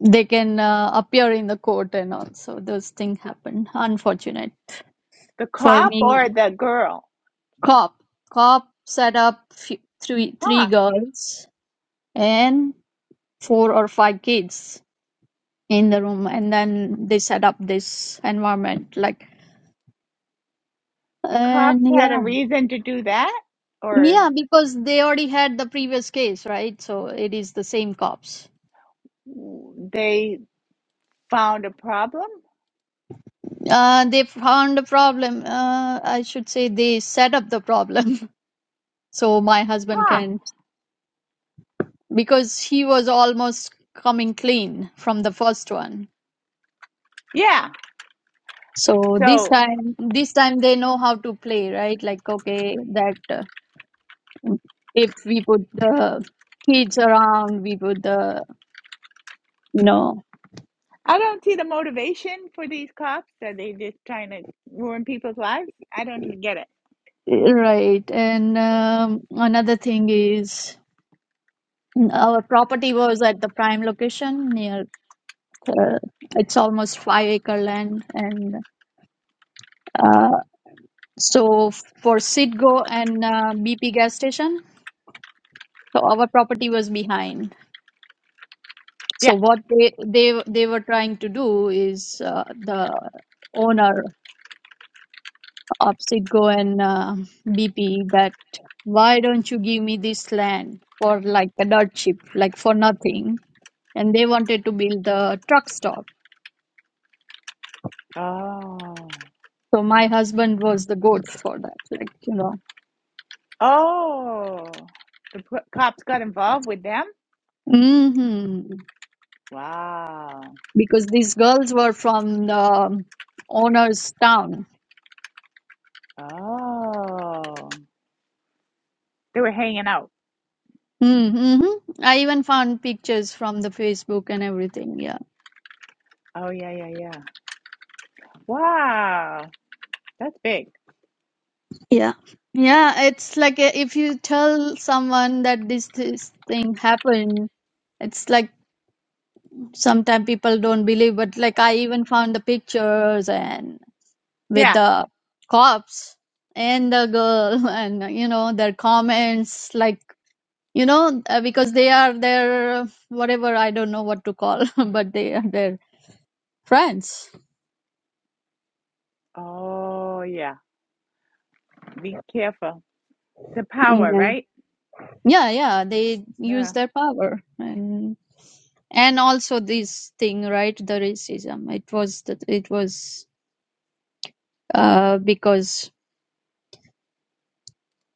S4: they can uh, appear in the court and all. So those things happen. Unfortunate
S3: The
S4: for
S3: cop or
S4: me.
S3: the girl?
S4: Cop, cop set up f- three
S3: Huh.
S4: three girls and four or five kids in the room, and then they set up this environment like
S3: The
S4: and
S3: cops had a
S4: yeah
S3: reason to do that, or
S4: yeah because they already had the previous case right so it is the same cops
S3: they found a problem?
S4: uh they found a problem uh i should say they set up the problem so my husband
S3: Huh.
S4: can because he was almost coming clean from the first one
S3: Yeah.
S4: so this
S3: So
S4: time this time they know how to play right like okay that uh, if we put the kids around we put the you know
S3: I don't see the motivation for these cops. Are they just trying to ruin people's lives? I don't get it.
S4: right and um, another thing is our property was at the prime location near uh, it's almost five acre land and uh, so for Citgo and uh, BP gas station So our property was behind. So
S3: Yeah.
S4: what they they they were trying to do is uh, the owner of Citgo and uh, BP that why don't you give me this land for like a dirt cheap, like for nothing? And they wanted to build the truck stop.
S3: Oh.
S4: So my husband was the goat for that, like you know,
S3: Oh. The p- cops got involved with them?
S4: hmm
S3: Wow.
S4: because these girls were from the owner's town
S3: Oh. They were hanging out.
S4: Mm-hmm. Mm-hmm. I even found pictures from the Facebook and everything. Yeah.
S3: Oh, yeah, yeah, yeah. Wow. That's big.
S4: Yeah. Yeah, it's like a, if you tell someone that this this thing happened, it's like sometimes people don't believe, but like I even found the pictures and with
S3: Yeah.
S4: the cops and the girl and you know their comments like you know uh, because they are their whatever I don't know what to call, but they are their friends.
S3: Oh, yeah. Be careful. the power, right?
S4: Yeah, yeah, they
S3: Yeah.
S4: use their power and and also this thing, right? The racism. It was that it was uh because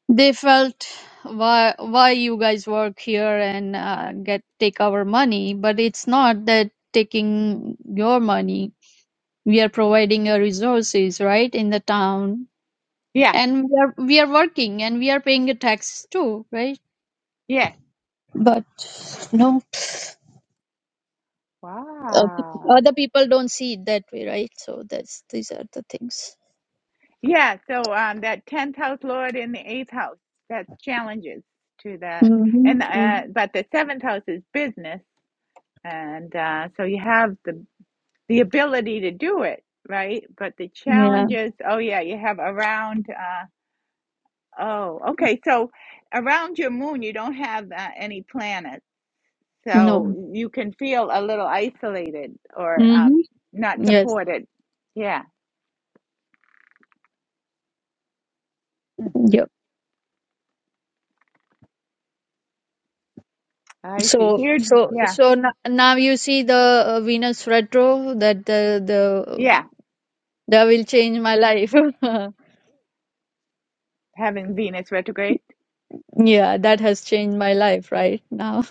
S4: they felt why why you guys work here and uh, get take our money, but it's not that taking your money. We are providing your resources, right, in the town,
S3: Yeah.
S4: and we are we are working and we are paying a tax too, right?
S3: Yeah.
S4: But no. uh,
S3: Wow.
S4: other people don't see it that way, right? So that's these are the things.
S3: Yeah. So um, that tenth house lord in the eighth house that challenges to that, and
S4: Mm-hmm.
S3: uh, but the seventh house is business, and uh, so you have the the ability to do it, right? But the
S4: Yeah.
S3: challenges. Oh yeah, you have around. Uh, oh, okay. So around your moon, you don't have uh, any planets
S4: No.
S3: So you can feel a little isolated or um,
S4: Mm-hmm.
S3: not
S4: Yes.
S3: supported. Yeah. Hmm.
S4: Yep.
S3: I see.
S4: So
S3: Here,
S4: so
S3: yeah,
S4: so n- now you see the uh, Venus retro that the the
S3: yeah,
S4: that will change my life.
S3: having Venus retrograde.
S4: yeah, that has changed my life right now.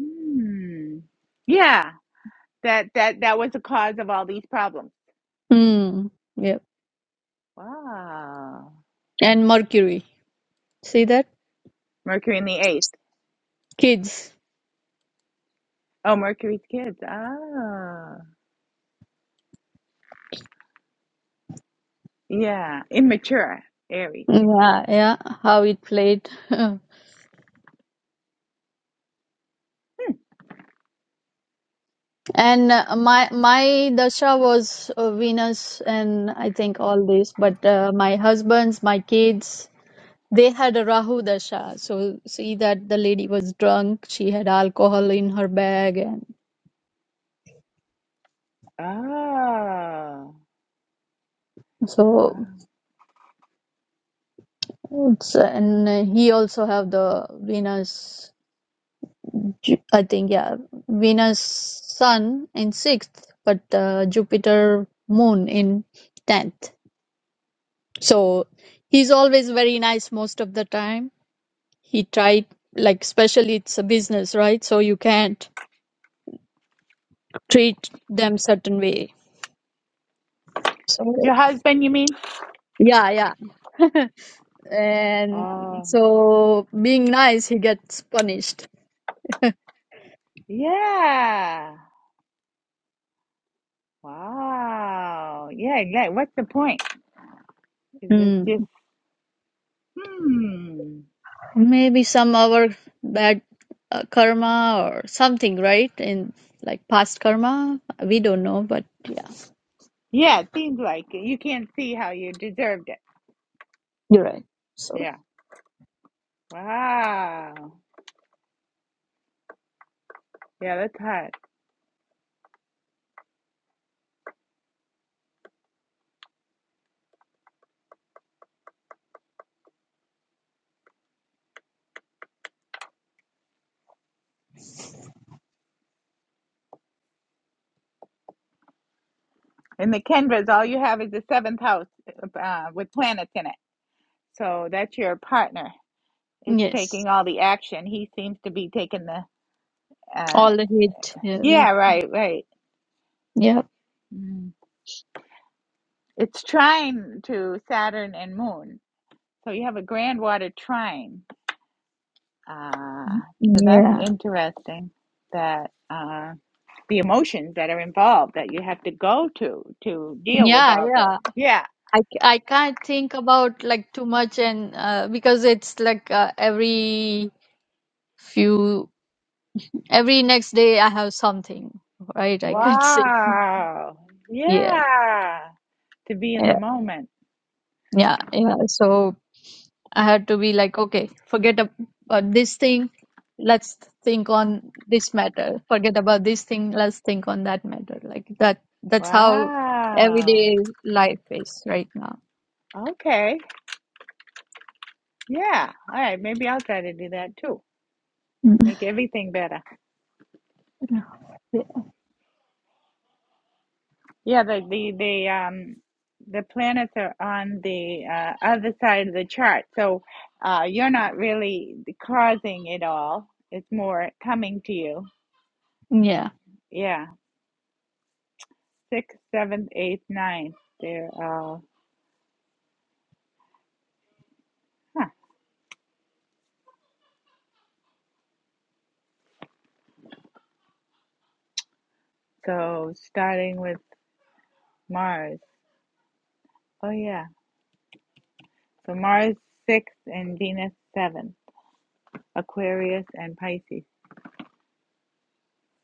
S3: Hmm. Yeah, that that that was the cause of all these problems.
S4: Mm. Yep.
S3: Wow.
S4: And Mercury. See that
S3: Mercury in the eighth.
S4: kids.
S3: Oh, Mercury's kids. Ah. Yeah, immature Aries.
S4: Yeah. Yeah. How it played. And uh, my my dasha was uh, Venus, and I think all this. But uh, my husband's, my kids, they had a Rahu dasha. So see that the lady was drunk. She had alcohol in her bag, and
S3: Oh, wow.
S4: so it's and uh, he also have the Venus. Ju- I think yeah, Venus Sun in sixth, but uh, Jupiter Moon in tenth. So he's always very nice most of the time he tried like especially it's a business right so you can't treat them certain way so
S3: Your husband, you mean?
S4: yeah yeah and
S3: Oh,
S4: so being nice he gets punished
S3: yeah. Wow. Yeah, like what's the point? Is this
S4: Hmm.
S3: just hmm.
S4: maybe some our bad uh, karma or something right in like past karma we don't know but yeah
S3: Yeah, it seems like it. you can't see how you deserved it.
S4: you're right so
S3: Yeah. Wow. Yeah, that's hot. And the Kendras, all you have is the seventh house uh, with planets in it. So that's your partner. It's
S4: yes
S3: taking all the action. He seems to be taking the. Uh,
S4: all the hate yeah right.
S3: yeah, right, right.
S4: yeah
S3: Mm. It's trine to Saturn and Moon. So you have a grand water trine. Uh, so that's
S4: yeah
S3: interesting that uh, the emotions that are involved that you have to go to to deal with
S4: yeah
S3: all
S4: yeah.
S3: this. Yeah.
S4: I I c- I can't think about like too much and uh, because it's like uh, every few every next day I have something right I can't say
S3: Wow.
S4: yeah
S3: Yeah. To be in the
S4: yeah
S3: moment.
S4: yeah yeah so I had to be like okay forget ab- about this thing let's think on this matter forget about this thing let's think on that matter like that that's how
S3: Wow.
S4: everyday life is right now
S3: Okay. Yeah. All right. Maybe I'll try to do that too.
S4: Mm.
S3: Make everything better. Yeah, the the the um the planets are on the uh, other side of the chart, so uh, you're not really causing it all. It's more coming to you.
S4: yeah
S3: Yeah, sixth, seventh, eighth, ninth. They're all. Huh. So starting with Mars. Oh yeah. So Mars sixth and Venus seventh. Aquarius and Pisces.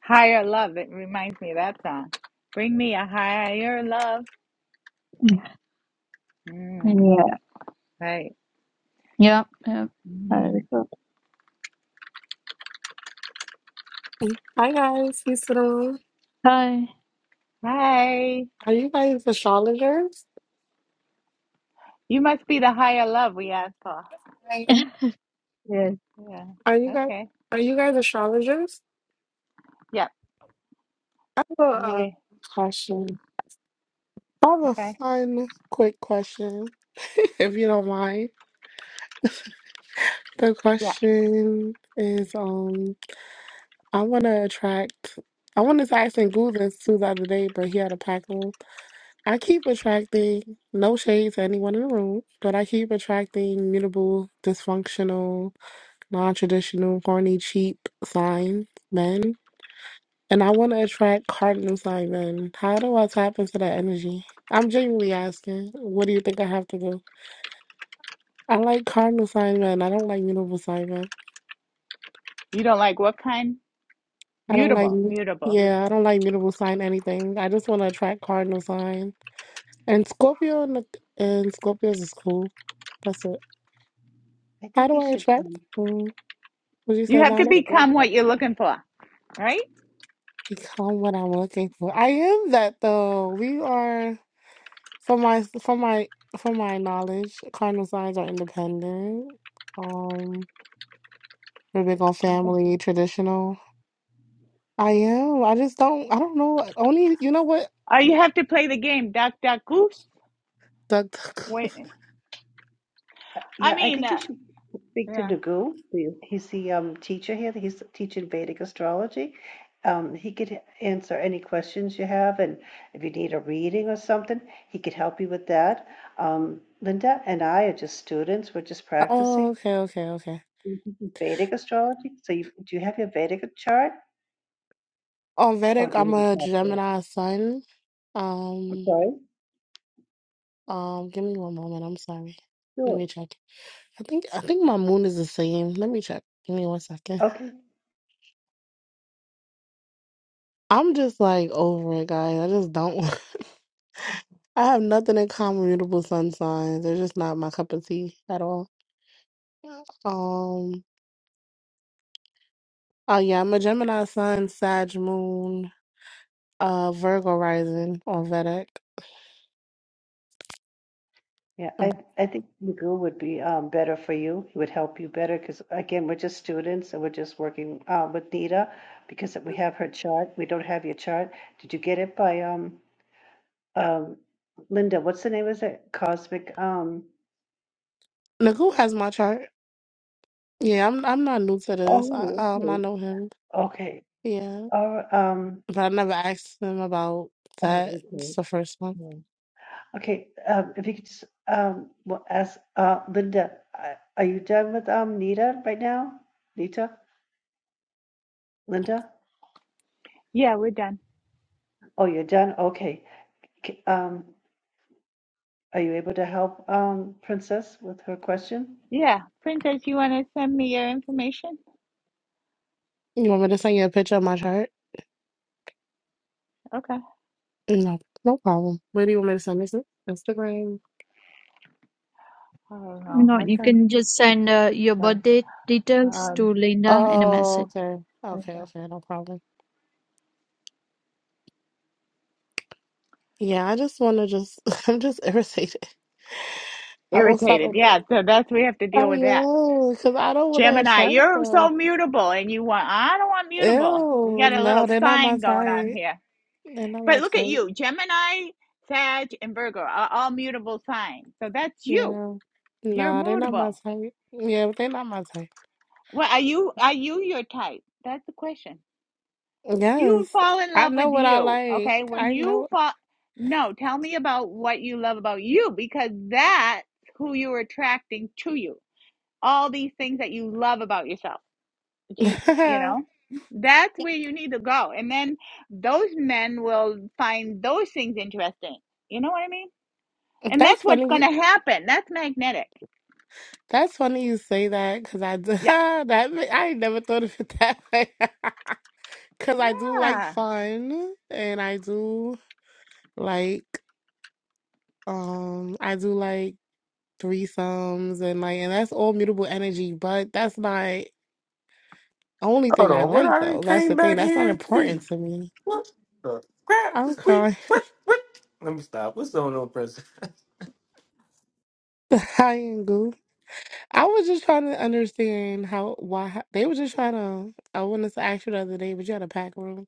S3: Higher love. It reminds me of that song. Bring me a higher love. Mm,
S4: yeah
S3: right.
S4: Yeah, yeah. Hi,
S3: Mm.
S4: Rico.
S8: Hi guys, Isidore.
S4: Hi.
S3: Hi.
S8: Are you guys astrologers?
S3: You must be the higher love we asked for.
S8: Are you,
S4: Yes.
S3: Yeah.
S8: are you guys
S3: Okay.
S8: are you guys astrologers?
S3: Yep.
S8: I have a uh,
S3: We
S8: question. I have a
S3: okay.
S8: fun, quick question, if you don't mind. The
S3: Yeah.
S8: question is, um, I want to attract. I wanted to ask Ngoo this too the other day, but he had a pack on. I keep attracting no shade to anyone in the room, but I keep attracting mutable, dysfunctional non traditional, horny, cheap sign men. And I want to attract cardinal sign men. How do I tap into that energy? I'm genuinely asking, what do you think I have to do? I like cardinal sign men. I don't like mutable sign men.
S3: You don't like what kind?
S8: I don't like,
S3: Mutable. Mutable.
S8: yeah, I don't like mutable sign anything. I just want to attract cardinal sign. And Scorpio and, and Scorpios is cool. That's it.
S2: I
S8: How
S2: think
S8: do
S2: you
S8: I
S2: should
S8: attract?
S2: um
S8: Mm, what you
S3: You
S8: said,
S3: have to
S8: Donna?
S2: schedule.
S3: become
S2: But,
S3: what you're looking for, right?
S8: Become what I'm looking for. I am that though. We are. For my for my for my knowledge, cardinal signs are independent. Um, we're big on family, traditional. I am. I just don't. I don't know. Only you know what
S3: Or you have to play the game, duck, duck, goose.
S8: the.
S3: Wait.
S2: uh,
S3: I
S2: yeah, I
S3: mean,
S2: think you
S3: uh,
S2: should speak to
S3: yeah.
S2: Nagu. the- He's the um teacher here. He's teaching Vedic astrology. Um, he could answer any questions you have, and if you need a reading or something, he could help you with that. Um, Linda and I are just students. We're just
S8: oh,
S2: practicing.
S8: okay, okay, okay.
S2: We teach Vedic astrology. So, you, do you have your Vedic chart,
S8: On
S2: or
S8: Vedic,
S2: do you
S8: I'm
S2: have a
S8: a
S2: chart? there?
S8: Gemini sun.
S2: I'm
S8: Um,
S2: Sorry.
S8: um. Give me one moment. I'm sorry. Let
S2: Sure.
S8: me check. I think I think my moon is the same. Let me check. Give me one second.
S2: Okay.
S8: I'm just like over it, guys. I just don't. I have nothing in common with mutable sun signs. They're just not my cup of tea at all. Um. Oh yeah, I'm a Gemini sun, Sag moon, uh, Virgo rising on Vedic.
S2: Yeah, I I think Magoo would be um, better for you. It would help you better because again, we're just students and we're just working uh, with Nita because we have her chart. We don't have your chart. Did you get it by um um Linda? What's the name? Is it Cosmic? Um.
S8: Nagu has my chart. Yeah, I'm I'm not new to this. I,
S2: Oh,
S8: um, I
S2: okay.
S8: know him.
S2: Okay.
S8: Yeah,
S2: Oh, um.
S8: but I never asked him about that.
S2: Oh, okay.
S8: It's the first one.
S2: Yeah. Okay. Um, if you could just um well, ask uh Linda, uh, are you done with um Nita right now? Nita, Linda.
S3: Yeah, we're done.
S2: Oh, you're done? Okay. K- Um, are you able to help um, Princess with her question?
S3: Yeah, princess, you want to send me your information?
S8: You want me to send you a picture of my chart?
S3: Okay. I
S8: No, no problem. Where do you want me to send this? Instagram.
S3: don't know.
S4: No,
S3: I
S4: you can
S3: thought,
S4: just send uh, your birth
S3: uh,
S4: date details
S3: um,
S4: to Linda in a
S8: Oh,
S4: message.
S8: okay, okay, okay, no problem. Yeah, I just want to just, I'm just irritated. I won't stop.
S3: irritated. Yeah. So that's we have to deal
S8: Oh,
S3: with that.
S8: yeah, because I don't want to
S3: Gemini,
S8: attract
S3: you're so
S8: them.
S3: mutable and you want, I don't want mutable. We
S8: Ew,
S3: got a
S8: no,
S3: little
S8: they're not my
S3: sign going on
S8: type.
S3: here.
S8: They're not my
S3: But look at
S8: type.
S3: you, Gemini, Sag, and Virgo are all mutable signs. So that's you.
S8: Yeah.
S3: You're
S8: Nah, they're not my
S3: mutable.
S8: type. Yeah, but they're not my type.
S3: Well, are you are you your type? That's the question. Do you
S8: Yes,
S3: fall in
S8: I
S3: love
S8: know
S3: with
S8: what I
S3: you?
S8: like.
S3: Okay, when
S8: I
S3: you
S8: know.
S3: fall No, tell me about what you love about you because that's who you're attracting to you. All these things that you love about yourself. you you know that's where you need to go and then those men will find those things interesting you know what i mean and
S8: That's
S3: that's what's
S8: funny.
S3: going to
S8: you-
S3: happen that's magnetic
S8: That's funny you say that because I do,
S3: yeah
S8: that ma- I ain't never thought of it that way. Because I do like
S3: yeah
S8: fun and I do like. Um, I do like threesomes and like, and that's all mutable energy, but that's not only
S1: Hold
S8: thing I
S1: on. What
S8: like
S1: I done
S8: though. That's
S1: came
S8: the thing.
S1: back
S8: That's not
S1: here to?
S8: important to me.
S1: What the crap
S8: I'm
S1: is we?
S8: crying.
S1: What? What? Let me stop. What's going on, President?
S8: I ain't goof. I was just trying to understand how why they were just trying to. I wanted to ask you the other day, but you had a pack room.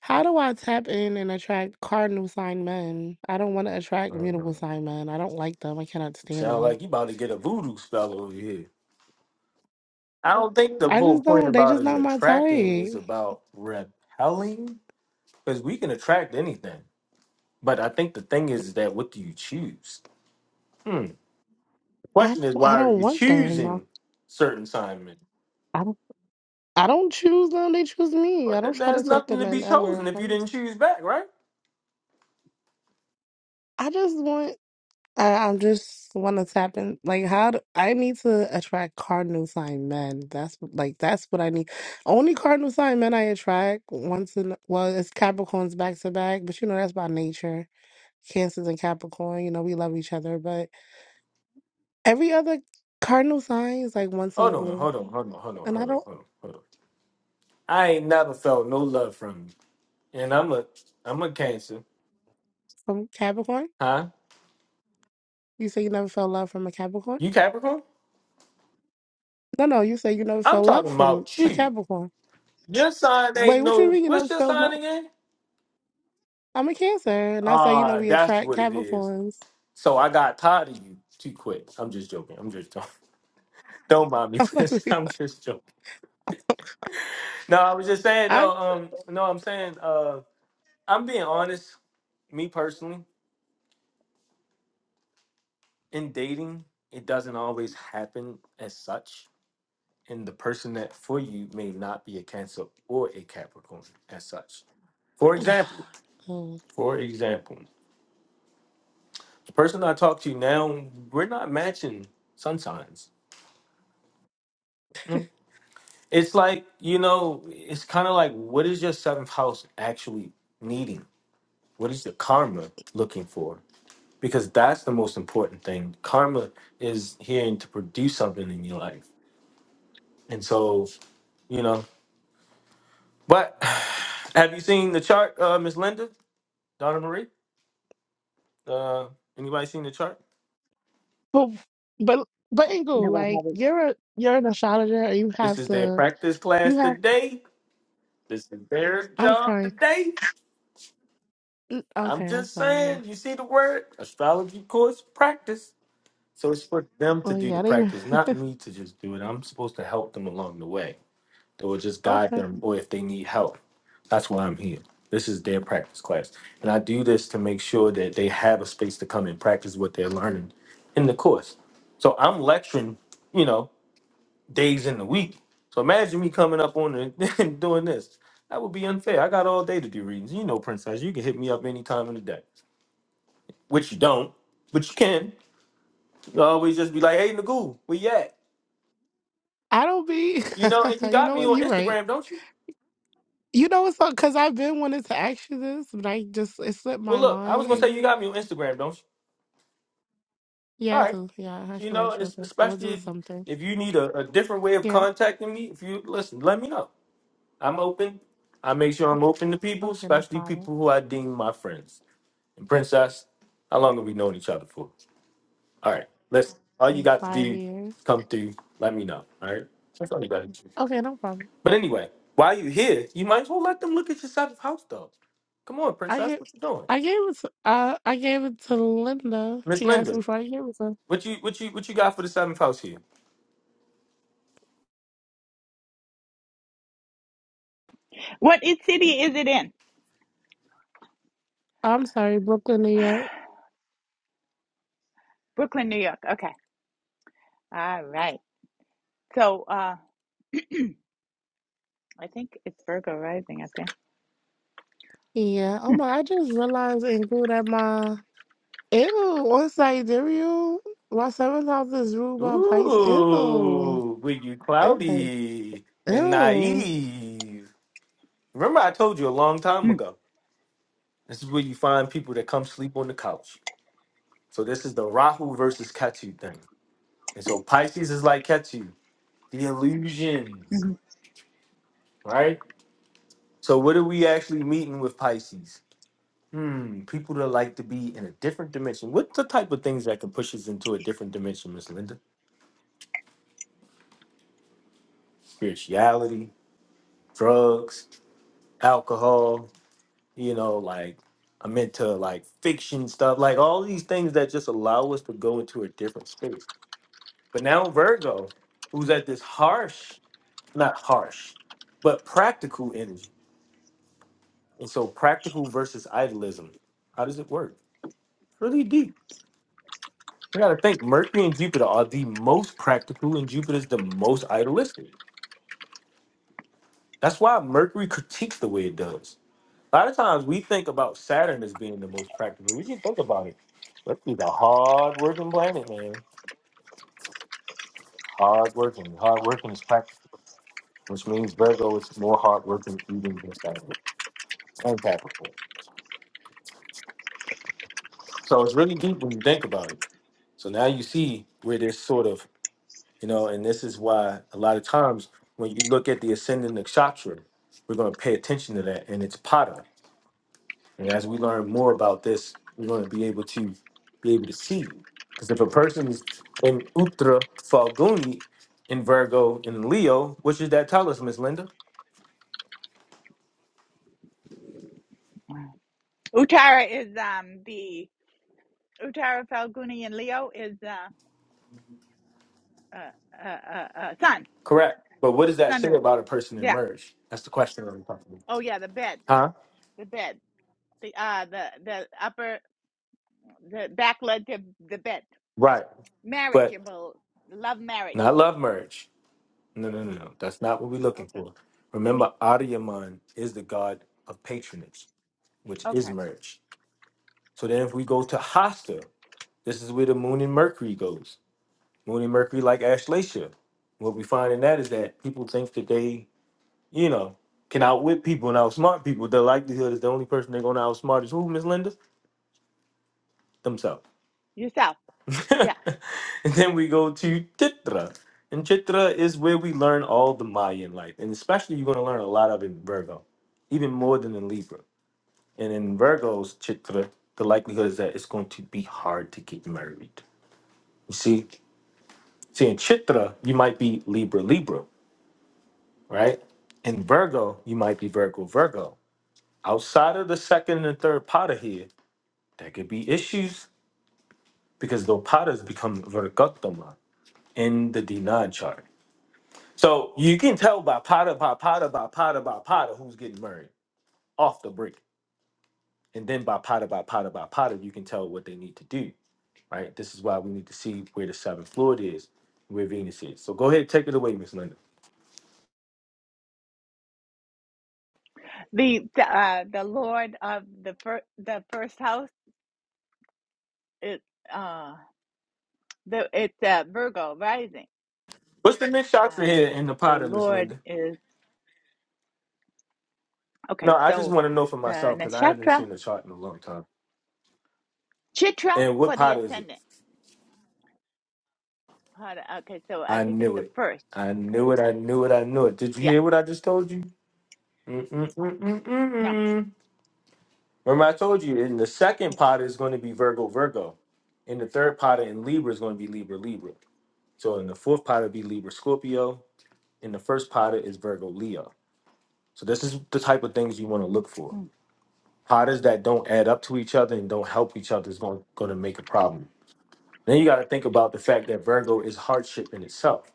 S8: How do I tap in and attract cardinal sign men? I don't want to attract
S1: I don't know.
S8: mutable sign men. I don't like them. I cannot stand
S1: Sound
S8: them.
S1: like you about to get a voodoo spell over here. I don't think the
S8: I
S1: whole
S8: just
S1: point
S8: don't. They
S1: about
S8: just
S1: is
S8: not my
S1: attracting is
S8: type.
S1: about repelling, because we can attract anything. But I think the thing is that what do you choose? Hmm. The
S8: I
S1: Question is
S8: I
S1: why are
S8: don't
S1: you
S8: want them.
S1: choosing certain Simon?
S8: I I don't choose them. They choose me.
S1: But
S8: I don't
S1: then
S8: try
S1: there's
S8: to talk to
S1: nothing to be
S8: men
S1: chosen
S8: ever.
S1: if you
S8: I'm
S1: didn't
S8: just,
S1: choose back, right?
S8: I just want. I, I just want to tap in. Like how do, I need to attract cardinal sign men. That's like that's what I need. Only cardinal sign men I attract once in well, it's Capricorns back to back, but you know that's by nature. Cancers and Capricorn, you know we love each other, but every other cardinal sign is like once in a
S1: Hold on,
S8: blue.
S1: hold on, hold on, hold on,
S8: And
S1: hold
S8: I
S1: on,
S8: don't
S1: hold on, hold on. I ain't never felt no love from you. And I'm a I'm a cancer.
S8: from Capricorn.
S1: Huh?
S8: You say you never felt love from a Capricorn.
S1: You Capricorn?
S8: No, no, you say you never
S1: I'm
S8: felt love
S1: talking
S8: from
S1: about
S8: a
S1: you.
S8: Capricorn.
S1: Your sign ain't
S8: Wait, what you
S1: no
S8: mean you never
S1: what's your
S8: felt
S1: sign
S8: no?
S1: again?
S8: I'm a Cancer, and I say you know
S1: Ah,
S8: we
S1: that's
S8: attract
S1: what it is.
S8: Capricorns.
S1: So I got tired of you too quick. I'm just joking. I'm just joking. Don't mind me,
S8: I'm like,
S1: please. I'm just joking. No, I was just saying, no,
S8: I,
S1: um, no, I'm saying uh I'm being honest, me personally, in dating, it doesn't always happen as such and the person that for you may not be a Cancer or a Capricorn as such. For example,
S8: oh.
S1: for example, the person I talk to now, we're not matching sun signs. Mm. It's like, you know, it's kind of like what is your seventh house actually needing? What is the karma looking for? Because that's the most important thing. Karma is here to produce something in your life. And so, you know, but have you seen the chart, uh, Miss Linda, Donna Marie? Uh, anybody seen the chart?
S8: but but but Ingle,
S2: No, I
S8: like
S2: haven't.
S8: you're a you're an astrologer, and you
S1: This
S8: have
S1: is their
S8: to
S1: practice
S8: you
S1: class
S8: have.
S1: today. This is their
S8: I'm
S1: job
S8: crying.
S1: today.
S8: Mm,
S1: I'm
S8: Okay, I'm
S1: just
S8: sorry. Yeah.
S1: saying, you see the word astrology course practice. So it's for them to
S8: Oh
S1: do the
S8: yeah, they.
S1: practice, not me to just do it. I'm supposed to help them along the way or just guide
S8: okay,
S1: them, or if they need help. That's why I'm here. This is their practice class. And I do this to make sure that they have a space to come and practice what they're learning in the course. So I'm lecturing, you know, days in the week. So imagine me coming up on it and doing this. That would be unfair. I got all day to do readings. You know, Princess, you can hit me up any time of the day, which you don't, but you can. You always just be like, hey, Nagoo, where you at?
S8: I don't be.
S1: You know, and you
S8: you
S1: got
S8: know
S1: me
S8: what?
S1: on
S8: You're right.
S1: Instagram, don't you?
S8: You know what's up? Because I've been wanting to ask you this, but I just it slipped
S1: Well,
S8: my
S1: look, I
S8: mind.
S1: was going to say you
S8: Ingle.
S1: got me on Instagram, don't you? All
S8: Yeah, I
S1: right.
S8: do. Yeah, I
S1: You
S8: can
S1: know,
S8: write you.
S1: it's,
S8: Okay, we'll
S1: especially
S8: do
S1: if,
S8: something.
S1: if you need a, a different way of
S8: Yeah.
S1: contacting me, if you listen, let me know. I'm open. I make sure I'm open to people,
S8: Okay, no
S1: especially
S8: problem.
S1: people who I deem my friends. Princess, how long have we known each other for? All right, let's. All you
S8: like
S1: got to
S8: five
S1: do, is
S8: years.
S1: come through. Let me know. All right, that's all you got to do.
S8: Okay, no problem.
S1: But anyway, while you here, you might as well let them look at your seventh house, though. Come on,
S8: I
S1: Princess,
S8: gave,
S1: what you doing,
S8: I gave it to, uh, I gave it to Linda.
S1: Miss
S8: She asked
S1: Linda?
S8: me before I gave it to.
S1: What you what you what you got for the seventh house here?
S3: what i- city is it in
S8: I'm sorry, Brooklyn, New York.
S3: brooklyn new york okay all right so uh i think it's virgo rising up there
S8: Yeah. Oh my, I just realized and grew that my ew on sidereal. My seventh house is ruled by Pisces. Ew.
S1: Ooh, with you
S8: Ew.
S1: cloudy and
S8: Ew.
S1: naive. Remember, I told you a long time
S3: hmm.
S1: ago. This is where you find people that come sleep on the couch. So this is the Rahu versus Ketu thing. And so Pisces is like Ketu, the illusion,
S3: mhm.
S1: right? So what are we actually meeting with Pisces? Hmm, people that like to be in a different dimension. What's the type of things that can push us into a different dimension, Miss Linda? Spirituality, drugs, alcohol, you know, like I'm into like fiction stuff, like all these things that just allow us to go into a different space. But now Virgo, who's at this harsh, not harsh, but practical energy And so practical versus idealism. How does it work? Really deep. We gotta think Mercury and Jupiter are the most practical and Jupiter's the most idealistic. That's why Mercury critiques the way it does. A lot of times we think about Saturn as being the most practical. We should think about it. Mercury's a hard working planet, man. Hard working. Hard working is practical, which means Virgo is more hard working even than Saturn and Capricorn. So it's really deep when you think about it. So now you see where there's sort of You know, and this is why a lot of times when you look at the ascendant nakshatra, we're going to pay attention to that, and it's Pada. And as we learn more about this, we're going to be able to be able to see. Because if a person is in Uttra Falguni, in Virgo, in Leo, which is that tell us, Miss Linda?
S3: utara is um the Uttara falguni and leo is uh uh uh uh, uh sun
S1: Correct. But what does that
S3: sun
S1: say
S3: ruled
S1: about a person in
S3: yeah
S1: merge? That's the question I'm talking
S3: oh yeah the bed
S1: about. Huh?
S3: the bed the uh the the upper the back leg to the bed.
S1: Right. But
S3: Marriageable. Love marriage.
S1: not love merge. No, no, no, no. That's not what we're looking
S3: Okay.
S1: for.
S3: I mean
S1: Remember, Adiaman is the god of patronage, which is
S3: okay.
S1: merge. So then, if we go to Hasta, this is where the moon and Mercury goes. Moon and Mercury, like Ashlacia. What we find in that is that people think that they, you know, can outwit people and outsmart people. The likelihood is the only person they're going to outsmart is who, Miss Linda? Themselves.
S3: Yourself. Yeah.
S1: and then we go to Chitra. And Chitra is where we learn all the Maya in life. And especially you're going to learn a lot of it in Virgo, even more than in Libra. And in Virgo's Chitra, the likelihood is that it's going to be hard to get married. You see? See, in Chitra, you might be Libra, Libra, right? In Virgo, you might be Virgo, Virgo. Outside of the second and third pada here, there could be issues because those pada's become Virgotama in the Dinan chart. So you can tell by Potter, by Potter, by Potter, by Potter who's getting married off the break. And then by Potter, by Potter, by Potter, you can tell what they need to do, right? This is why we need to see where the seventh fluid is, where Venus is. So go ahead, take it away, Miss Linda.
S3: The, the uh the Lord of the first the first house is uh the it's uh Virgo rising.
S1: What's the next chart for here
S3: And
S1: in the
S3: the
S1: Potter, Miss
S3: Lord
S1: Linda?
S3: is
S1: No,
S3: okay,
S1: I just
S3: so
S1: want to know for
S3: the
S1: myself because I haven't
S3: Nakshatra
S1: seen the chart in a long time.
S3: Chitra
S1: And what
S3: for the
S1: Potter is it?
S3: ascendant. Hold on, Okay, so I
S1: I
S3: think it's
S1: knew
S3: the
S1: it.
S3: first
S1: I
S3: because
S1: knew it. I knew it. I knew it. Did you
S3: yeah,
S1: hear what I just told you?
S3: no.
S1: Mm-mm-mm-mm-mm. Remember, I told you in the second pot is going to be Virgo, Virgo. In the third pot in Libra is going to be Libra, Libra. So in the fourth pot it'll be Libra, Scorpio. In the first pot is Virgo, Leo. So this is the type of things you want to look for. Potters that don't add up to each other and don't help each other is going, going to make a problem. Then you got to think about the fact that Virgo is hardship in itself.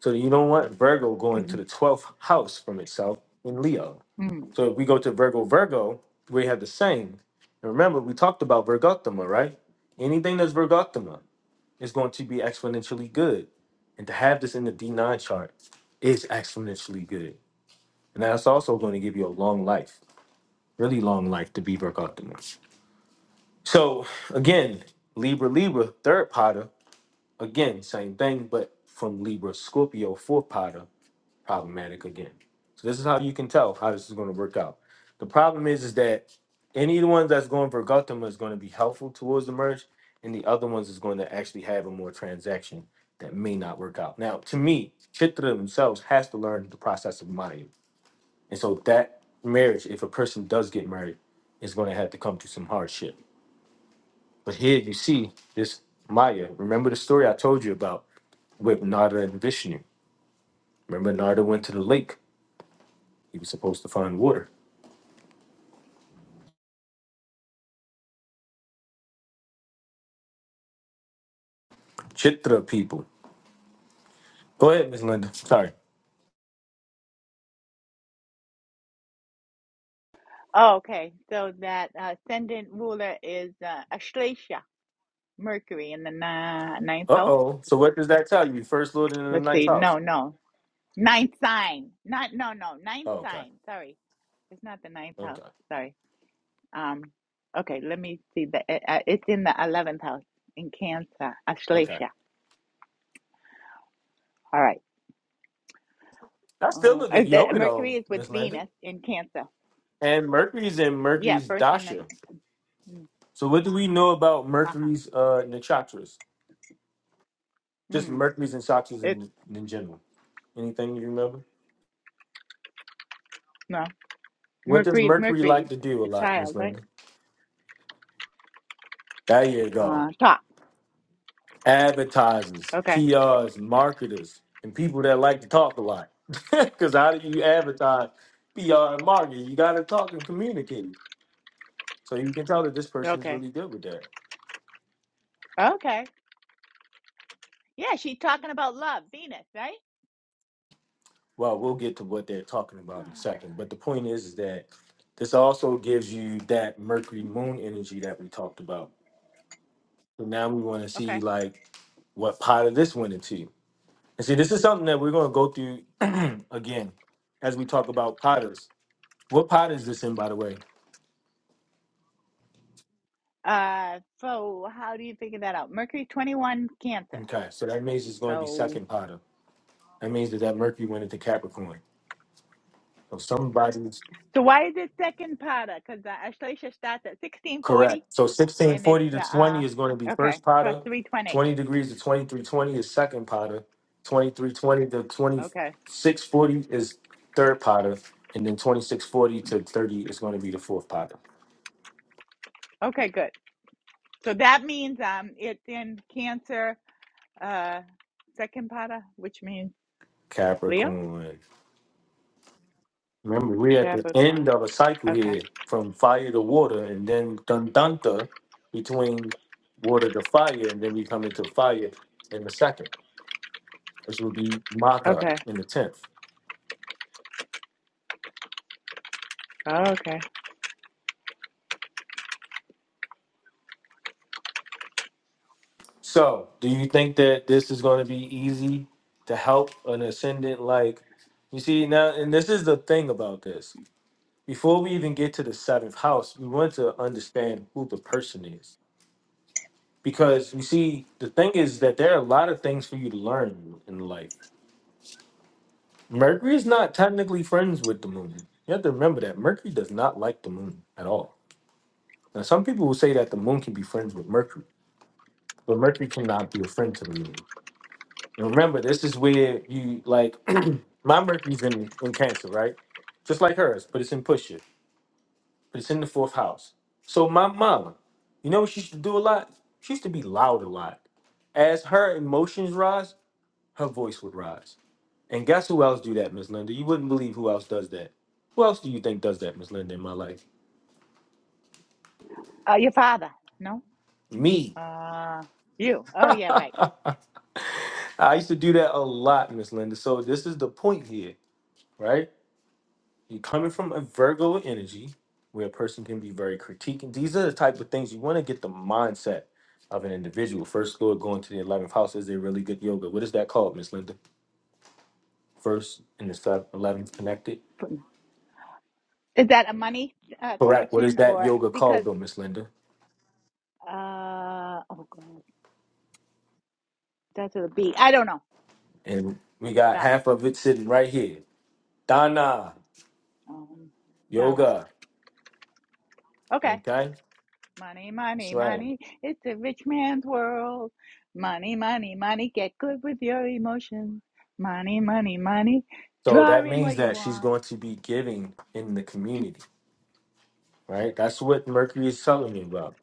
S1: So you don't want Virgo going to the 12th house from itself in Leo. So if we go to Virgo, Virgo, we have the same. And remember, we talked about Virgottama, right? Anything that's Virgottama is going to be exponentially good. And to have this in the D9 chart is exponentially good. And that's also going to give you a long life, really long life to be Virgottama. So again, Libra, Libra, third potter, again, same thing, but from Libra, Scorpio, fourth potter problematic again. So this is how you can tell how this is going to work out. The problem is is that any of the ones that's going for Gautama is going to be helpful towards the merge, and the other ones is going to actually have a more transaction that may not work out. Now, to me, Chitra themselves has to learn the process of Maya. And so that marriage, if a person does get married, is going to have to come through some hardship. But here you see this Maya. Remember the story I told you about with Narda and Vishnu. Remember Narda went to the lake. He was supposed to find water. Chitra people. Go ahead, Miss Linda. Sorry.
S3: Oh, okay. So that uh, ascendant ruler is uh, Ashlesha, Mercury in the ni- ninth
S1: Uh
S3: house.
S1: oh. So what does that tell you? First Lord in the
S3: Let's
S1: ninth
S3: see.
S1: house.
S3: No, no. Ninth sign. Not no, no. Ninth
S1: Oh, okay.
S3: sign. Sorry, it's not the ninth
S1: Okay.
S3: house. Sorry. Um. Okay. Let me see. The it, uh, it's in the eleventh house in Cancer.
S1: Okay.
S3: Ashlesha. All right.
S1: That's still
S3: Uh,
S1: a
S3: uh,
S1: good
S3: the,
S1: yoga though,
S3: Mercury is
S1: Miss
S3: with
S1: Linda.
S3: Venus in Cancer.
S1: And Mercury's in
S3: Yeah,
S1: Mercury's
S3: first in the.
S1: dasha.
S3: Mm,
S1: So what do we know about
S3: uh huh.
S1: Mercury's uh nakshatras? Just
S3: Mm,
S1: Mercury's and chakras
S3: it's
S1: in in general. Anything you remember?
S3: no
S1: What does
S3: Mercury.
S1: Mercury like
S3: Mercury,
S1: to
S3: the,
S1: do a
S3: the
S1: lot, Miss
S3: child, right?
S1: Linda? There you go.
S3: Uh, top.
S1: advertisers,
S3: Okay.
S1: PRs, marketers, and people that like to talk a lot. Because how do you advertise PR and marketing? You got to talk and communicate. So you can tell that this person is
S3: Okay.
S1: really good with that.
S3: Okay. Yeah, she talking about love, Venus, right?
S1: Well, we'll get to what they're talking about in a second. But the point is, is that this also gives you that Mercury
S3: Mhm.
S1: Moon energy that we talked about. So now we want to see
S3: okay.
S1: like what part of this went into. And see, this is something that we're going to go through again as we talk about potters. What pot is this in, by the way?
S3: Uh, so how do you figure that out? Mercury twenty one Cancer.
S1: Okay, so that means it's going to be
S3: So
S1: second Potter. That means that that Mercury went into Capricorn. So somebody's
S3: so why is it second pada? Because the Ashlesha starts at sixteen forty,
S1: correct. So sixteen
S3: and it's
S1: forty
S3: uh
S1: to twenty
S3: uh,
S1: is going to be
S3: okay
S1: first
S3: plus
S1: Potter.
S3: three twenty.
S1: Twenty degrees to twenty three twenty is second Potter. Twenty three twenty to twenty
S3: Okay.
S1: six forty is third Potter, and then twenty six forty to thirty is going to be the fourth Potter.
S3: Okay. Good. So that means um it's in Cancer uh second pada, which means Leo
S1: Capricorn. Remember, we're at the end
S3: Capricorn.
S1: of a cycle
S3: Okay.
S1: here from fire to water, and then dun between water to fire, and then we come into fire in the second, which will be Maha
S3: Okay.
S1: in the tenth.
S3: Okay.
S1: So, do you think that this is going to be easy to help an ascendant? Like, you see, now, and this is the thing about this. Before we even get to the seventh house, we want to understand who the person is. Because you see, the thing is that there are a lot of things for you to learn in life Mercury's not technically friends with the moon. You have to remember that Mercury does not like the moon at all. Now, some people will say that the moon can be friends with Mercury, but Mercury cannot be a friend to the moon. And remember, this is where you like my Mercury's in, in Cancer, right? Just like hers, but it's in Pusher, but it's in the fourth house. So my mama, you know what she used to do a lot? She used to be loud a lot. As her emotions rise, her voice would rise. And guess who else do that, Miss Linda? You wouldn't believe who else does that. Who else do you think does that, Miss Linda, in my life?
S3: Uh, your father. No.
S1: Me.
S3: Uh, you. Oh, yeah, right.
S1: I used to do that a lot, Miss Linda. So this is the point here, right? You're coming from a Virgo energy where a person can be very critiquing. These are the type of things you want to get the mindset of an individual. First Lord going to the 11th house is a really good yoga. What is that called, Miss Linda? First and the seventh, 11th connected.
S3: Is that a money uh,
S1: Correct. What is
S3: connection
S1: that
S3: or
S1: yoga called,
S3: because,
S1: though, Miss Linda?
S3: uh, oh, God, that's with a B. I don't know.
S1: And we
S3: I
S1: got
S3: forgot.
S1: half of it sitting right here. Dana,
S3: Um, Donna.
S1: yoga.
S3: Okay.
S1: Okay,
S3: Money,
S1: that's
S3: money,
S1: right.
S3: money. It's a rich man's world. Money, money, money. Get good with your emotions. Money, money, money.
S1: So
S3: Draw
S1: that
S3: in
S1: means
S3: what you
S1: that she's
S3: want.
S1: going to be giving in the community, right? That's what Mercury is telling you about.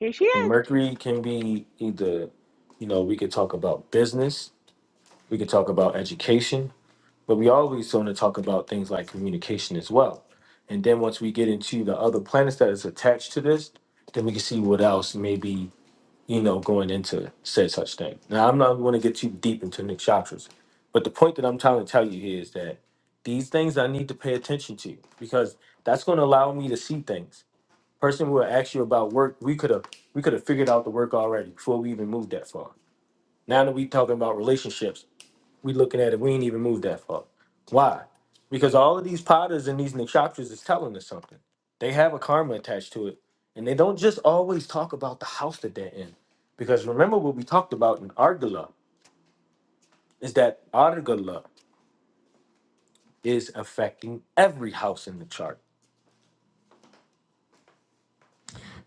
S3: Here she
S1: And
S3: is.
S1: Mercury can be either, you know, we could talk about business, we could talk about education, but we always want to talk about things like communication as well. And then once we get into the other planets that is attached to this, then we can see what else maybe you know, going into said such thing. Now, I'm not going to get too deep into Nick Shoppers, but the point that I'm trying to tell you here is that these things I need to pay attention to because that's going to allow me to see things. Person will ask you about work. We could have we could have figured out the work already before we even moved that far. Now that we talking about relationships, we looking at it. We ain't even moved that far. Why? Because all of these potters and these nakshaptras is telling us something. They have a karma attached to it. And they don't just always talk about the house that they're in. Because remember what we talked about in Argala is that Argala is affecting every house in the chart.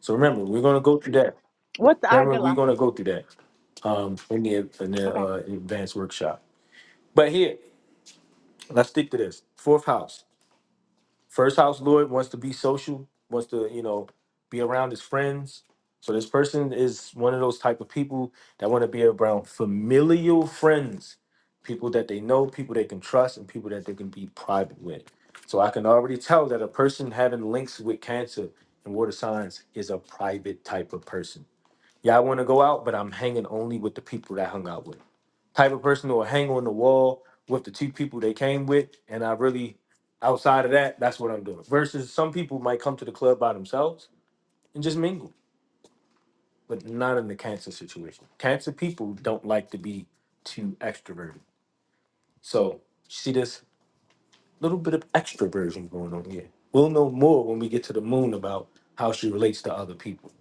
S1: So remember, we're gonna go through that.
S3: What's
S1: Remember, we're
S3: Argala?
S1: gonna go through that um, in the in the
S3: Okay.
S1: uh, advanced workshop. But here, let's stick to this fourth house. First house lord wants to be social, wants to, you know, be around his friends. So this person is one of those type of people that want to be around familial friends, people that they know, people they can trust, and people that they can be private with. So I can already tell that a person having links with cancer and water signs is a private type of person. Yeah, I want to go out, but I'm hanging only with the people that I hung out with type of person who will hang on the wall with the two people they came with. And I really, outside of that, that's what I'm doing. Versus some people might come to the club by themselves and just mingle, but not in the cancer situation. Cancer people don't like to be too extroverted. So you see this little bit of extroversion going on here. We'll know more when we get to the moon about how she relates to other people.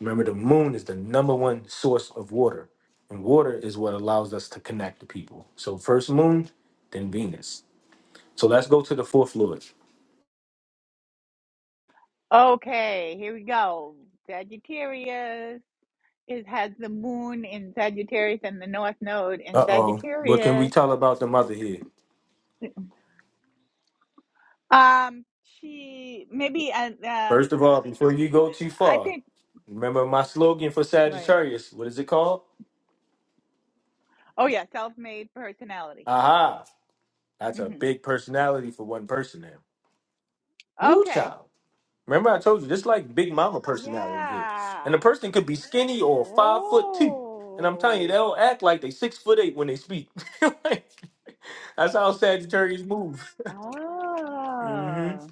S1: Remember, the moon is the number one source of water, and water is what allows us to connect to people. So, first moon, then Venus. So let's go to the fourth Lord.
S3: Okay. Here we go. Sagittarius. It has the moon in Sagittarius and the North Node in
S1: Uh oh. What can we
S3: Sagittarius.
S1: tell about the mother here?
S3: Um, she maybe uh, uh
S1: First of all, before you go too
S3: I
S1: far,
S3: think
S1: remember my slogan for
S3: right.
S1: Sagittarius. What is it called?
S3: Oh yeah, self-made personality.
S1: Aha. That's a
S3: hmm
S1: big personality for one person now. Woo
S3: Okay.
S1: child. Remember I told you, this like big mama personality here. And the
S3: Yeah.
S1: person could be skinny or five foot two. And I'm telling you,
S3: Oh.
S1: they'll act like they six foot eight when they speak. Like, that's how Sagittarius move. hmm
S3: Oh.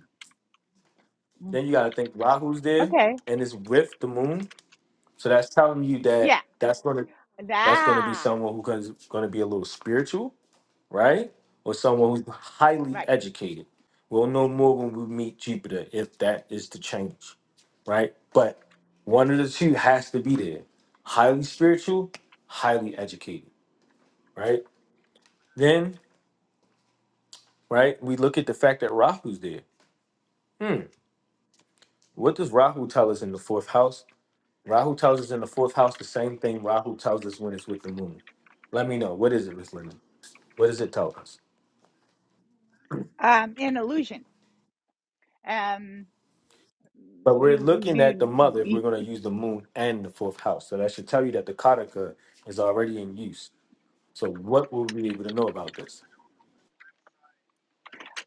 S3: Mm.
S1: Then you gotta think Rahu's there
S3: Okay.
S1: and it's with the moon. So that's telling you that
S3: Yeah.
S1: that's going to that's going to be
S3: Ah.
S1: someone who is going to be a little spiritual, right? Or someone who's highly
S3: Right.
S1: educated. We'll know more when we meet Jupiter if that is the change, right? But one of the two has to be there. Highly spiritual, highly educated, right? Then, right, we look at the fact that Rahu's there. What does Rahu tell us in the fourth house? Rahu tells us in the fourth house the same thing Rahu tells us when it's with the moon. Let me know. What is it, Miss Linda? What does it tell us?
S3: Um, an illusion. Um,
S1: But we're
S3: you
S1: looking at the
S3: you.
S1: mother if we're going to use the moon and the fourth house. So that should tell you that the Kataka is already in use. So what will we be able to know about this?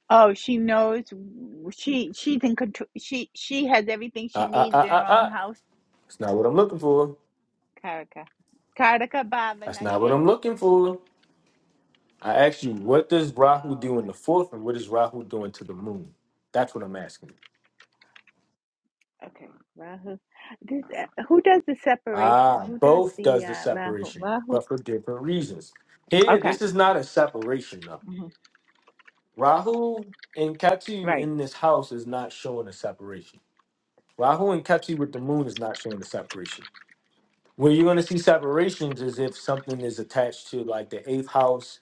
S3: Oh, she knows. w- She she's in control. She she has everything she
S1: Ah, ah,
S3: needs
S1: ah,
S3: in
S1: ah,
S3: her own
S1: ah.
S3: house.
S1: It's not what I'm looking for.
S3: Karaka, Karaka Baba
S1: That's not what
S3: Nashe.
S1: I'm looking for. I asked you, what does Rahu
S3: Oh,
S1: do in
S3: okay,
S1: the fourth and what is Rahu doing to the moon? That's what I'm asking.
S3: okay. Rahu, this uh, who does the separation?
S1: Ah,
S3: Who does
S1: both does
S3: the
S1: the
S3: uh, Rahu?
S1: separation,
S3: Rahu.
S1: but for different reasons. Here,
S3: Okay,
S1: this is not a separation though.
S3: mhm,
S1: Rahu and Ketu
S3: right.
S1: in this house is not showing a separation. Rahu and Ketu with the moon is not showing a separation. Where you're gonna see separations is if something is attached to like the eighth house,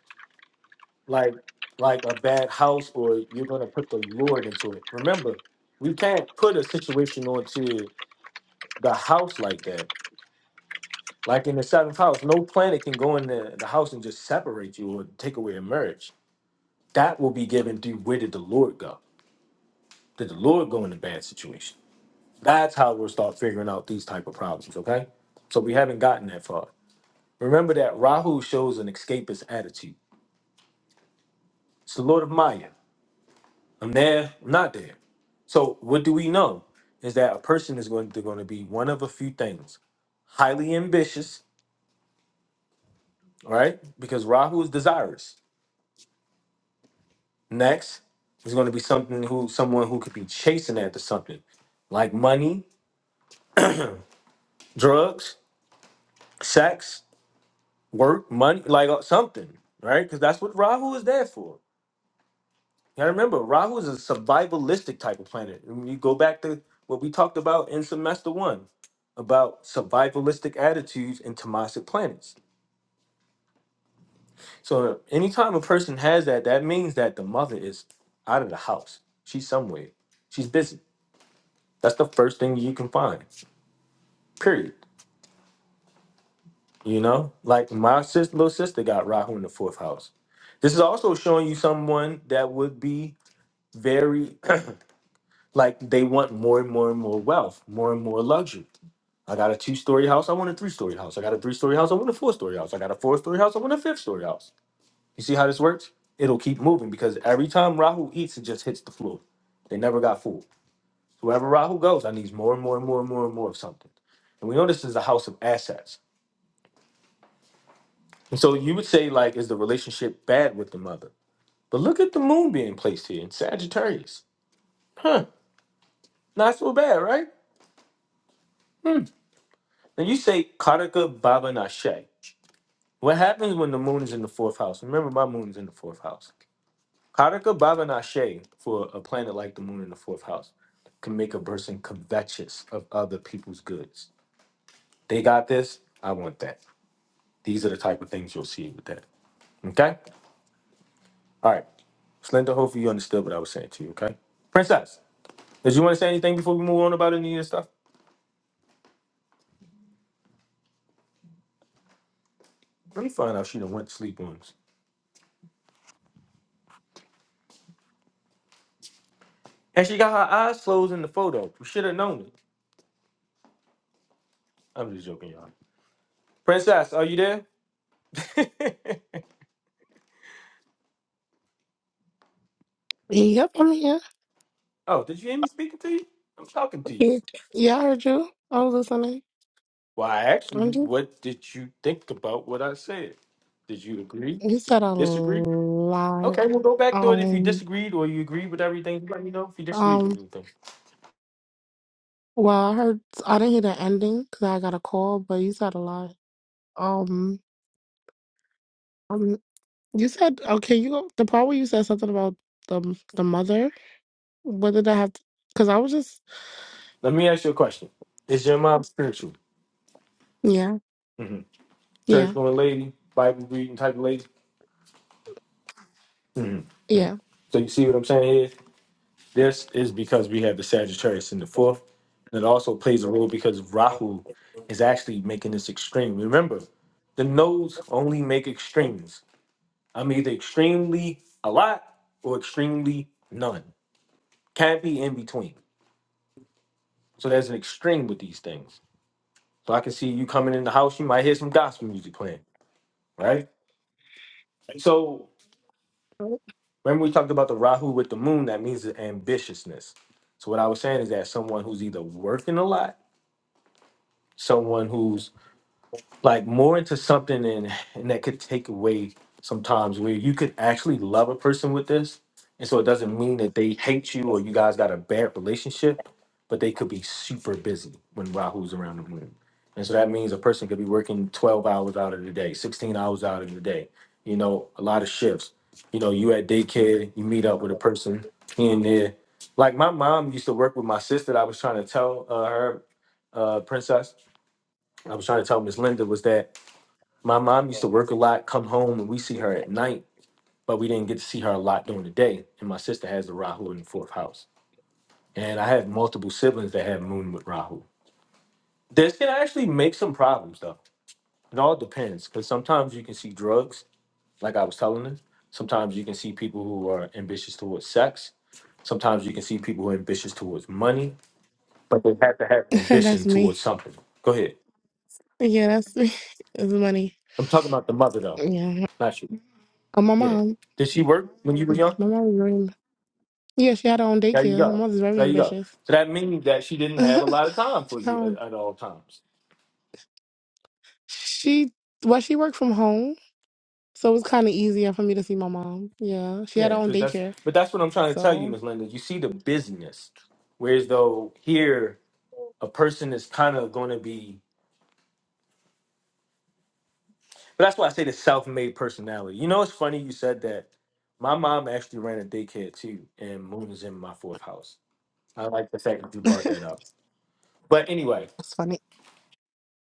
S1: like like a bad house, or you're gonna put the Lord into it. Remember, we can't put a situation onto the house like that Like in the seventh house, no planet can go in the, the house and just separate you or take away a marriage. That will be given through where did the Lord go? Did the Lord go in a bad situation? That's how we'll start figuring out these type of problems, okay? So we haven't gotten that far. Remember that Rahu shows an escapist attitude. It's the Lord of Maya. I'm there, I'm not there. So what do we know? Is that a person is going to, going to be one of a few things. Highly ambitious, all right? Because Rahu is desirous Next is going to be something who someone who could be chasing after something, like money, drugs, sex, work, money, like uh, something, right? Because that's what Rahu is there for. You gotta remember, Rahu is a survivalistic type of planet. And you go back to what we talked about in semester one about survivalistic attitudes in Tamasic planets. So anytime a person has that, that means that the mother is out of the house. She's somewhere. She's busy. That's the first thing you can find. Period. You know, like my sis, little sister got Rahu in the fourth house. This is also showing you someone that would be very like they want more and more and more wealth, more and more luxury. I got a two story house. I want a three story house. I got a three story house. I want a four story house. I got a four story house. I want a fifth story house. You see how this works? It'll keep moving because every time Rahu eats, it just hits the floor. They never got full. Wherever Rahu goes, I need more and more and more and more and more of something. And we know this is a house of assets. And so you would say, like, is the relationship bad with the mother? But look at the moon being placed here in Sagittarius. Not so bad, right? And you say Karaka Baba Nashe. What happens when the moon is in the fourth house? Remember, my moon is in the fourth house. Karaka Baba Nashe for a planet like the moon in the fourth house can make a person covetous of other people's goods. They got this. I want that. These are the type of things you'll see with that. Okay? All right. Slender, hopefully you understood what I was saying to you, okay? Princess, did you want to say anything before we move on about any of this stuff? Let me find out she done went to sleep once. And she got her eyes closed in the photo. We should have known it. I'm just joking, y'all. Princess, are you there?
S8: Yep, I'm here.
S1: oh, did you hear me speaking to you? I'm talking to you.
S8: Yeah, yeah, I heard you. I was listening.
S1: Well, I asked
S8: I'm
S1: you,
S8: just,
S1: what did you think about what I said? Did you agree?
S8: you said a
S1: Disagree? Okay,
S8: lot.
S1: we'll go back to it. If you
S8: Um.
S1: disagreed or you agreed with everything, let me know if you disagreed with
S8: Um.
S1: anything.
S8: Well, I heard I didn't hear the ending because I got a call, but you said a lot. Um, um, you said okay. You go- the part where you said something about the the mother. What did I have? Because I was just
S1: Let me ask you a question. Is your mom spiritual?
S8: yeah,
S1: hmm Church
S8: yeah,
S1: going lady, Bible reading type of lady? hmm
S8: yeah.
S1: So you see what I'm saying here? This is because we have the Sagittarius in the fourth, and it also plays a role because Rahu is actually making this extreme. Remember, the nodes only make extremes. I'm either extremely a lot or extremely none. Can't be in between. So there's an extreme with these things. So I can see you coming in the house, you might hear some gospel music playing, right? So remember we talked about the Rahu with the moon, that means the ambitiousness. So what I was saying is that someone who's either working a lot, someone who's like more into something and and that could take away sometimes where you could actually love a person with this and so it doesn't mean that they hate you or you guys got a bad relationship but they could be super busy when rahu's around the room and so that means a person could be working 12 hours out of the day 16 hours out of the day you know a lot of shifts you know you at daycare you meet up with a person here and there like my mom used to work with my sister i was trying to tell uh, her uh, princess i was trying to tell miss linda was that my mom used to work a lot, come home, and we see her at night, but we didn't get to see her a lot during the day. And my sister has the Rahu in the fourth house. And I have multiple siblings that have moon with Rahu. This can actually make some problems, though. It all depends, because sometimes you can see drugs, like I was telling them. Sometimes you can see people who are ambitious towards sex. Sometimes you can see people who are ambitious towards money, but they have to have
S8: that's
S1: ambition
S8: me.
S1: towards something. Go ahead.
S8: Yeah, that's me. It's money.
S1: I'm talking about the mother, though,
S8: Yeah,
S1: not you.
S8: Uh, my
S1: Yeah.
S8: mom.
S1: Did she work when you were young?
S8: My mom was very yeah. She had her own
S1: There you
S8: daycare. Her
S1: go.
S8: mother's very
S1: There you go.
S8: ambitious.
S1: So that means that she didn't have a lot of time for you
S8: um,
S1: at, at all times.
S8: she well, she worked from home. So it was kind of easier for me to see my mom. Yeah, she had
S1: Yeah,
S8: her own
S1: because that's
S8: daycare,
S1: but that's what I'm trying to tell you,
S8: so
S1: Miss Linda. You see the busyness. Whereas though here a person is kind of going to be, but that's why I say the self-made personality. You know, it's funny you said that. My mom actually ran a daycare too, and Moon is in my fourth house. I like the fact that you brought that
S8: that's
S1: up. But anyway,
S8: funny.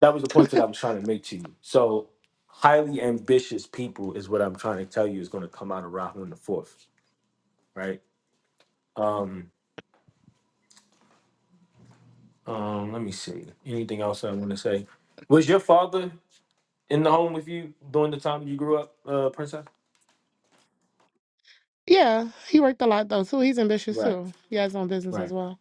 S1: that was the point that I was trying to make to you. So highly ambitious people is what I'm trying to tell you is going to come out of Rahu in the fourth, right? Um, um, let me see. Anything else I want to say? Was your father in the home with you during the time you grew up, uh, Princess?
S8: Yeah, he worked a lot though too. He's ambitious
S1: Right,
S8: too. He has his own business as
S1: right.
S8: well.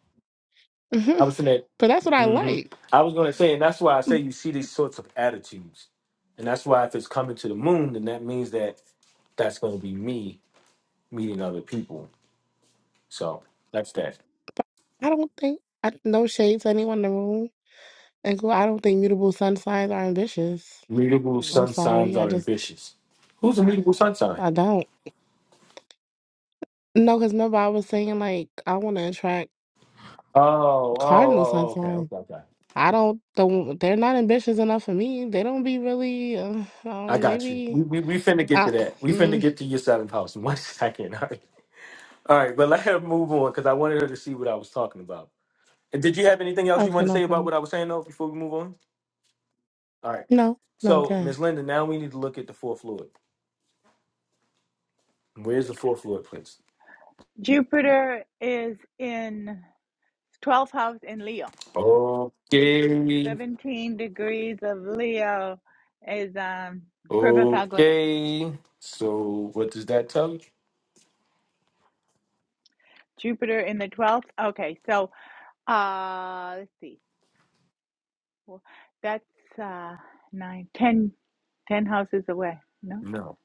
S8: hmm
S1: I was in that.
S8: but that's what I
S1: hmm
S8: like.
S1: I was going to say, and that's why I say
S8: Mm,
S1: you see these sorts of attitudes, and that's why if it's coming to the moon, then that means that that's going to be me meeting other people. So that's that.
S8: But I don't think I, no shade to anyone in the room. And cool, I don't think mutable sun signs are ambitious.
S1: Mutable
S8: Mm, I'm
S1: sun signs
S8: sorry, I
S1: are
S8: just
S1: ambitious. Who's a mutable sun sign?
S8: I don't. No, because remember I was saying like I want to attract
S1: Oh, oh, oh,
S8: cardinal sun
S1: oh, okay,
S8: signs.
S1: okay, okay.
S8: I don't don't they're not ambitious enough for me. They don't be really uh,
S1: I
S8: um they
S1: got you. We,
S8: be
S1: we we finna get to
S8: uh,
S1: that. We finna
S8: mm,
S1: get to your seventh house in one second. All right, all right. But let her move on because I wanted her to see what I was talking about. And did you have anything else you
S8: okay,
S1: wanted to
S8: no
S1: say about
S8: problem.
S1: what I was saying though before we move on? All right.
S8: No, no,
S1: So,
S8: God.
S1: Miss Linda, now we need to look at the fourth fluid. Where's the fourth fluid, please?
S3: Jupiter is in twelfth house in Leo.
S1: Okay.
S3: Seventeen degrees of Leo is um Purva Falguni.
S1: Okay. So, what does that tell you?
S3: Jupiter in the twelfth. Okay, so uh, let's see. Well, that's uh, nine, ten, ten houses away. No,
S1: No.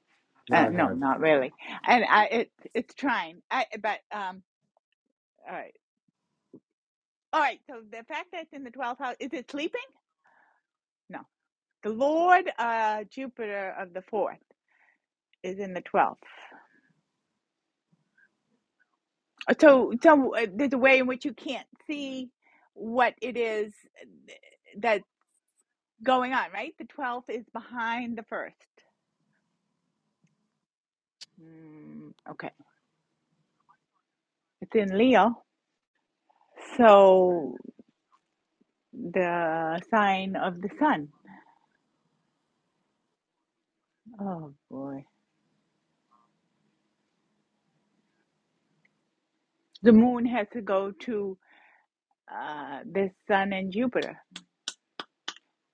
S3: uh,
S1: Nine
S3: no,
S1: high.
S3: not really. And I, it, it's trying. I, but um, all right, all right. So the fact that it's in the twelfth house is it sleeping? No, the Lord uh, Jupiter of the fourth is in the twelfth. So, so uh, there's a way in which you can't see what it is that's going on. Right, the twelfth is behind the first. Mm, okay, it's in Leo. So. the sign of the sun. Oh boy. The moon has to go to uh, the sun and Jupiter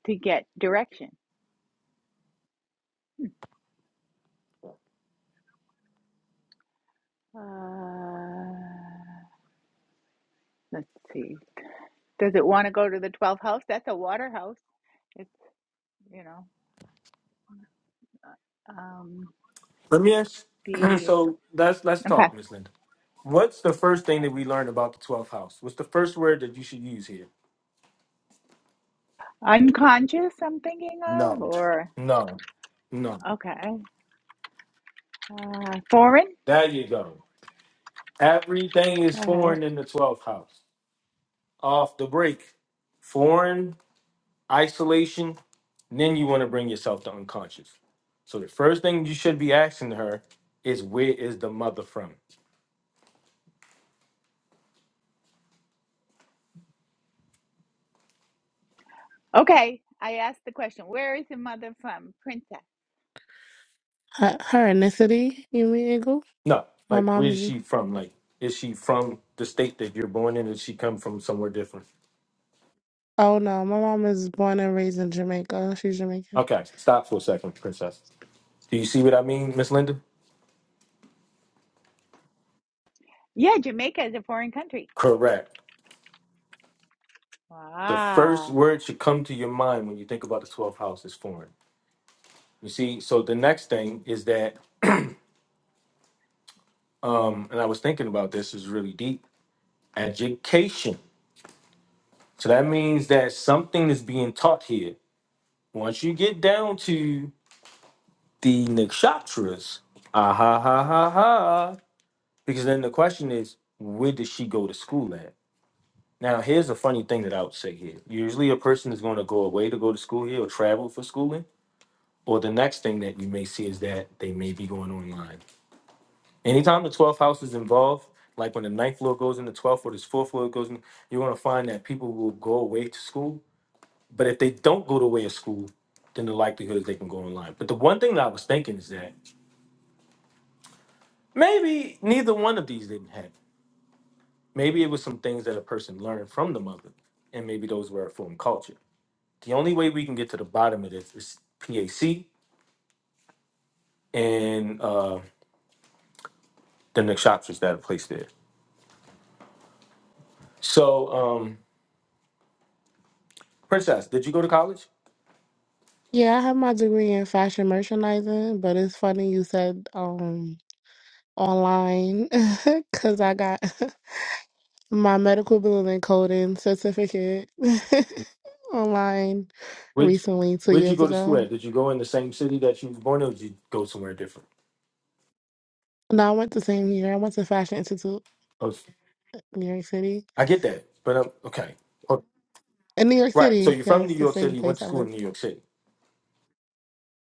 S3: to get direction. Uh, let's see. Does it want to go to the 12th house? That's a water house. It's, you know, um,
S1: Let me ask.
S3: the,
S1: So let's let's
S3: okay.
S1: talk, Miss Linda. What's the first thing that we learned about the twelfth house? What's the first word that you should use here?
S3: Unconscious, I'm thinking of,
S1: No,
S3: or,
S1: no, no.
S3: okay. Uh, foreign?
S1: There you go. Everything is
S3: All right.
S1: foreign in the twelfth house. Off the break, foreign isolation. And then you want to bring yourself to unconscious. So the first thing you should be asking her is where is the mother from?
S3: Okay. I asked the question, where is the mother from? Princess.
S8: Her, her ethnicity, you mean Eagle?
S1: No,
S8: My
S1: like where
S8: mom
S1: is
S8: is
S1: she from? Like is she from the state that you're born in? Did she come from somewhere different?
S8: oh no, my mom is born and raised in Jamaica. She's Jamaican.
S1: Okay, stop for a second, Princess. Do you see what I mean, Miss Linda?
S3: Yeah, Jamaica is a foreign country.
S1: Correct. The first
S3: Wow.
S1: word should come to your mind when you think about the 12th house is foreign. You see, so the next thing is that, um, and I was thinking about this is really deep education. So that means that something is being taught here. Once you get down to the nakshatras, ah ha ha ha ha, because then the question is, where did she go to school at? Now, here's a funny thing that I would say here. Usually, a person is going to go away to go to school here or travel for schooling. Or the next thing that you may see is that they may be going online. Anytime the 12th house is involved, like when the ninth floor goes into 12th or this fourth floor goes in, you're going to find that people will go away to school. But if they don't go to way of school, then the likelihood is they can go online. But the one thing that I was thinking is that maybe neither one of these didn't happen. Maybe it was some things that a person learned from the mother, and maybe those were from culture. The only way we can get to the bottom of this is PAC and uh, the Nick Shopsters that are placed there. So, um, Princess, did you go to college?
S8: Yeah, I have my degree in fashion merchandising, but it's funny you said um online because I got my medical billing coding certificate online
S1: Where'd, you,
S8: recently, two
S1: where'd you
S8: years
S1: go to school
S8: ago.
S1: at? Did you go in the same city that you were born in, or did you go somewhere different?
S8: No, I went the same year. I went to Fashion Institute
S1: Oh,
S8: in New York City.
S1: I get that, but um, okay. Oh,
S8: In New York
S1: Right. So
S8: City,
S1: you're from
S8: yes,
S1: New
S8: the
S1: York
S8: same
S1: City. You went
S8: place
S1: to
S8: I
S1: school in
S8: live.
S1: New York City.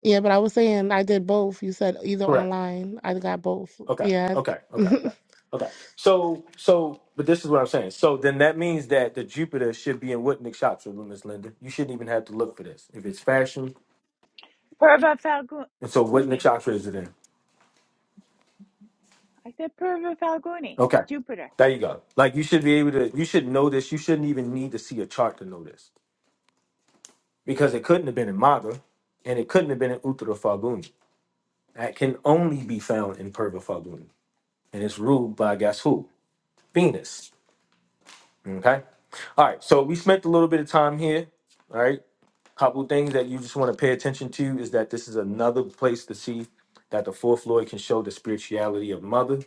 S8: Yeah, but I was saying I did both. You said either
S1: Correct.
S8: online. I got both.
S1: Okay.
S8: Yeah.
S1: Okay. Okay. Okay.
S8: Wait,
S1: Okay. So, so, but this is what I'm saying. So then that means that the Jupiter should be in what Nick shops with Miss Linda. You shouldn't even have to look for this. If it's fashion,
S3: Purva
S1: And so what Nick
S3: Falguni.
S1: Chakra is it in?
S3: I said Purva Falguni,
S1: Okay.
S3: Jupiter.
S1: There you go. Like you should be able to you should know this. You shouldn't even need to see a chart to know this. Because it couldn't have been in Maga and it couldn't have been in Uttara Falguni. That can only be found in Purva Falguni. And it's ruled by guess who? Venus. Okay. All right. So we spent a little bit of time here. All right. Couple things that you just want to pay attention to is that this is another place to see that the fourth Lord can show the spirituality of mother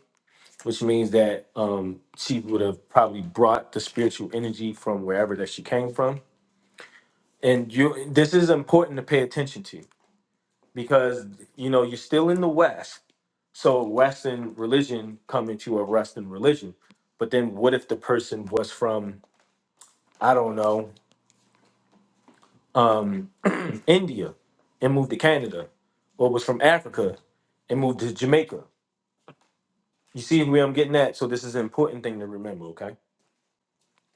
S1: which means that um, she would have probably brought the spiritual energy from wherever that she came from. And you, this is important to pay attention to because you know you're still in the West, so Western religion come into a Western religion. But then, what if the person was from I don't know um, India and moved to Canada, or was from Africa and moved to Jamaica? You see where I'm getting at? So this is an important thing to remember. Okay,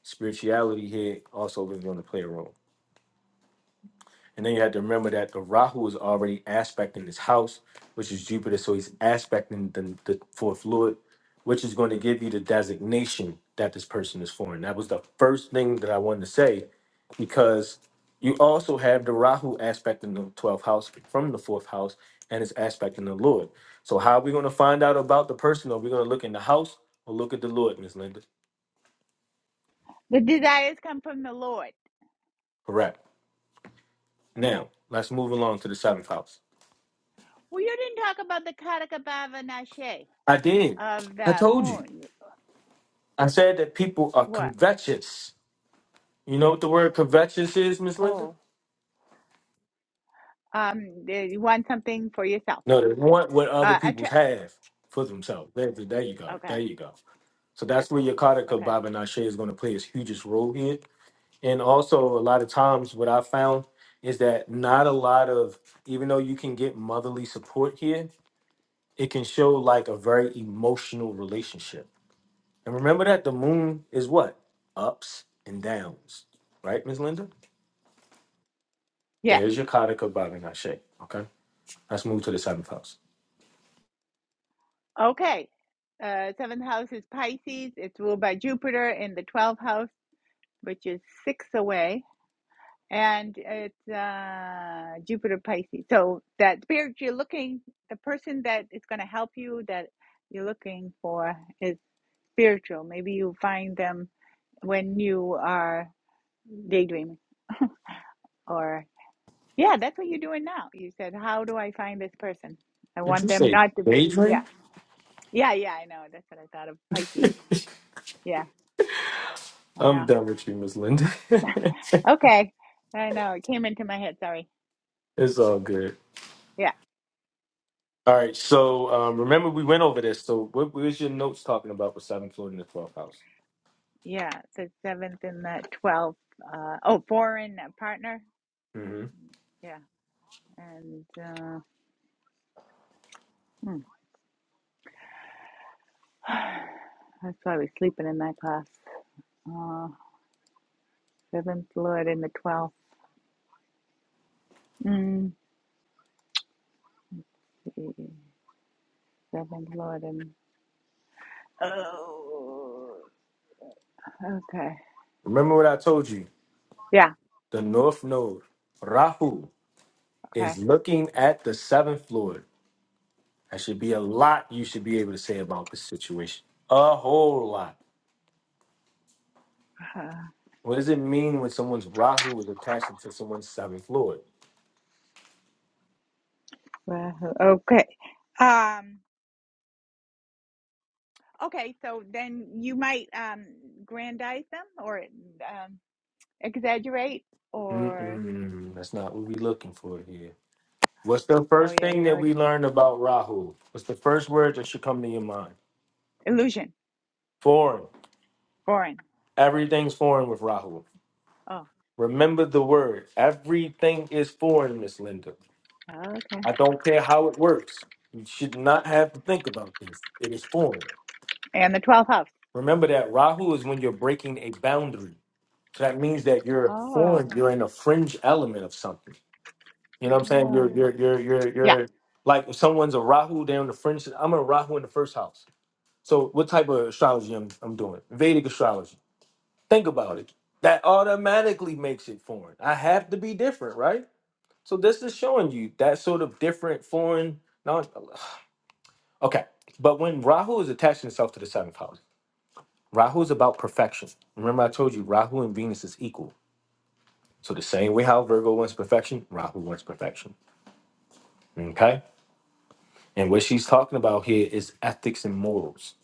S1: spirituality here also is going to play a role. And then you have to remember that the Rahu is already aspecting his house, which is Jupiter. So he's aspecting the, the fourth lord, which is going to give you the designation that this person is for. And that was the first thing that I wanted to say, because you also have the Rahu aspecting the 12th house from the fourth house and it's aspecting the Lord. So how are we going to find out about the person? Are we going to look in the house or look at the Lord, Miss Linda?
S3: The desires come from the Lord.
S1: Correct.
S3: Okay.
S1: Now, let's move along to the seventh house.
S3: Well, you didn't talk about the Karaka Bhava Nashe
S1: I did.
S3: of
S1: I
S3: the
S1: told you.
S3: moon.
S1: I said that people are
S3: What?
S1: covetous. You know what the word covetous is, Miss Linda?
S3: Oh, um, you want something for yourself.
S1: No, they want what other
S3: Uh,
S1: people's
S3: attract.
S1: have for themselves. There, there you go.
S3: Okay.
S1: There you go. So that's where your Yakataka
S3: Okay.
S1: Babanashe is going to play his hugest role here. And also, a lot of times, what I found is that not a lot of, even though you can get motherly support here, it can show like a very emotional relationship. And remember that the moon is what? Ups and downs, right, Miss Linda?
S3: Yeah.
S1: There's your Kataka Babanashe. Okay. Let's move to the seventh house.
S3: Okay. Uh, seventh house is Pisces. It's ruled by Jupiter in the 12th house, which is six away. and it's uh, Jupiter Pisces. So that spirit you're looking, the person that is going to help you that you're looking for is spiritual. Maybe you find them when you are daydreaming, or yeah, that's what you're doing now. You said, "How do I find this person? I
S1: Did
S3: want
S1: you
S3: them
S1: say
S3: not to be." Yeah,
S1: daydream?
S3: yeah, yeah. I know. That's what I thought of Pisces. Yeah,
S1: I'm
S3: yeah.
S1: done with you, Miss Linda.
S3: Okay, I know. It came into my head. Sorry.
S1: it's all good.
S3: Yeah.
S1: All right. So um, remember, we went over this. So what, what was your notes talking about with seventh floor in the 12th house?
S3: Yeah, the seventh and the twelfth. Uh, oh, foreign partner.
S1: hmm
S3: Yeah, and uh, hmm. that's why we're sleeping in that class. Uh, seventh Lord and the twelfth. Mm. yeah, Seventh Lord and oh, okay.
S1: Remember what I told you?
S3: Yeah,
S1: The north node, Rahu,
S3: okay.
S1: is looking at the seventh floor. That should be a lot you should be able to say about this situation. A whole lot.
S3: Uh,
S1: What does it mean when someone's Rahu is attached to someone's seventh floor?
S3: well, okay. Um. Okay, so then you might um grandize them or um exaggerate or
S1: Mm-mm, that's not what we are looking for here. What's the
S3: oh
S1: first
S3: yeah,
S1: thing that
S3: your
S1: we learned about Rahu? What's the first word that should come to your mind?
S3: illusion.
S1: Foreign.
S3: Foreign.
S1: Everything's foreign with Rahu.
S3: Oh,
S1: Remember the word. Everything is foreign, Miss Linda.
S3: okay.
S1: I don't care how it works. You should not have to think about this. It is foreign.
S3: And the 12th house.
S1: Remember that Rahu is when you're breaking a boundary. So that means that you're
S3: Oh,
S1: foreign. You're in a fringe element of something. You know what I'm saying? You're
S3: oh.
S1: you're you're you're
S3: yeah.
S1: you're like if someone's a Rahu, they're in the French. I'm a Rahu in the first house. So what type of astrology I'm I'm doing? Vedic astrology. Think about it. That automatically makes it foreign. I have to be different, right? So this is showing you that sort of different foreign. Not, okay, but when Rahu is attaching itself to the seventh house, Rahu is about perfection. Remember, I told you Rahu and Venus is equal. So the same way how Virgo wants perfection, Rahu wants perfection. Okay. And what she's talking about here is ethics and morals.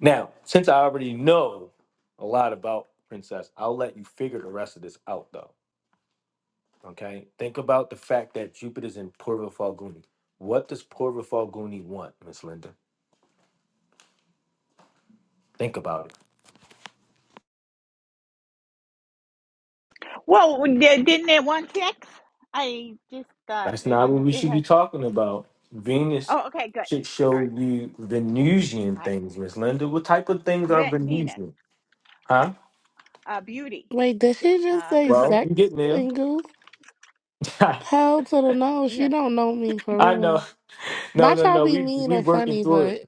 S1: Now, since I already know a lot about Princess, I'll let you figure the rest of this out though. Okay? Think about the fact that Jupiter's in Purva Falguni. What does Purva Falguni want, Miss Linda? Think about it.
S3: Well, di- didn't it want six? I just thought
S1: That's
S3: it
S1: not
S3: was.
S1: what we
S3: It
S1: should be
S3: had,
S1: talking about. Venus
S3: oh, okay, good.
S1: should
S3: All
S1: show
S3: right.
S1: you Venusian
S3: All right.
S1: things, Miss Linda. What type of things are
S3: Ve- Venus,
S1: Venusian? Huh?
S3: uh, beauty,
S8: did she just
S3: uh,
S8: say
S3: good look.
S1: Well, you're
S8: sex
S1: getting there.
S8: and goo? Hell to the no. She
S3: Yeah.
S8: don't know me for
S1: I
S8: real.
S1: know. No,
S8: Not
S1: no,
S8: trying to
S1: no.
S8: be
S1: We
S8: mean
S1: we
S8: or
S1: working
S8: funny,
S1: through it.
S8: but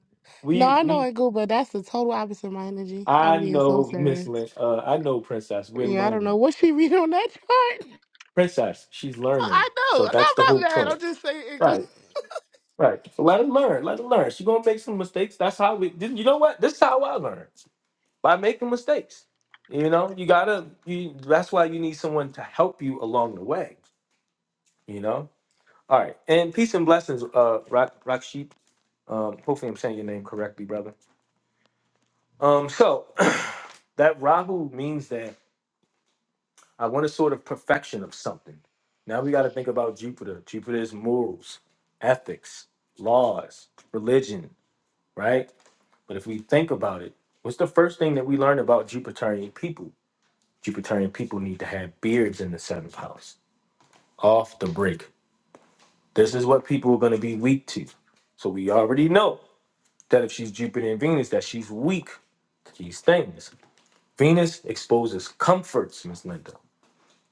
S8: no,
S1: We
S8: I know
S1: we.
S8: it goo, but that's the total opposite of my energy.
S1: I
S8: I'm being so
S1: know Miss
S8: serious.
S1: Lynn. Uh, I know Princess. We're
S8: Yeah, I don't know
S1: learning.
S8: what she read on that chart.
S1: Princess, she's learning.
S8: I know.
S1: So
S8: No,
S1: that's the
S8: I'm
S1: whole
S8: not mad.
S1: point.
S8: I'm just saying it goo.
S1: Right, right. So let her learn. Let her learn. She gonna make some mistakes. That's how we. This- You know what? This is how I learn by making mistakes. You know, you gotta. You. That's why you need someone to help you along the way. You know. All right. And peace and blessings, uh, Rock Rock Sheep. Um, hopefully I'm saying your name correctly, brother. Um, so that Rahu means that I want a sort of perfection of something. Now we got to think about Jupiter. Jupiter is morals, ethics, laws, religion, right? But if we think about it, what's the first thing that we learn about Jupiterian people? Jupiterian people need to have beards in the seventh house, off the break. This is what people are going to be weak to. So we already know that if she's Jupiter and Venus, that she's weak to these things. Venus exposes comforts, Miss Linda.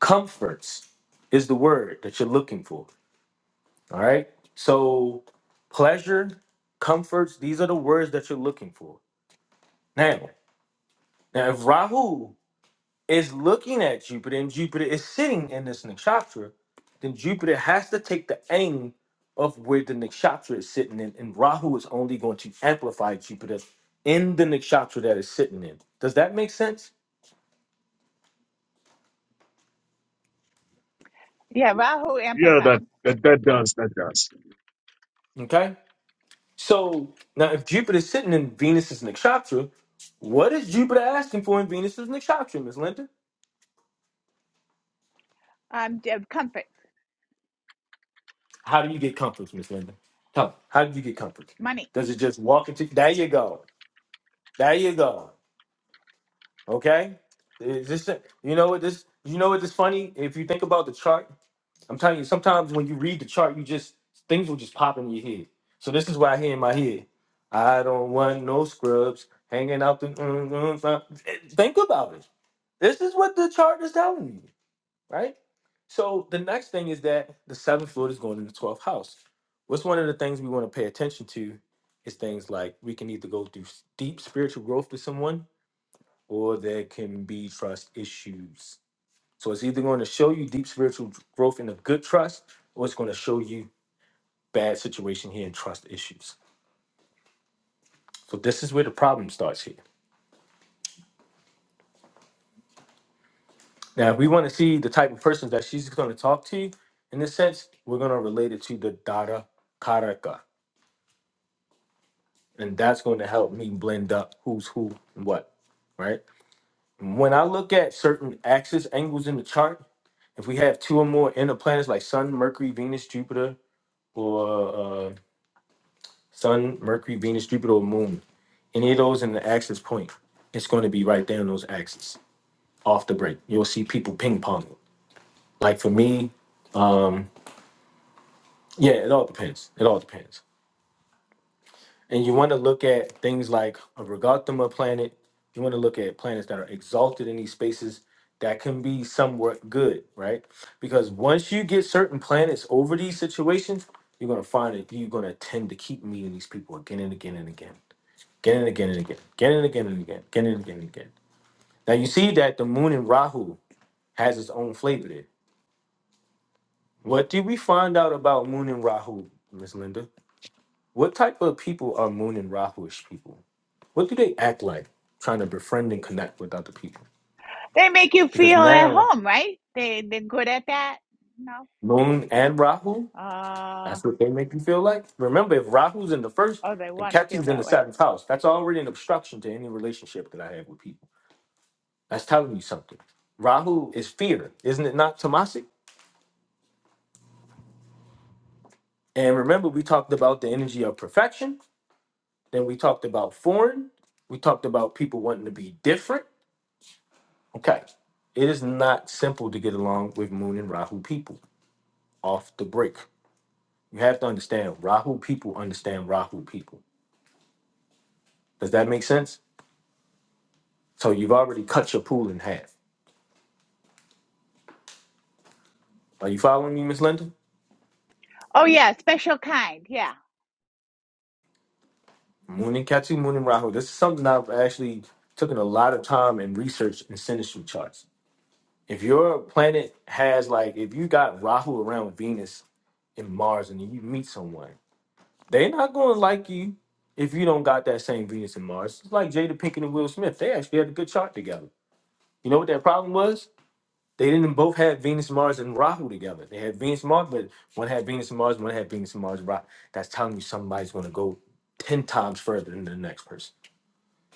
S1: Comforts is the word that you're looking for. All right. So pleasure, comforts, these are the words that you're looking for. Now, now if Rahu is looking at Jupiter and Jupiter is sitting in this nakshatra, then Jupiter has to take the aim of where the nakshatra is sitting in, and Rahu is only going to amplify Jupiter in the nakshatra that is sitting in. Does that make sense?
S3: Yeah, Rahu
S9: Yeah,
S3: amplifies.
S9: that, that that does that does.
S1: Okay. So now, if Jupiter's sitting in Venus's nakshatra, what is Jupiter asking for in Venus's nakshatra, Miss Linda?
S3: Um, d- comfort,
S1: How do you get comfort, Miss Linda? Tell me, how do you get comfort?
S3: money.
S1: Does it just walk into? There you go. There you go. Okay. Is this? You know what this? You know what this funny? If you think about the chart, I'm telling you. Sometimes when you read the chart, you just things will just pop in your head. So this is what I hear in my head. I don't want no scrubs hanging out the. mm, mm, mm." Think about it This is what the chart is telling you, right? So the next thing is that the seventh Lord is going in the twelfth house. What's one of the things we want to pay attention to is things like we can either go through s- deep spiritual growth with someone, or there can be trust issues. So it's either going to show you deep spiritual dr- growth in a good trust, or it's going to show you bad situation here and trust issues. So this is where the problem starts here. Now, if we want to see the type of persons that she's going to talk to, in a sense, we're going to relate it to the data karaka. And that's going to help me blend up who's who and what, right? When I look at certain axis angles in the chart, if we have two or more inner planets like Sun, Mercury, Venus, Jupiter, or uh, Sun, Mercury, Venus, Jupiter, or Moon, any of those in the axis point, it's going to be right there on those axes off the break. You'll see people ping ponging. Like for me, yeah, it all depends. It all depends. And you want to look at things like a Regathama planet. You want to look at planets that are exalted in these spaces that can be somewhat good, right? Because once you get certain planets over these situations, you're going to find that you're going to tend to keep meeting these people again and again and again, again and again and again, again and again and again, again and again and again. Now you see that the moon in Rahu has its own flavor there. What did we find out about moon and Rahu, Miss Linda? What type of people are moon and Rahuish people? What do they act like trying to befriend and connect with other people?
S3: They make you
S1: Because
S3: feel at
S1: now
S3: home, right? They, they're good at that? No.
S1: Moon and Rahu,
S3: Uh,
S1: that's what they make you feel like. Remember, if Rahu's in the first
S3: oh, they
S1: and
S3: want to feel
S1: Ketu's in the
S3: that way.
S1: seventh house, that's already an obstruction to any relationship that I have with people. That's telling you something. Rahu is fear, isn't it not Tamasic? And remember, we talked about the energy of perfection. Then we talked about foreign. We talked about people wanting to be different. Okay. It is not simple to get along with Moon and Rahu people off the break. You have to understand Rahu people understand Rahu people. Does that make sense? So you've already cut your pool in half. Are you following me, Miss Linda?
S3: Oh, yeah, special kind. Yeah.
S1: Moon and Ketu, Moon and Rahu. This is something I've actually taken a lot of time and research in synastry charts. If your planet has like, if you got Rahu around Venus and Mars, and you meet someone, they're not going to like you if you don't got that same Venus and Mars. It's like Jada Pinkett and Will Smith. They actually had a good chart together. You know what their problem was? They didn't both have Venus, Mars, and Rahu together. They had Venus, Mars, but one had Venus and Mars, one had Venus and Mars, Rahu. That's telling you somebody's going to go 10 times further than the next person.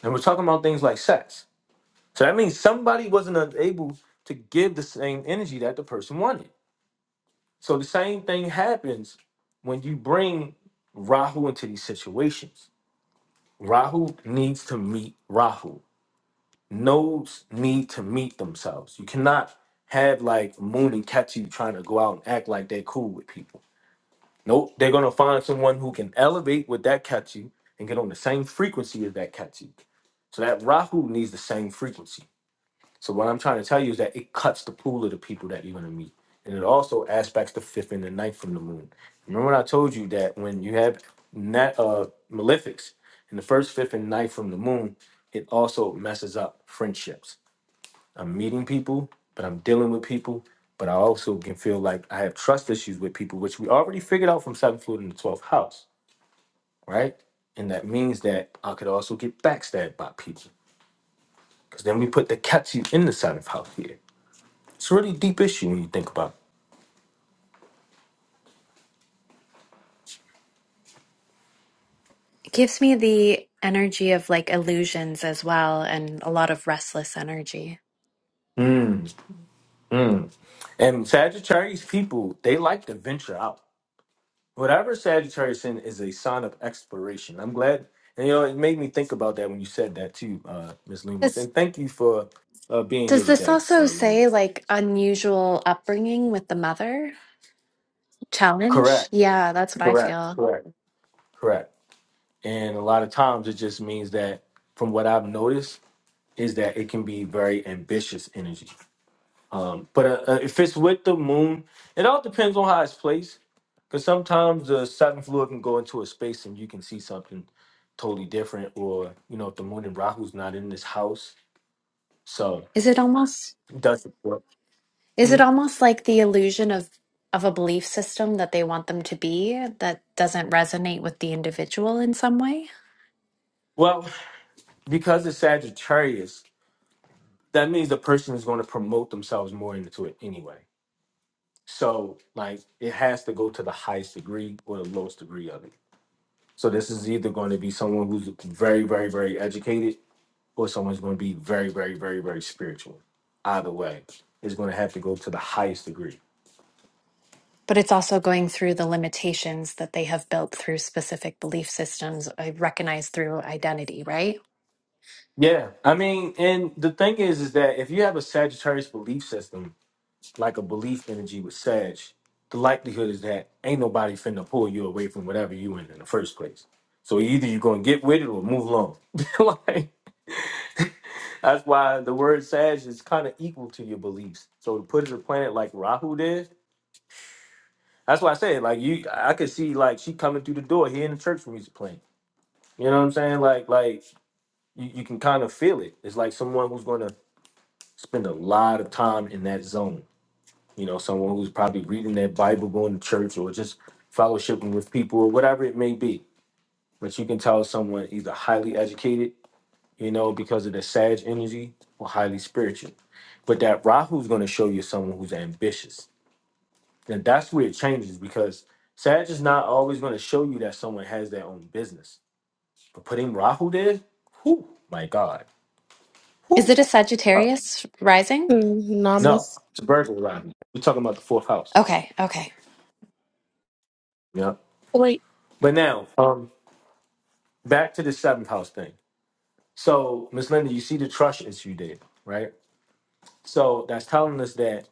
S1: And we're talking about things like sex. So that means somebody wasn't able to give the same energy that the person wanted. So the same thing happens when you bring Rahu into these situations. Rahu needs to meet Rahu. nodes need to meet themselves. You cannot have like Moon and Catchy trying to go out and act like they're cool with people. Nope, they're gonna find someone who can elevate with that Catchy and get on the same frequency as that Catchy. So that Rahu needs the same frequency. So what I'm trying to tell you is that it cuts the pool of the people that you're gonna meet. And it also aspects the fifth and the ninth from the moon. Remember when I told you that when you have net uh malefics in the first, fifth, and ninth from the moon, it also messes up friendships I'm meeting people, but I'm dealing with people, but I also can feel like I have trust issues with people, which we already figured out from seventh floor in the twelfth house, right? And that means that I could also get backstabbed by people, because then we put the katsu in the seventh house here. It's a really deep issue when you think about.
S10: It gives me the energy of like illusions as well and a lot of restless energy.
S1: It. Mm, mm. And Sagittarius people, they like to venture out. Whatever Sagittarius in is a sign of exploration. I'm glad, and you know, it made me think about that when you said that too, uh, Miss Loomis.
S10: Does
S1: And thank you for uh, being here
S10: does this
S1: today,
S10: also
S1: uh,
S10: say
S1: Loomis.
S10: like unusual upbringing with the mother
S1: Correct,
S10: challenge? Yeah, that's what I
S1: correct,
S10: feel.
S1: correct, correct. And a lot of times, it just means that, from what I've noticed, is that it can be very ambitious energy. Um, but uh, uh, if it's with the moon, it all depends on how it's placed. Because sometimes the seventh floor can go into a space and you can see something totally different. Or, you know, if the moon and Rahu's not in this house. So
S10: Is it almost?
S1: it doesn't work.
S10: Is
S1: Hmm.
S10: it almost like the illusion of of a belief system that they want them to be that doesn't resonate with the individual in some way?
S1: Well, because it's Sagittarius, that means the person is going to promote themselves more into it anyway. So, like, it has to go to the highest degree or the lowest degree of it. So, this is either going to be someone who's very, very, very educated or someone's going to be very, very, very, very spiritual. Either way, it's going to have to go to the highest degree.
S10: But it's also going through the limitations that they have built through specific belief systems uh, recognized through identity, right?
S1: Yeah, I mean, and the thing is, is that if you have a Sagittarius belief system, like a belief energy with Sag, the likelihood is that ain't nobody finna pull you away from whatever you in in the first place. So either you're gonna get with it or move along. like that's why the word Sag is kind of equal to your beliefs. So to put it a planet like Rahu did, That's why I said, like you, I could see like she coming through the door hearing the church music playing. You know what I'm saying? Like, like you, you can kind of feel it. It's like someone who's going to spend a lot of time in that zone. You know, someone who's probably reading their Bible, going to church, or just fellowshipping with people, or whatever it may be. But you can tell someone either highly educated, you know, because of the Sag energy, or highly spiritual. But that Rahu's going to show you someone who's ambitious then that's where it changes because Sag is not always going to show you that someone has their own business. But putting Rahu there, whoo, my God.
S10: Is it a
S1: Whoo.
S10: Sagittarius rising?
S8: Hmm.
S1: No,
S8: Namas.
S1: it's a burglar Rahu. We're talking about the fourth house.
S10: Okay, okay.
S1: Yeah.
S8: Wait,
S1: But now, um, back to the seventh house thing. So, Miss Linda, you see the trust issue there, right? So that's telling us that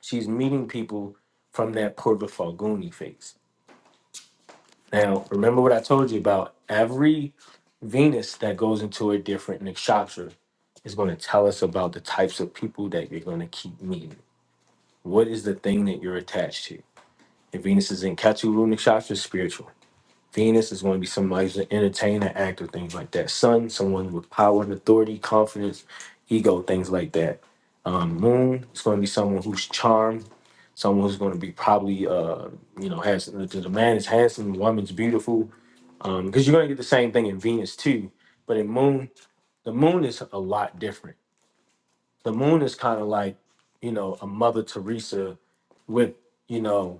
S1: she's meeting people from that Purva Falguni phase. Now, remember what I told you about every Venus that goes into a different nakshatra is going to tell us about the types of people that you're going to keep meeting. What is the thing that you're attached to? If Venus is in Ketu nakshatra, spiritual. Venus is going to be somebody who's an entertainer, actor, things like that. Sun, someone with power and authority, confidence, ego, things like that. Um, moon is going to be someone who's charmed, someone who's going to be probably, uh, you know, has the, the man is handsome, the woman's beautiful. Because you're going to get the same thing in Venus too. But in Moon, the moon is a lot different. The moon is kind of like, you know, a Mother Teresa with, you know,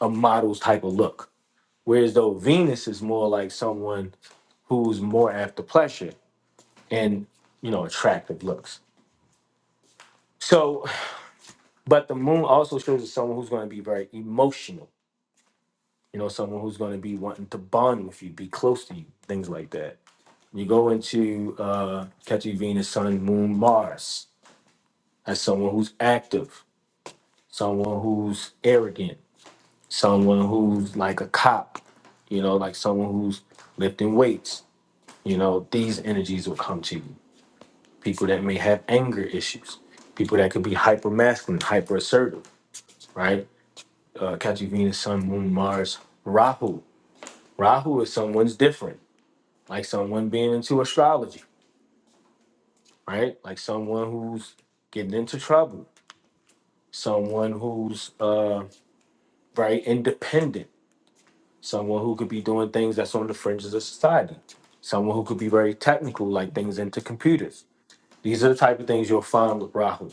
S1: a model's type of look. Whereas though Venus is more like someone who's more after pleasure and, you know, attractive looks. So, but the moon also shows us someone who's going to be very emotional, you know, someone who's going to be wanting to bond with you, be close to you, things like that. You go into uh, catching Venus, Sun, Moon, Mars as someone who's active, someone who's arrogant, someone who's like a cop, you know, like someone who's lifting weights. You know, these energies will come to you. People that may have anger issues, people that could be hyper masculine, hyper assertive, right? Uh, Catching Venus, Sun, Moon, Mars, Rahu. Rahu is someone's different, like someone being into astrology, right? Like someone who's getting into trouble, someone who's uh, very independent someone who could be doing things that's on the fringes of society, someone who could be very technical, like things into computers. These are the type of things you'll find with Rahu.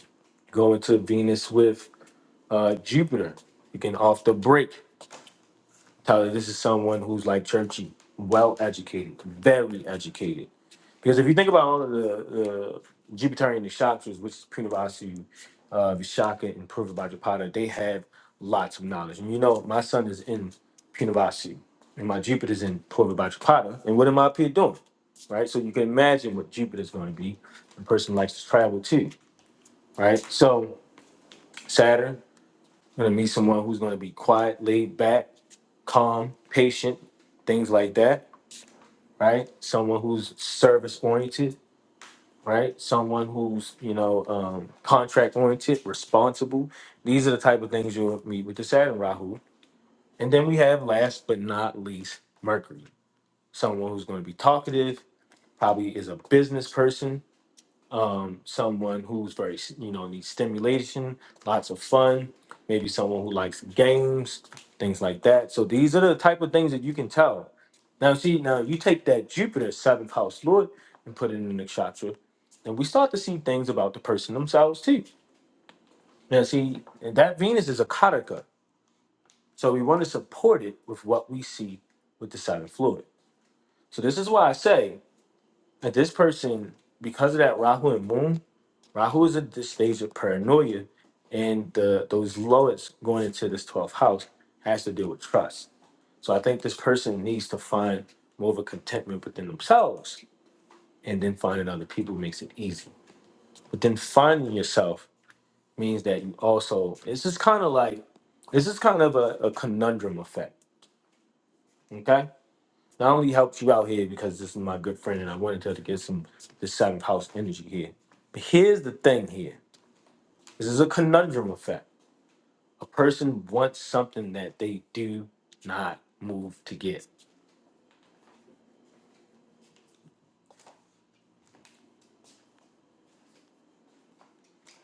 S1: Go into Venus with uh, Jupiter. You can off the break tell that this is someone who's like churchy, well educated, very educated because if you think about all of the uh, Jupiterian Kshatriyas, which is Prinavasu, uh, Vishaka, and Purvabhajapada, they have lots of knowledge. And you know, my son is in Prinavasu, and my Jupiter's in Purvabhajapada. And what am I up here doing? Right? So you can imagine what Jupiter's going to be. A person likes to travel too, right? So Saturn, going to meet someone who's going to be quiet, laid back, calm, patient, things like that, right? Someone who's service oriented right? Someone who's you know um, contract oriented, responsible. These are the type of things you'll meet with the Saturn Rahu. And then we have last but not least Mercury, someone who's going to be talkative, probably is a business person, someone who's very you know needs stimulation lots of fun maybe someone who likes games things like that so these are the type of things that you can tell now see now you take that jupiter seventh house lord and put it in the nakshatra and we start to see things about the person themselves too now see and that venus is a karaka so we want to support it with what we see with the seventh lord so this is why i say that this person because of that rahu and moon Rahu is at this stage of paranoia, and the those lowest going into this 12th house has to deal with trust. So I think this person needs to find more of a contentment within themselves, and then finding other people makes it easy. But then finding yourself means that you also it's just kind of like this is kind of a, a conundrum effect. Okay. Not only helped you out here because this is my good friend and I wanted her to get some the seventh house energy here. But here's the thing here. This is a conundrum effect. a person wants something that they do not move to get.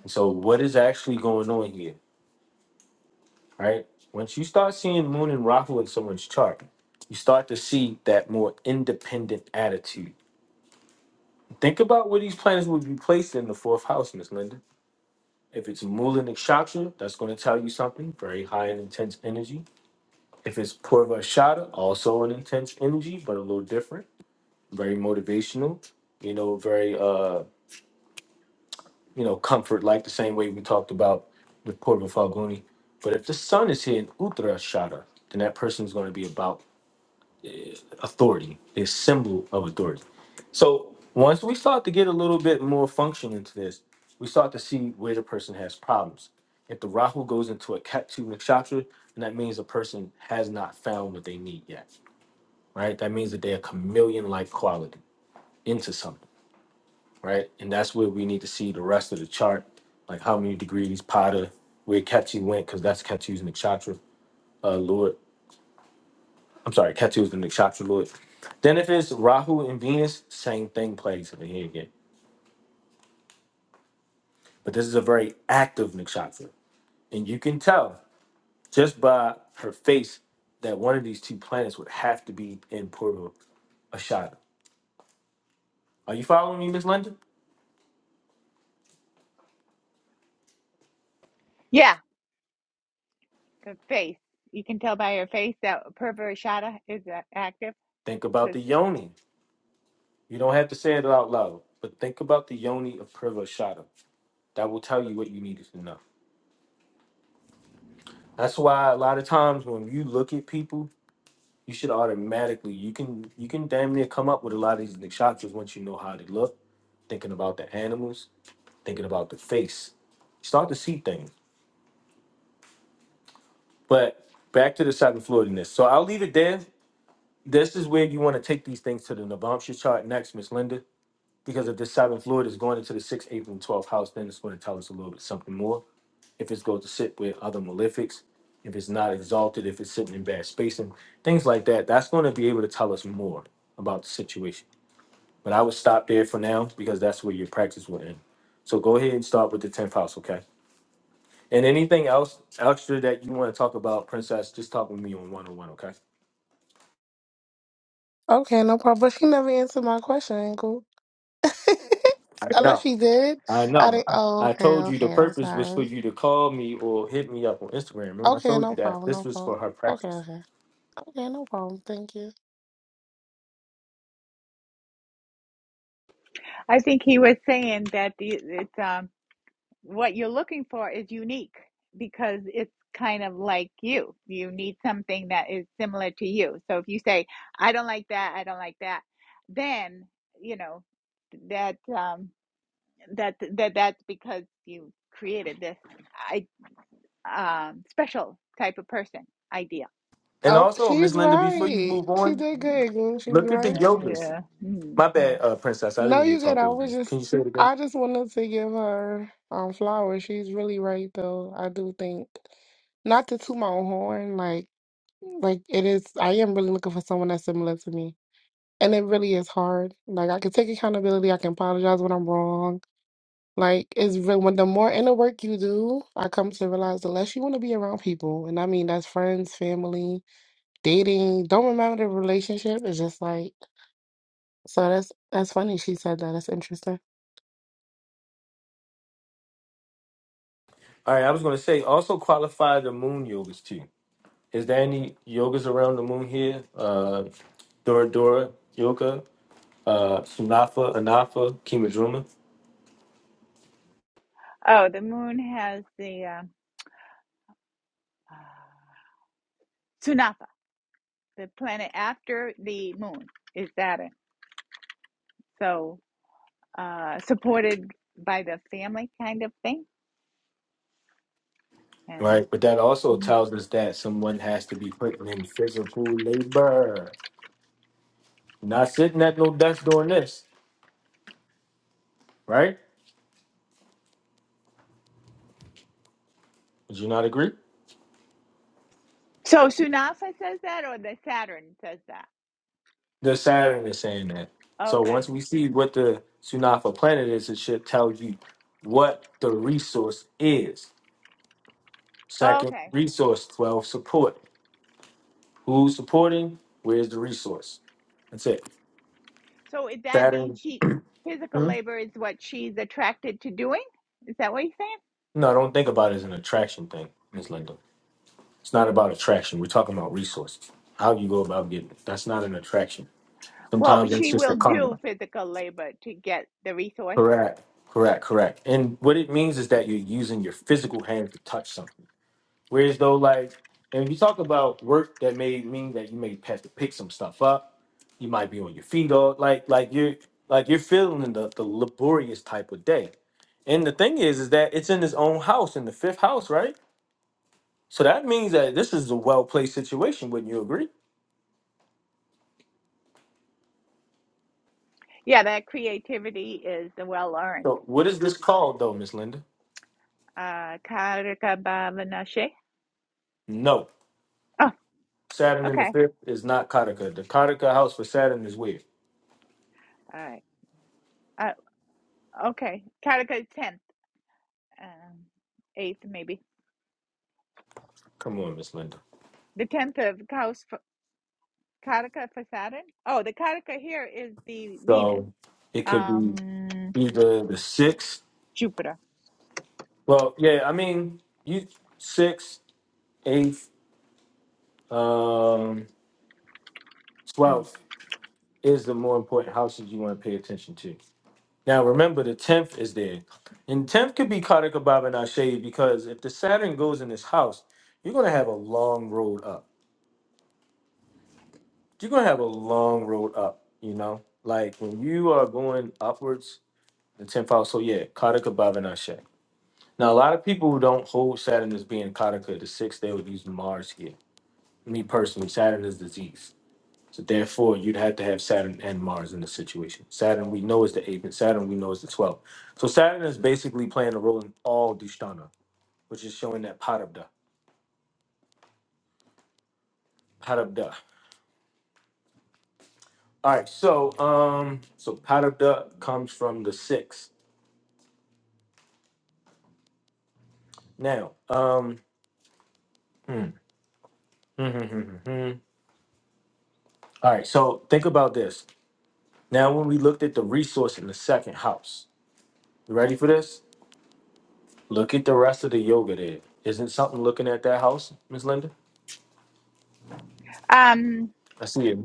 S1: So what is actually going on here, right? Once you start seeing Moon and Rahu in someone's chart, you start to see that more independent attitude. Think about where these planets would be placed in the fourth house, Miss Linda. If it's Moolan Nakshatra, that's going to tell you something very high and intense energy. If it's Purva Shada, also an intense energy, but a little different, very motivational, you know, very uh you know, comfort, like the same way we talked about with Porta Falguni. But if the sun is here in Uttara Shada, then that person is going to be about authority, the symbol of authority. So once we start to get a little bit more function into this, we start to see where the person has problems. If the Rahu goes into a Ketu Nakshatra, then that means the person has not found what they need yet, right? That means that they're chameleon like quality into something right? And that's where we need to see the rest of the chart, like how many degrees Pada, where Ketu went, because that's Ketu's nakshatra uh, lord. I'm sorry, Ketu is the nakshatra lord. Then if it's Rahu and Venus, same thing plays over here again. But this is a very active nakshatra, and you can tell just by her face that one of these two planets would have to be in Purva Ashada. Are you following me, Miss Linda?
S3: Yeah. The face. You can tell by her face that Pervershada is uh, active
S1: Think about
S3: because
S1: the yoni. You don't have to say it out loud, but think about the yoni of Purva Ashada. that will tell you what you needed to know. That's why a lot of times when you look at people, you should automatically you can you can damn near come up with a lot of these nakshakras once you know how they look, thinking about the animals, thinking about the face. Start to see things. But back to the seven floatiness. So I'll leave it there. This is where you want to take these things to the Navamsha chart next, Miss Linda. Because if the seventh Lord is going into the sixth, eighth, and twelfth house, then it's going to tell us a little bit something more. if it's going to sit with other malefics, if it's not exalted, if it's sitting in bad spacing, things like that. That's going to be able to tell us more about the situation. But I would stop there for now because that's where your practice will end. So go ahead and start with the 10th house, okay? And anything else extra that you want to talk about, Princess, just talk with me on one on one, okay?
S8: okay, no problem. But she never answered my question, Uncle.
S1: I
S8: Unless
S1: know.
S8: she did.
S1: I
S8: I
S1: know.
S8: didn't.
S1: I
S8: Oh,
S1: I
S8: okay,
S1: told you the
S8: okay. I'm
S1: purpose was for
S8: sorry.
S1: you to call me or hit me up on Instagram. Remember, I
S8: Okay,
S1: told you
S8: no
S1: that
S8: problem,
S1: this
S8: no
S1: was
S8: problem.
S1: for her
S8: Okay,
S1: practice.
S8: okay. Okay, no problem. Thank you.
S3: I think he was saying that the it's um what you're looking for is unique because it's kind of like you. You need something that is similar to you. So if you say, I don't like that, I don't like that, then you know that um that that that's because you created this I um special type of person idea.
S1: And
S8: Oh,
S1: also, Miss
S8: she's
S1: Linda, before
S3: Mhm.
S1: you
S8: right.
S1: move
S8: She
S1: on,
S8: did good, girl. She's
S1: look at the
S8: right.
S1: yogas.
S3: Yeah. Mm,
S1: My
S3: yeah.
S1: bad, uh, Princess. I didn't
S8: No,
S1: mean
S8: you
S1: to
S8: good.
S1: talk
S8: I
S1: over
S8: was
S1: you.
S8: just,
S1: Can you say it again?
S8: I just wanted to give her um flowers. She's really right, though. I do think, not to toot my own horn, like, like it is. I am really looking for someone that's similar to me. And it really is hard. Like I can take accountability. I can apologize when I'm wrong. Like it's real when the more inner work you do, I come to realize the less you want to be around people. And I mean that's friends, family, dating. Don't remember the relationship. It's just like so that's that's funny she said that. That's interesting.
S1: All right. I was going to say also qualify the moon yogas too. Is there any yogas around the moon here? Uh, Dora Dora yoga, uh, Sunafa, Anafa, Kimadruma.
S3: Oh, the moon has the um, Tsunafa, the planet after the moon, is Saturn. So, uh, supported by the family kind of thing. And
S1: Right. But that also tells us that someone has to be putting in physical labor. Not sitting at no desk doing this. Right? Would you not agree?
S3: so, Tsunafa says that, or the Saturn says that?
S1: the Saturn is saying that. So
S3: Okay.
S1: once we see what the Sunafa planet is, it should tell you what the resource is. Second
S3: Okay.
S1: resource, twelve support. Who's supporting? Where's the resource? That's it.
S3: So, it- that
S1: Saturn.
S3: means she, physical
S1: Hmm?
S3: labor is what she's attracted to doing? Is that what you're saying?
S1: No, don't think about it as an attraction thing, Miss Linda. It's not about attraction. We're talking about resources. How you go about getting it. That's not an attraction.
S3: Well,
S1: Sometimes it's
S3: she
S1: just
S3: will
S1: a
S3: do
S1: karma.
S3: physical labor to get the resource.
S1: Correct. Correct. Correct. And what it means is that you're using your physical hands to touch something. Whereas though, like, and you talk about work that may mean that you may have to pick some stuff up. You might be on your feet all like like you're like you're feeling the, the laborious type of day. And the thing is, is that it's in his own house, in the fifth house, right? So that means that this is a well placed situation, wouldn't you agree?
S3: Yeah, that creativity is well earned.
S1: So what is this called though, Miss Linda?
S3: Uh, Karika Bhavanashe.
S1: No.
S3: Oh,
S1: Saturn in the
S3: okay.
S1: fifth is not Kataka. The Kataka house for Saturn is weird.
S3: All right. Uh, okay. Karika 10th. Um, 8th, maybe.
S1: Come on, Miss Linda.
S3: The 10th of Kaus for, Karika for Saturn. Oh, the Karika here is the Venus.
S1: So it could be
S3: Um,
S1: either the sixth
S3: Jupiter.
S1: Well, yeah, I mean, you six, eight, um,
S3: Hmm.
S1: twelve is the more important houses you want to pay attention to. Now, remember, the tenth is there, and tenth could be Kartika Baba Nashe because if the Saturn goes in this house, you're gonna have a long road up. You're gonna have a long road up. You know, like when you are going upwards, the tenth house. So yeah, Kartika Baba Nashe. Now, a lot of people who don't hold Saturn as being Kartika, the sixth, they would use Mars here. Me personally, Saturn is disease. So therefore, you'd have to have Saturn and Mars in this situation. Saturn we know is the eighth, and Saturn we know is the twelfth. So Saturn is basically playing a role in all Dushtana, which is showing that Parabda. Parabda. All right, so um, so Parabda comes from the six. Now, um, all right, so think about this. Now, when we looked at the resource in the second house, you ready for this? Look at the rest of the yoga there. Isn't something looking at that house, Miss Linda?
S3: Um,
S1: I see it.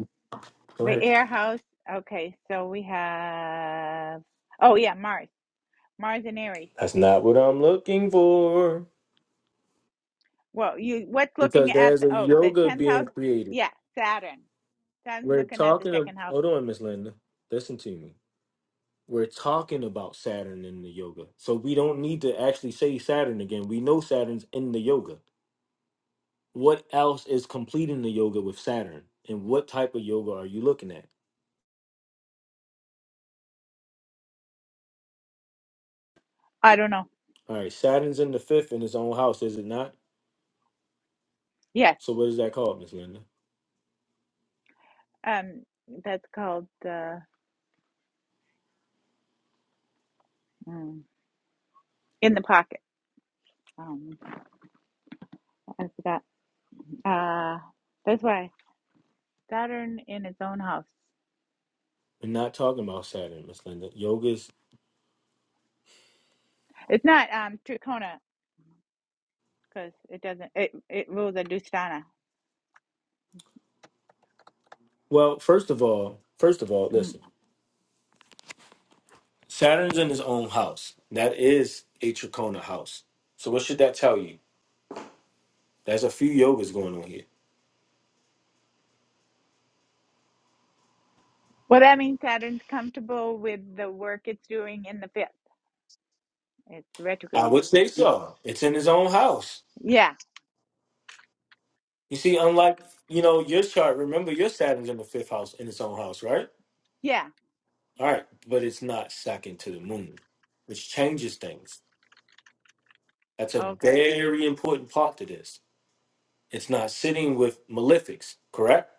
S1: Go
S3: the
S1: ahead.
S3: air house. Okay, so we have. Oh yeah, Mars. Mars and Aries.
S1: That's not what I'm looking for.
S3: Well, you what's looking
S1: Because
S3: at
S1: there's
S3: the
S1: a
S3: oh the
S1: yoga
S3: tenth
S1: being
S3: house?
S1: created.
S3: Yeah, Saturn. Saturn's
S1: We're
S3: looking at the
S1: talking. Of,
S3: second house.
S1: hold on, Miss Linda. Listen to me. We're talking about Saturn in the yoga, so we don't need to actually say Saturn again. We know Saturn's in the yoga. What else is completing the yoga with Saturn? And what type of yoga are you looking at?
S3: I don't know.
S1: All right, Saturn's in the fifth in his own house, is it not?
S3: Yeah,
S1: So what is that called, Miss Linda?
S3: Um, that's called uh, mm, in the pocket. Um, I forgot. Uh, that's why Saturn in its own house.
S1: We're not talking about Saturn, Miss Linda. Yoga's
S3: It's not um trikona because it doesn't. It it rules a Dustana.
S1: well. First of all, first of all,
S3: Mm.
S1: listen. Saturn's in his own house. That is a Trikona house. So what should that tell you? There's a few yogas going on here.
S3: Well, that means Saturn's comfortable with the work it's doing in the fifth. It's
S1: I
S3: retrograde.
S1: would say so. It's in his own house.
S3: Yeah.
S1: You see, unlike you know your chart, remember your Saturn's in the fifth house in its own house, right?
S3: Yeah.
S1: All right, but it's not second to the moon, which changes things. That's a
S3: Okay.
S1: very important part to this. It's not sitting with malefics, correct?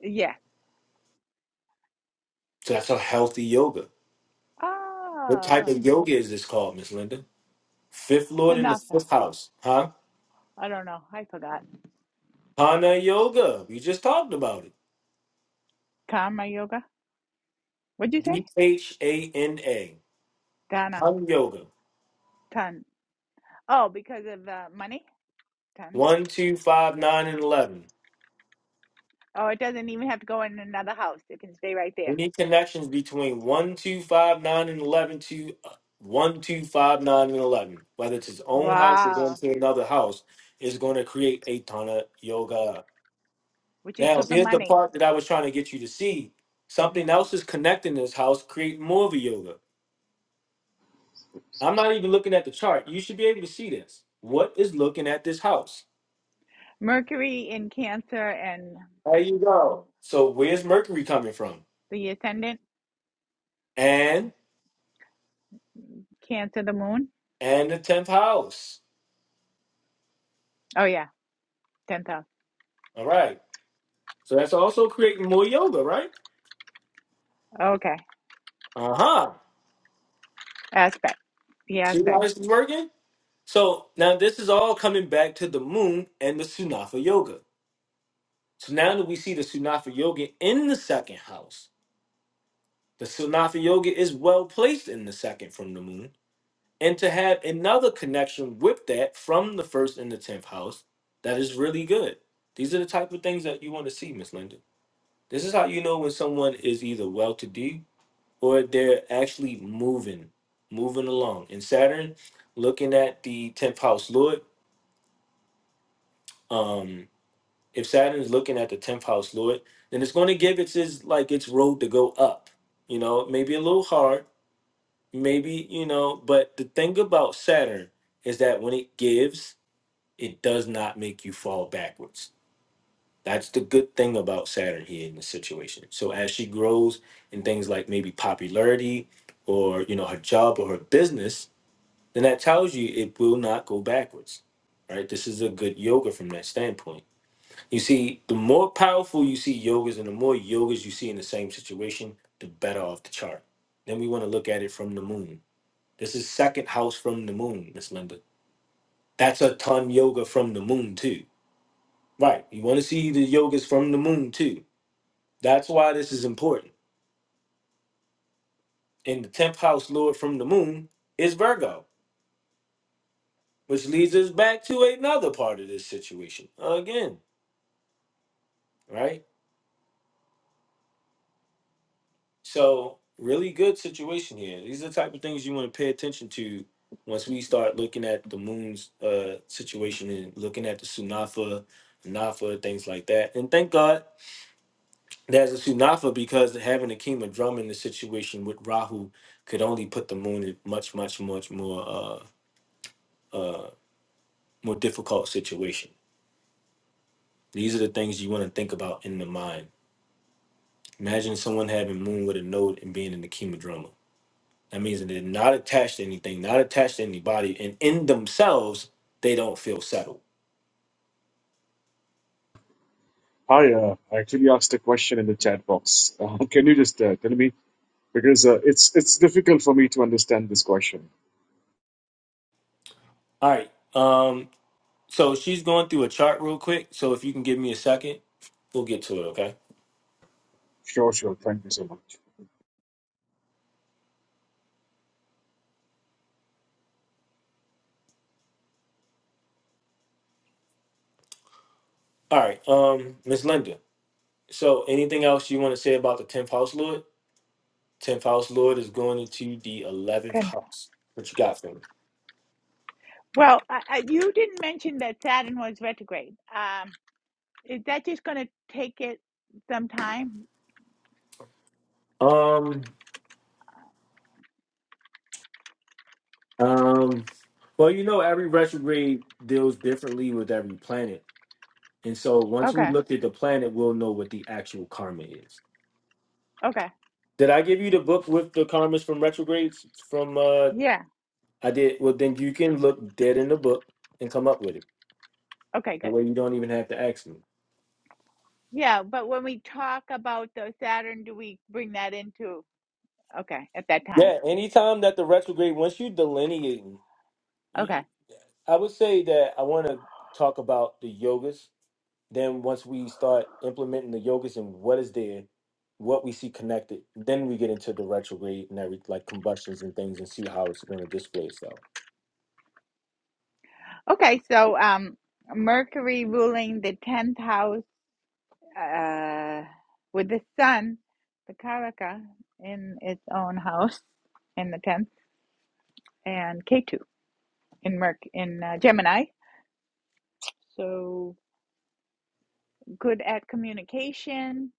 S3: Yeah.
S1: So that's a healthy yoga. What type
S3: Oh,
S1: of yoga is this called, Miss Linda? Fifth
S3: so
S1: Lord in the
S3: nothing.
S1: fifth house, huh?
S3: I don't know. I forgot.
S1: Hana Yoga. We just talked about it.
S3: Karma yoga. What'd you say?
S1: D H A N A.
S3: Dana.
S1: Hana Yoga.
S3: Ton. Oh, because of uh, money. Ton.
S1: One, two, five, nine, and 11.
S3: Oh, it doesn't even have to go in another house. It can stay right there.
S1: Any connections between one, two, five, nine, and 11 to uh, one, two, five, nine, and 11, whether it's his own house or going
S3: Wow.
S1: to another house, is going to create a ton of yoga.
S3: Which is
S1: Now,
S3: good for
S1: here's the
S3: money.
S1: part that I was trying to get you to see. Something
S3: Mm.
S1: else is connecting this house, create more of a yoga. I'm not even looking at the chart. You should be able to see this. What is looking at this house?
S3: Mercury in Cancer and
S1: There you go. So where's Mercury coming from?
S3: the ascendant,
S1: And
S3: Cancer, the moon.
S1: and the tenth house.
S3: Oh, yeah. 10,000.
S1: All right. So that's also creating more yoga, right?
S3: Okay.
S1: Uh huh.
S3: Aspect. The
S1: See how
S3: aspect.
S1: this is working? So now this is all coming back to the moon and the Sunafa Yoga. So now that we see the Sunafa Yoga in the second house, the Sunafa Yoga is well placed in the second from the moon. And to have another connection with that from the first and the tenth house, that is really good. These are the type of things that you want to see, Miss Linda. This is how you know when someone is either well to do or they're actually moving, moving along. And Saturn, looking at the 10th house Lord, um, if Saturn is looking at the 10th house Lord, then it's going to give its, its like its road to go up. You know, maybe a little hard, maybe, you know, but the thing about Saturn is that when it gives, it does not make you fall backwards That's the good thing about Saturn here in this situation. So as she grows in things like maybe popularity or you know her job or her business, then that tells you it will not go backwards. Right? This is a good yoga from that standpoint. You see, the more powerful you see yogas and the more yogas you see in the same situation, the better off the chart. Then we want to look at it from the moon. This is second house from the moon, Miss Linda. That's a ton yoga from the moon too. Right. You want to see the yogas from the moon too That's why this is important. And the 10th house lord from the moon is Virgo, which leads us back to another part of this situation again, right? So, really good situation here. These are the type of things you want to pay attention to once we start looking at the moon's uh, situation and looking at the Sunafa, Nafa, things like that. And thank God there's a Sunafa because having a king of drum in the situation with Rahu could only put the moon in much, much, much more uh, uh, more difficult situation These are the things you want to think about in the mind. Imagine someone having moon with a node and being in the chemodrama. That means that they're not attached to anything, not attached to anybody, and in themselves, they don't feel settled.
S9: Hi, uh, I actually asked a question in the chat box. Uh, can you just uh, tell me because uh, it's it's difficult for me to understand this question.
S1: All right. Um, so she's going through a chart real quick. So if you can give me a second, we'll get to it, okay?
S9: Sure, sure. Thank you so much.
S1: All right. Um, Miss Linda. So anything else you want to say about the tenth house lord? Tenth house lord is going into the eleventh
S3: 10.
S1: house. What you got for me?
S3: Well, I, I, you didn't mention that Saturn was retrograde. Um, is that just going to take it some time?
S1: Um, Um, well, you know, every retrograde deals differently with every planet. And so once we
S3: Okay.
S1: looked at the planet, we'll know what the actual karma is.
S3: Okay.
S1: Did I give you the book with the karmas from retrogrades? From uh
S3: Yeah.
S1: I did well then you can look dead in the book and come up with it.
S3: Okay,
S1: That
S3: good.
S1: way you don't even have to ask me.
S3: Yeah, but when we talk about the Saturn, do we bring that into? Okay, at that time.
S1: Yeah, anytime that the retrograde once you delineate, you,
S3: Okay.
S1: I would say that I want to talk about the yogas Then once we start implementing the yogas and what is there, what we see connected, then we get into the retrograde and every like combustions and things and see how it's going to display itself.
S3: Okay. So, um, Mercury ruling the 10th house, uh, with the sun, the Karaka in its own house in the 10th and Ketu in Merc in uh, Gemini. So good at communication.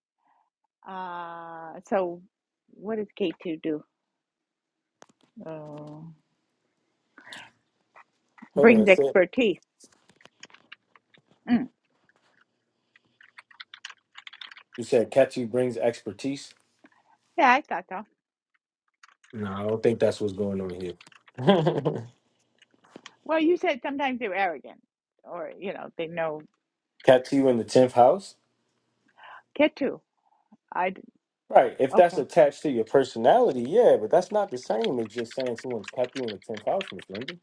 S3: Uh, so what does Ketu do? Uh,
S1: Hold on,
S3: brings
S1: so
S3: expertise. Mm.
S1: you said Katsu brings expertise.
S3: Yeah, I thought so.
S1: No, I don't think that's what's going on here.
S3: Well, you said sometimes they're arrogant or, you know, they know
S1: Katsu in the tenth house,
S3: Ketu. i d-
S1: right? If
S3: okay.
S1: that's attached to your personality, yeah, but that's not the same as just saying someone's Katsu in the tenth house, Miss London.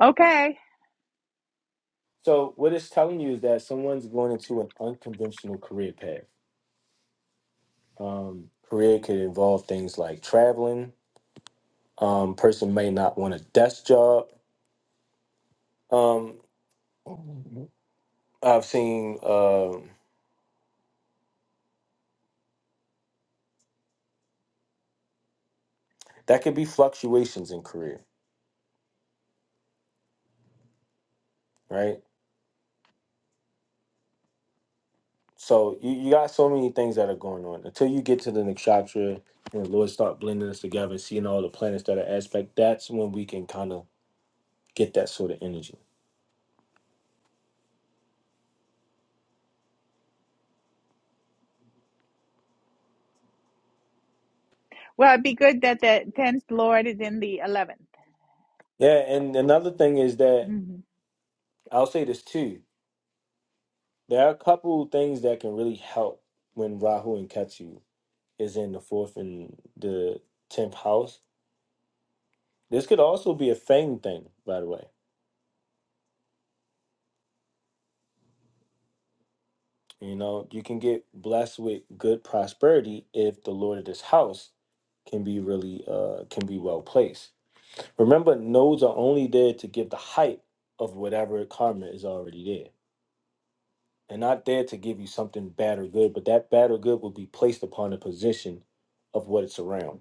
S3: Okay.
S1: So what it's telling you is that someone's going into an unconventional career path Um, career could involve things like traveling. Um, person may not want a desk job. Um, I've seen um that could be fluctuations in career, right? So you, you got so many things that are going on until you get to the nakshatra and the Lord start blending us together, seeing all the planets that are aspect. That's when we can kind of get that sort of energy.
S3: Well, it'd be good that the 10th Lord is in the 11th.
S1: Yeah, and another thing is that
S3: hmm
S1: I'll say this too. There are a couple things that can really help when Rahu and Ketu. is in the fourth and the tenth house. This could also be a fame thing, by the way. You know, you can get blessed with good prosperity if the Lord of this house can be really uh can be well placed. Remember, nodes are only there to give the height of whatever karma is already there. They're not there to give you something bad or good, but that bad or good will be placed upon the position of what it's around.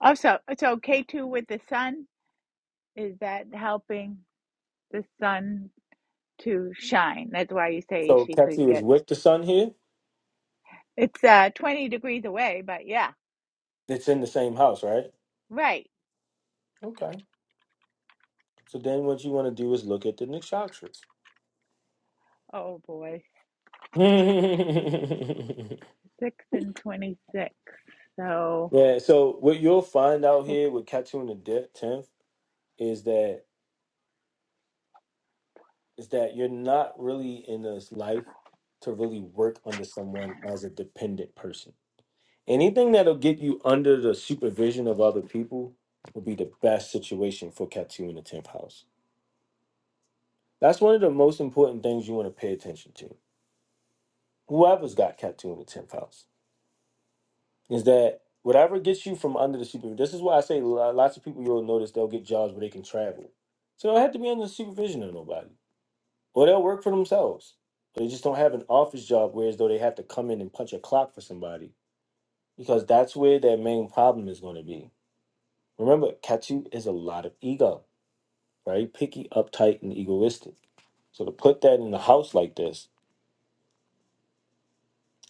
S3: Also, so K2 with the sun, is that helping the sun to shine? That's why you say
S1: So
S3: she could
S1: Ketu is
S3: get
S1: with the sun here.
S3: it's uh 20 degrees away, but yeah,
S1: It's in the same house, right?
S3: right.
S1: Okay. So then what you want to do is look at the nakshatras.
S3: Oh boy, 6 and 26. So,
S1: yeah, so what you'll find out here with Ketu in the de- 10th is that is that you're not really in this life to really work under someone as a dependent person. Anything that'll get you under the supervision of other people will be the best situation for Ketu in the 10th house. That's one of the most important things you want to pay attention to. Whoever's got Ketu in the 10th house is that whatever gets you from under the supervision, this is why I say lo- lots of people you'll notice they'll get jobs where they can travel. So they don't have to be under the supervision of nobody, or they'll work for themselves. But they just don't have an office job, whereas though they have to come in and punch a clock for somebody, because that's where their main problem is going to be. Remember, Katu is a lot of ego, very picky, uptight, and egoistic. So to put that in the house like this,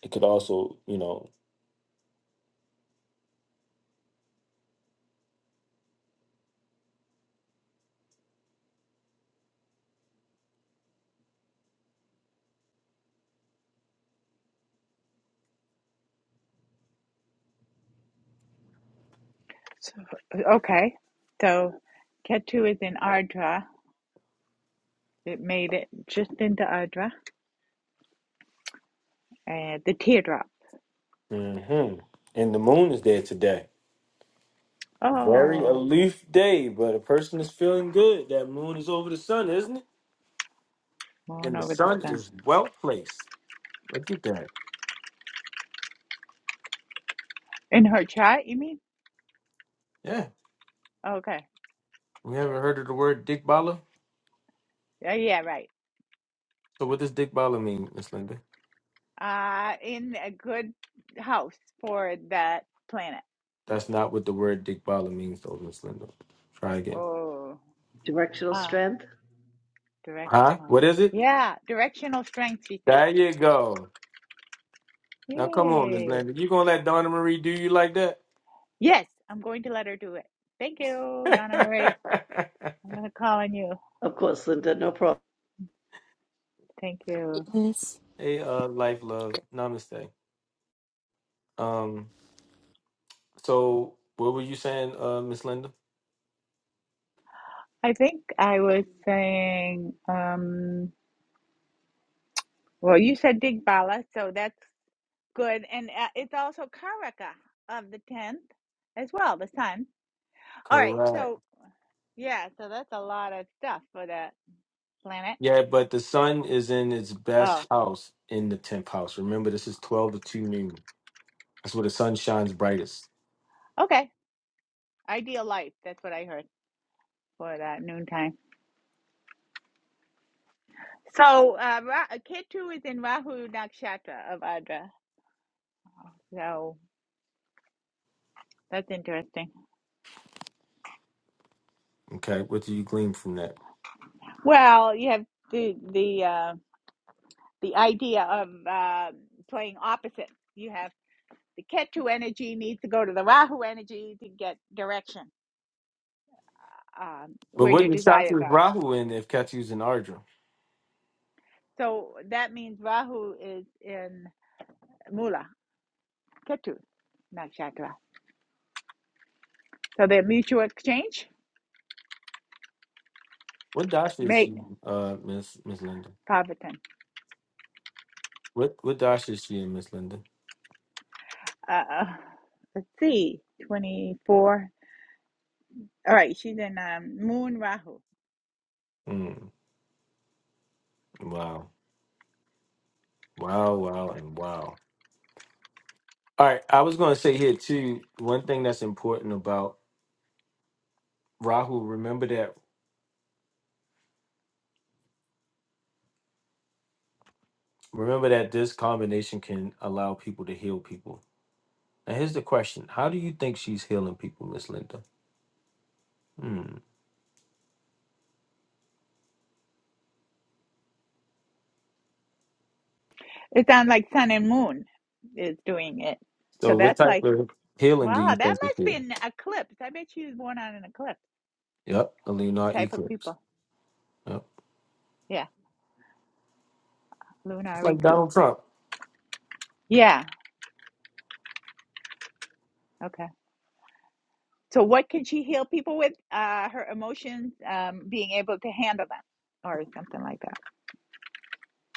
S1: it could also, you know,
S3: so- okay. So Ketu is in Ardra. It made it just into Ardra. And the teardrop.
S1: hmm and the moon is there today. Very
S3: Oh,
S1: aloof day, but a person is feeling good. That moon is over the sun, isn't it?
S3: moon
S1: And the
S3: over the
S1: sun
S3: sun.
S1: is well placed. Look at that.
S3: In her chat, you mean?
S1: Yeah.
S3: Okay.
S1: We haven't heard of the word Digbala.
S3: Yeah. yeah, right.
S1: So what does Digbala mean, Miss Linda?
S3: Uh, in a good house for that planet.
S1: That's not what the word Digbala means though, Miss Linda. Try again.
S3: Oh,
S2: Directional
S3: ah,
S2: strength?
S1: Huh?
S3: directional.
S1: What is it?
S3: Yeah, directional strength, she said.
S1: There you go. Now come on, Miss
S3: Yay.
S1: Linda. You gonna let Donna Marie do you like that?
S3: Yes, I'm going to let her do it. Thank you, Donna Marie. I'm going to call on you.
S2: Of course, Linda, no problem.
S3: Thank you.
S11: Yes.
S1: hey, uh, life, love, namaste. Um, so what were you saying, uh, Miss Linda?
S3: I think I was saying, um, well, you said Digbala, so that's good. And uh, it's also Karaka of the 10th as well, the sun. All right.
S1: Correct.
S3: So, yeah, so that's a lot of stuff for the planet.
S1: Yeah, but the sun is in its best
S3: Oh,
S1: house in the tenth house. Remember, this is twelve to two noon. That's where the sun shines brightest.
S3: okay. Ideal life. That's what I heard for that noontime. So, uh, Ra- uh, Ketu is in Rahu Nakshatra of Adra. So, that's interesting.
S1: Okay, what do you glean from that?
S3: Well, you have the the uh, the idea of uh, playing opposite. You have the Ketu energy needs to go to the Rahu energy to get direction um,
S1: But
S3: where
S1: what
S3: your desires
S1: Nishakta is
S3: are.
S1: Rahu in if Ketu's in Ardra?
S3: So that means Rahu is in Mula Ketu, nakshatra. So they mutual exchange.
S1: What dasha is
S3: Mate,
S1: she, uh, Miss Miss Linda?
S3: Pavatan.
S1: What what dasha is she in, Miss Linda?
S3: Uh, let's see, 24. All right, she's in um, Moon Rahu.
S1: Mm, wow, wow, wow, and wow. All right, I was going to say here too. One thing that's important about Rahu, remember that remember that this combination can allow people to heal people Now here's the question: How do you think she's healing people, Miss Linda? Hmm.
S3: It sounds like Sun and Moon is doing it. So
S1: So what
S3: that's
S1: type
S3: like,
S1: of healing do you
S3: wow, that
S1: think it's
S3: must
S1: here?
S3: be an eclipse. I bet she was born on an eclipse
S1: Yep, a Lunar
S3: type of
S1: eclipse.
S3: people.
S1: Yep.
S3: Yeah,
S1: It's
S3: lunar
S1: like
S3: eclipse.
S1: Donald Trump.
S3: Yeah, okay. So what can she heal people with? Uh, her emotions, um, being able to handle them or something like that.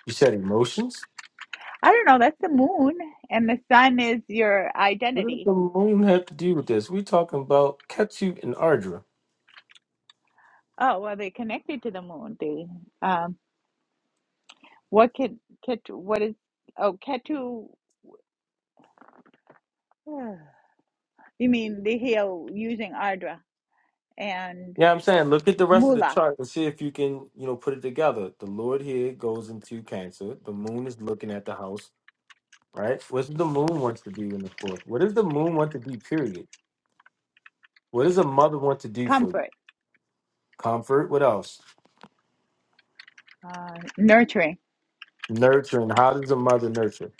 S1: You said emotions?
S3: I don't know. That's the moon, and the sun is your
S1: What does
S3: identity.
S1: the moon have to do with this? we talking about Ketchut and Ardra.
S3: Oh, well, they connected to the moon. They, um, what can Ketu? What is oh Ketu? You mean they heal using Ardra and
S1: Yeah, I'm saying look at the rest of the
S3: Mula,
S1: chart and see if you can, you know, put it together. The Lord here goes into cancer. The moon is looking at the house, right? What does the moon want to do in the fourth? What does the moon want to do, period? What does a mother want to do for you?
S3: comfort,
S1: Comfort? What else?
S3: uh, nurturing
S1: Nurturing. How does a mother nurture?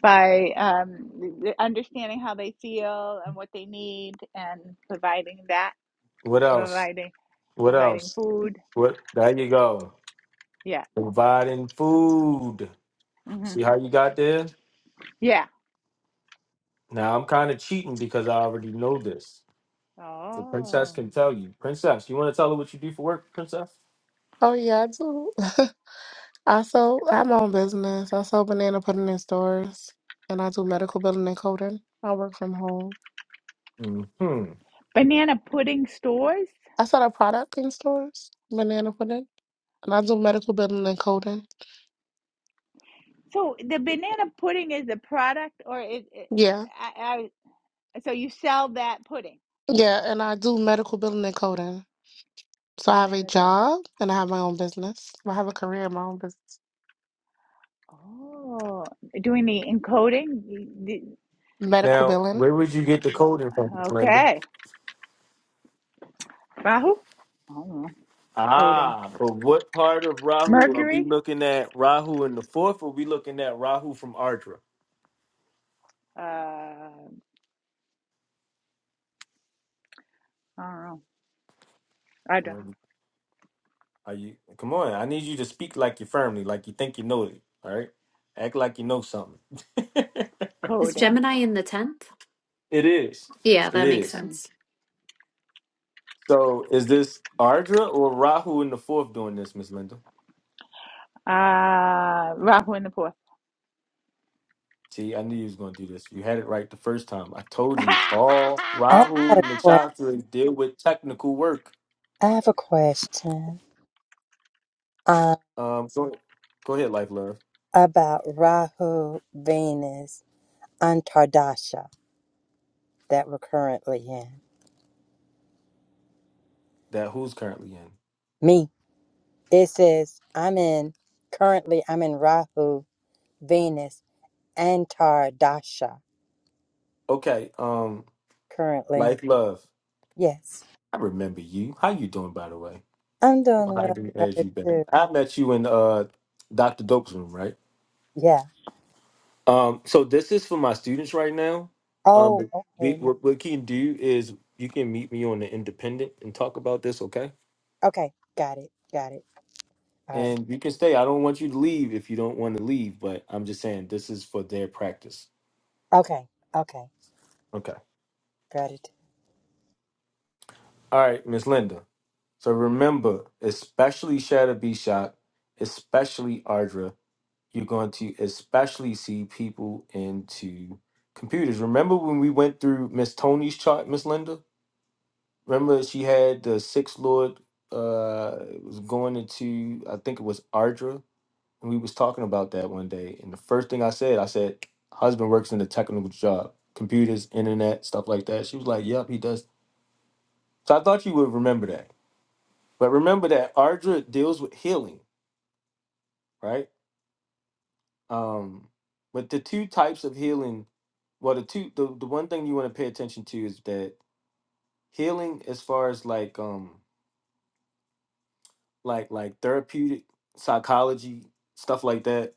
S3: by um, th- understanding how they feel and what they need and providing that,
S1: What else?
S3: providing
S1: What
S3: providing
S1: else?
S3: food.
S1: What? There you go.
S3: Yeah.
S1: Providing food.
S3: hmm
S1: See how you got there?
S3: Yeah.
S1: Now I'm kind of cheating because I already know this. The princess
S3: Oh,
S1: can tell you. Princess, you want to tell her what you do for work, princess?
S8: Oh yeah, I do. I sell I'm on business. I sell banana pudding in stores and I do medical billing and coding. I work from home.
S1: Hmm.
S3: banana pudding stores.
S8: I sell a product in stores, banana pudding. And I do medical billing and coding.
S3: So the banana pudding is a product, or is it,
S8: Yeah.
S3: I, I, so you sell that pudding?
S8: Yeah. And I do medical billing and coding. So I have a
S3: Medical.
S8: job and I have my own business. I have a career in my own business.
S3: Oh, doing the encoding. The- the-
S8: Medical
S1: Now,
S8: billing.
S1: where would you get the coding from, Linda?
S3: Okay, Rahu. I don't know. Coding.
S1: Ah, but what part of Rahu are we
S3: Mercury.
S1: looking at? Rahu in the fourth, or we looking at Rahu from Ardra?
S3: Uh, I don't know. I don't.
S1: Are you? Come on, I need you to speak like your firmly, like you think you know it. All right, act like you know something.
S10: Is
S3: Coding.
S10: Gemini in the 10th?
S1: It is.
S10: Yeah,
S1: It
S10: that makes
S1: is.
S3: Hmm.
S10: sense.
S1: So is this Ardra or Rahu in the fourth doing this, Miss Linda?
S3: Uh, Rahu in the fourth.
S1: See, I knew you was gonna do this. You had it right the first time. I told you all
S11: I got
S1: Rahu
S11: a question.
S1: Nakshatra deal with technical work.
S11: I have a question uh,
S1: Um, so go ahead, Life Love.
S11: about Rahu, Venus, and Tardasha that we're currently in.
S1: That who's currently in?
S11: Me, it says I'm in currently. I'm in Rahu, Venus, and Tardasha
S1: Okay, um,
S11: currently.
S1: Life Love.
S11: Yes,
S1: I remember you. How you doing, by the way?
S11: I'm doing
S1: How
S11: well.
S1: do you bet,
S11: Gratitude.
S1: I met you in uh Dr. Dope's room, right?
S11: Yeah.
S1: Um, so this is for my students right now. Um,
S11: Oh,
S1: but we,
S11: okay. my-
S1: what, what you can do is you can meet me on the independent and talk about this, okay?
S11: Okay, got it. Got it. All right.
S1: And you can stay. I don't want you to leave if you don't want to leave, but I'm just saying this is for their practice.
S11: Okay. Okay.
S1: Okay.
S11: Gratitude.
S1: All right, Miss Linda. So remember, especially Shadow B Shot, especially Ardra. you're going to especially see people into computers. Remember when we went through Miss Tony's chart, Miss Linda? Remember she had the sixth lord uh it was going into I think it was Ardra, and we was talking about that one day. And the first thing I said, I said, husband works in a technical job, computers, internet, stuff like that. She was like, Yep, he does. So I thought you would remember that. But remember that Ardra deals with healing, right? Um, but the two types of healing, well, the two the, the one thing you want to pay attention to is that healing, as far as like um like like therapeutic psychology stuff like that.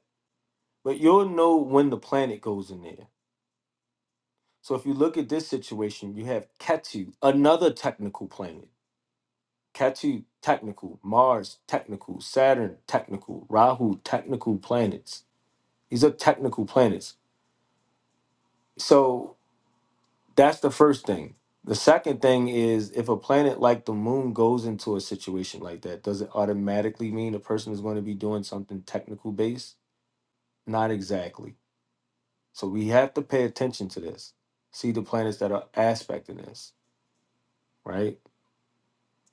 S1: But you'll know when the planet goes in there. So if you look at this situation, you have Ketu, another technical planet. Ketu technical, Mars technical, Saturn technical, Rahu technical planets. These are technical planets. So. That's the first thing. The second thing is if a planet like the moon goes into a situation like that, does it automatically mean a person is going to be doing something technical based? Not exactly. So we have to pay attention to this. See the planets that are aspecting this, right?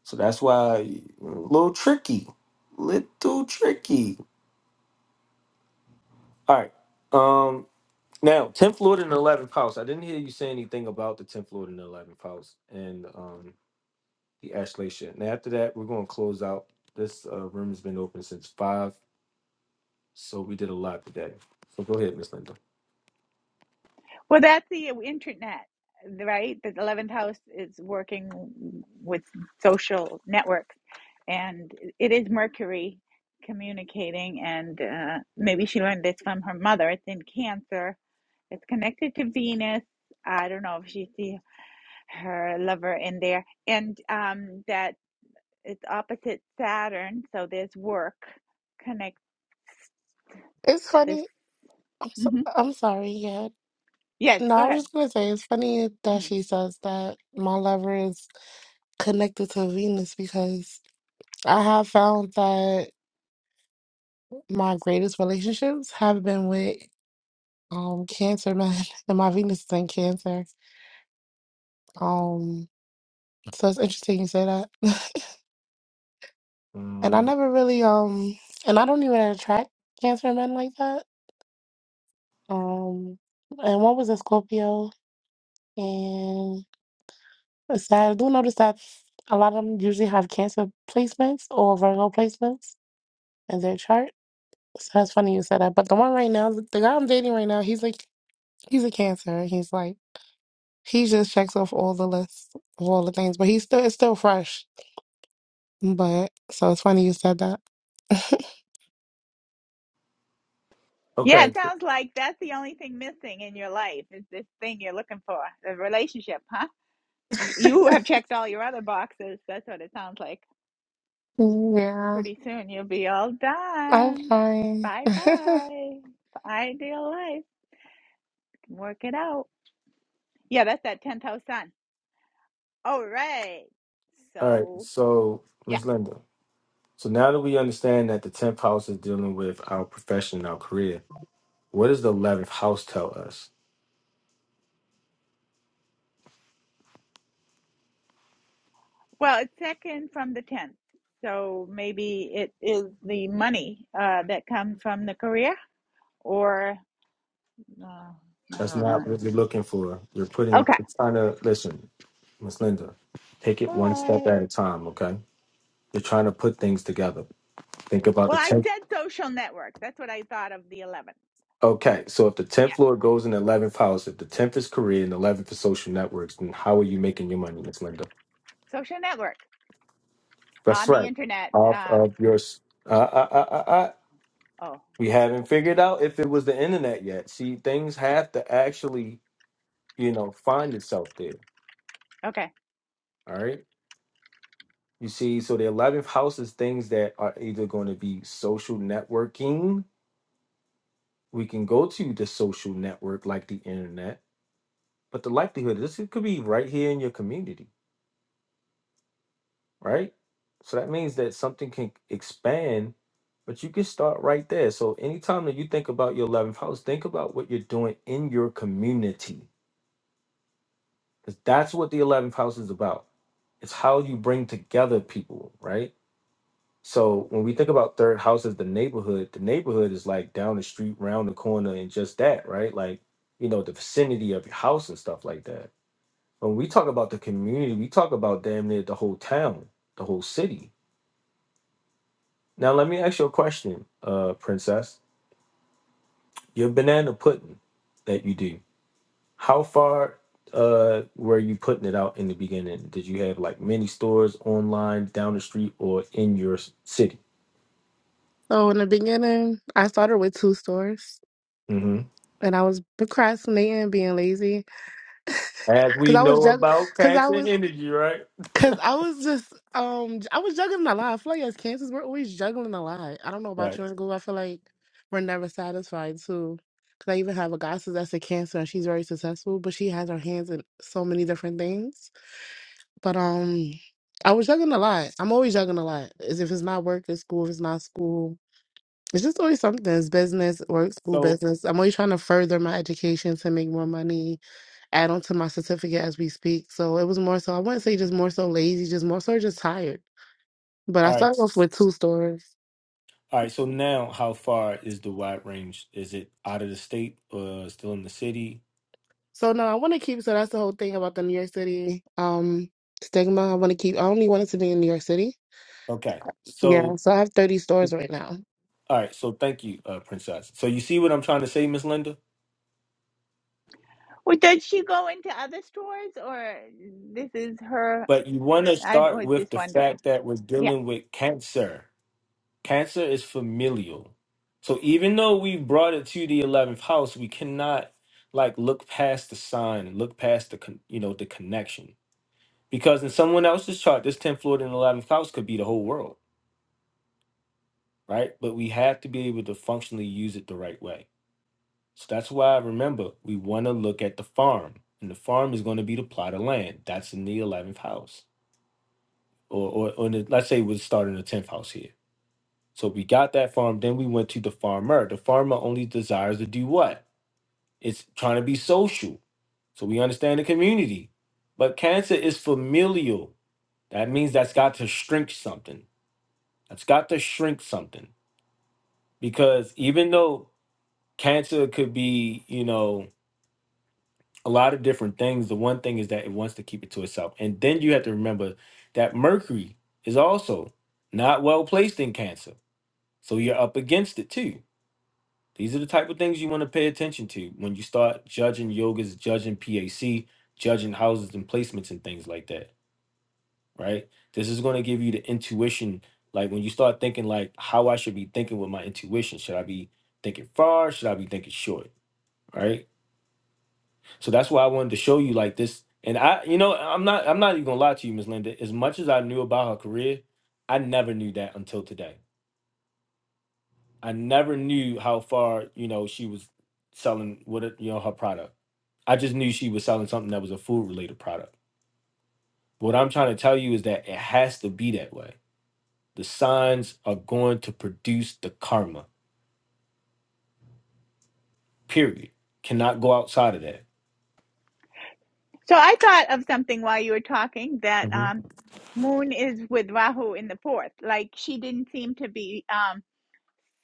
S1: So that's why a little tricky. Little tricky. All right. Um now, 10th Lord and 11th house. I didn't hear you say anything about the 10th Lord and 11th house. And um the Ashleisha. And after that, we're going to close out. This uh, room has been open since five, so we did a lot today. So go ahead, Miss Linda.
S3: Well, that's the internet, right? The 11th house is working with social networks, and it is Mercury communicating. And uh, maybe she learned this from her mother. It's in Cancer, it's connected to Venus. I don't know if she see her lover in there, and um, that it's opposite Saturn, so there's work connects
S8: It's
S3: this.
S8: funny. I'm, so,
S3: hmm
S8: I'm sorry. Yeah.
S3: Yes,
S8: No,
S3: go
S8: I
S3: ahead.
S8: was just going to say it's funny
S3: Mm-hmm.
S8: that she says that my lover is connected to Venus because I have found that my greatest relationships have been with um cancer men and my Venus is in cancer. Um so it's interesting you say that. And I
S1: Mm,
S8: never really um and I don't even attract cancer men like that. Um and one was a Scorpio and it's sad. I do notice that a lot of them usually have cancer placements or Virgo placements in their chart. So that's funny you said that. But the one right now, the guy I'm dating right now, he's like he's a cancer. He's like he just checks off all the lists of all the things, but he's still it's still fresh. But so it's funny you said that.
S3: Yeah,
S1: okay,
S3: it sounds like that's the only thing missing in your life is this thing you're looking for, the relationship, huh? You have checked all your other boxes. That's what it sounds like.
S8: yeah.
S3: Pretty soon you'll be all
S8: I'm
S3: done.
S8: fine.
S3: Bye bye. Ideal life. Can Work it out. Yeah, that's that 10th house sun. All right.
S1: all right.
S3: So,
S1: So
S3: yeah.
S1: Miss Linda, so now that we understand that the tenth house is dealing with our profession, and our career, what does the eleventh house tell us?
S3: Well, it's second from the 10th. So maybe it is the money uh, that comes from the career or uh, I
S1: That's
S3: don't
S1: not
S3: know.
S1: what you're looking for. You're putting,
S3: Okay.
S1: you're trying to listen, Miss Linda. Take it
S3: All
S1: one step
S3: right.
S1: at a time, okay? You're trying to put things together. Think about
S3: Well,
S1: the
S3: I
S1: 10th
S3: said social network. That's what I thought of the 11th.
S1: Okay, so if the tenth floor goes in the eleventh house, if the tenth is career and the eleventh is social networks, then how are you making your money, Miss Linda?
S3: Social network
S1: That's
S3: on the
S1: right.
S3: internet.
S1: Off
S3: Um,
S1: of your, s- uh, uh, uh, uh, uh,
S3: oh,
S1: we haven't figured out if it was the internet yet. See, things have to actually, you know, find itself there.
S3: okay.
S1: All right, you see, so the eleventh house is things that are either going to be social networking. We can go to the social network like the internet, but the likelihood is it could be right here in your community right? So that means that something can expand, but you can start right there. So anytime that you think about your 11th house, think about what you're doing in your community. Because that's what the 11th house is about. It's how you bring together people, right? So when we think about third house as the neighborhood, the neighborhood is like down the street, round the corner, and just that, right? Like, you know, the vicinity of your house and stuff like that. When we talk about the community, we talk about damn near the whole town, the whole city Now let me ask you a question, uh, Princess. Your banana pudding that you do, how far uh were you putting it out in the beginning? Did you have like many stores online, down the street, or in your s- city?
S8: So in the beginning, I started with two stores,
S1: hmm
S8: and I was procrastinating, being lazy,
S1: As
S8: because
S1: we
S8: I was
S1: know
S8: jug,
S1: about
S8: because I
S1: tax and
S8: was,
S1: energy, right?
S8: because I was just, um, I was juggling a lot. I feel like as Kansas, we're always juggling a lot. I don't know about
S1: Right.
S8: you and Google. I feel like we're never satisfied too. Because I even have a gossip that's a cancer, and she's very successful, but she has her hands in so many different things. But um, I was juggling a lot. I'm always juggling a lot. As if it's not work, it's school. If it's not school. It's just always something. It's business, work, school
S1: So
S8: business. I'm always trying to further my education to make more money, add on to my certificate as we speak. So it was more so, I wouldn't say just more so lazy, just more so just tired. But I
S1: all right.
S8: started off with two stores.
S1: All right, so now how far is the wide range? Is it out of the state or still in the city?
S8: So no, I want to keep, so that's the whole thing about the New York City um stigma. I want to keep, I only wanted to be in New York City.
S1: Okay.
S8: Yeah.
S1: So
S8: So I have 30 stores right now.
S1: all right, so thank you, uh, Princess. So you see what I'm trying to say, Miss Linda?
S3: Well, does she go into other stores or this is her?
S1: But you want to
S3: I
S1: start
S3: was
S1: with
S3: just
S1: the
S3: wondering.
S1: fact that we're
S3: Yeah.
S1: dealing with cancer. Cancer is familial. So even though we brought it to the 11th house, we cannot like look past the sign and look past the con- you know the connection. Because in someone else's chart, this 10th Lord and 11th house could be the whole world, right? But we have to be able to functionally use it the right way. So that's why remember, we want to look at the farm. And the farm is going to be the plot of land. That's in the 11th house or or, or the, let's say we start in the tenth house here. So we got that farm. Then we went to the farmer. The farmer only desires to do what? It's trying to be social. So we understand the community. But cancer is familial. That means that's got to shrink something. That's got to shrink something. Because even though cancer could be, you know, a lot of different things, the one thing is that it wants to keep it to itself. And then you have to remember that Mercury is also not well placed in cancer. So you're up against it too. These are the type of things you want to pay attention to when you start judging yogas, judging PAC, judging houses and placements and things like that, right? This is going to give you the intuition. Like when you start thinking, like, how I should be thinking with my intuition. Should I be thinking far? Should I be thinking short? Right? So that's why I wanted to show you like this. And I, you know, I'm not, I'm not even gonna lie to you, Ms. Linda. As much as I knew about her career, I never knew that until today. I never knew how far, you know, she was selling with it, you know, her product I just knew she was selling something that was a food related product. What I'm trying to tell you is that it has to be that way. The signs are going to produce the karma, period. Cannot go outside of that.
S3: So I thought of something while you were talking that
S1: Mhm.
S3: um, Moon is with Rahu in the fourth. Like she didn't seem to be um,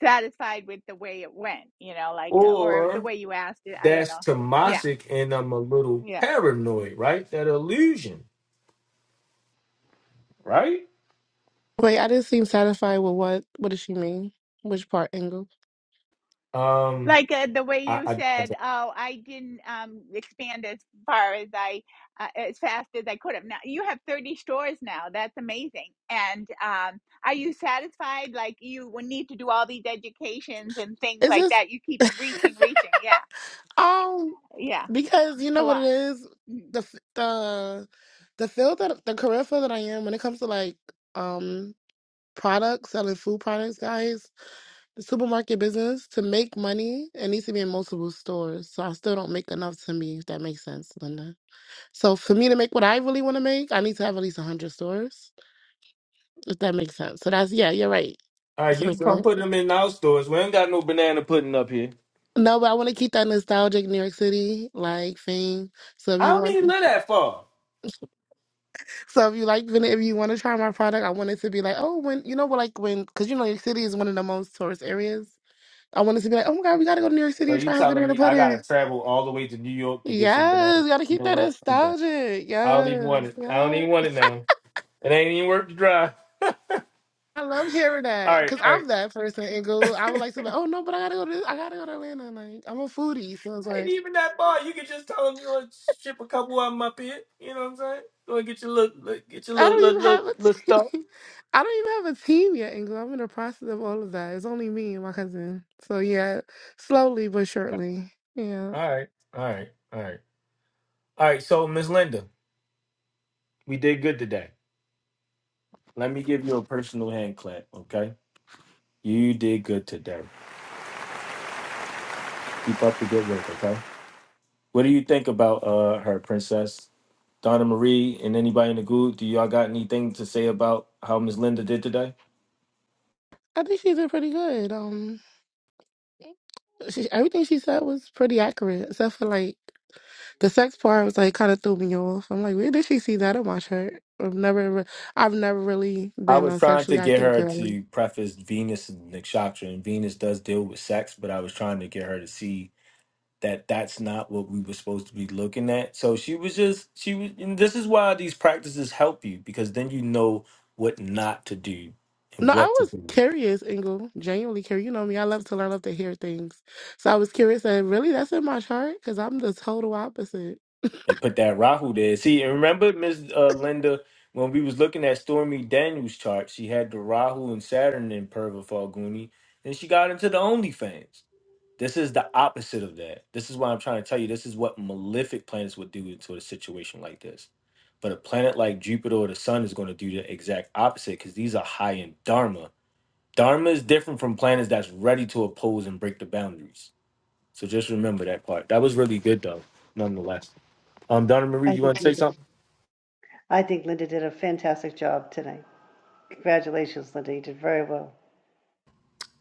S3: satisfied with the way it went, you know, like, uh, or the
S1: Or
S3: way you asked it. I don't
S1: that's
S3: know. Yeah.
S1: Tamasic and I'm a little
S3: Yeah.
S1: paranoid, right? That illusion, right?
S8: Wait, I didn't seem satisfied with what, what does she mean? Which part, Angle?
S1: Um,
S3: like uh, the way
S1: I,
S3: you
S1: I, I
S3: said
S1: don't-
S3: oh i didn't um expand as far as i uh, as fast as i could have now you have 30 stores now that's amazing and um are you satisfied like you would need to do all these educations and things
S8: Is
S3: like
S8: this,
S3: that you keep reaching reaching yeah
S8: um,
S3: yeah
S8: Because you
S3: it's a
S8: know what it
S3: lot
S8: is,
S3: Mm.
S8: the f- the the field that the career field that I am when it comes to like um products, selling food products, guys, the supermarket business to make money, it needs to be in multiple stores. So I still don't make enough to me, if that makes sense, Linda. So for me to make what I really want to make, I need to have at least hundred stores, if that makes sense. So that's yeah, you're right.
S1: all right,
S8: So
S1: you can
S8: it's
S1: come
S8: like-
S1: put them in our stores. We ain't got no banana pudding up here.
S8: No, but I want to keep that nostalgic New York City like thing. So if
S1: I
S8: you
S1: don't
S8: want
S1: even live that far.
S8: So if you like, whenever you want to try my product, I want it to be like, oh, when you know, what, like when, because you know, New York City is one of the most tourist areas. I want it to be like, oh my God, we gotta go to New York
S1: So
S8: City and
S1: you
S8: try habanero
S1: telling
S8: and
S1: me I
S8: pudding.
S1: gotta travel all the way to New York to get some banana?
S8: Yes, gotta
S1: You
S8: keep
S1: know
S8: that
S1: what? I'm done.
S8: nostalgic.
S1: I don't even want
S8: Yes,
S1: it. I don't
S8: yes.
S1: even want it now. It ain't even worth the drive.
S8: I love hearing
S1: All
S8: that
S1: right,
S8: because
S1: all right.
S8: I'm that person and go. I would like to be like, oh no, but I gotta go to this. I gotta go to Atlanta. Like I'm a foodie, so it's
S1: ain't
S8: like
S1: even that bad. You can just tell them you want to ship a couple of them up here. You know what I'm saying? Go and get your little, little- get your
S8: I
S1: little,
S8: don't even
S1: little, little,
S8: have a
S1: little stuff.
S8: team. I don't even have a team yet, and I'm in the process of all of that. It's only me and my cousin. So yeah, slowly but surely. Yeah.
S1: All right, all right, all right, all right. So, Miss Linda, we did good today. Let me give you a personal hand clap, okay? You did good today. Keep up the good work, okay? What do you think about uh her, Princess Donna Marie, and anybody in the group? Do y'all got anything to say about how Miss Linda did today?
S8: I think she's been pretty good. Um, she, everything she said was pretty accurate, except for like the sex part was like kind of threw me off. I'm like, where did she see that in my shirt? I've never, re- I've never really
S1: I
S8: been
S1: was
S8: a
S1: trying to
S8: sexually
S1: get
S8: active
S1: her
S8: girl.
S1: to preface Venus and Nikshatra, and Venus does deal with sex, but I was trying to get her to see that that's not what we were supposed to be looking at. So she was just she was. And this is why these practices help you because then you know what not to do and
S8: No, I
S1: what to
S8: was
S1: do.
S8: curious, Ingle. Genuinely curious. You know me. I love to learn. I love to hear things. So I was curious. And really, that's in my chart because I'm the total opposite.
S1: They put that Rahu there. See, and remember, Miss Uh, Linda, when we was looking at Stormy Daniels' chart, she had the Rahu and Saturn in Purva Falguni, and she got into the OnlyFans. This is the opposite of that. This is why I'm trying to tell you. This is what malefic planets would do to a situation like this. But a planet like Jupiter or the Sun is going to do the exact opposite because these are high in Dharma. Dharma is different from planets that's ready to oppose and break the boundaries. So just remember that part. That was really good though, nonetheless. Um, Donna Marie,
S2: I
S1: you
S2: think
S1: want to say
S2: Linda.
S1: something?
S2: I think Linda did a fantastic job tonight. Congratulations, Linda. You did very well.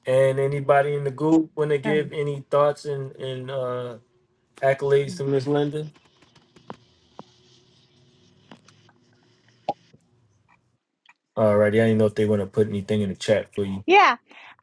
S1: And anybody in the group want to
S3: Yeah.
S1: give any thoughts and and uh, accolades to Miss Linda? Alrighty, I didn't know if they want to put anything in the chat for you.
S3: yeah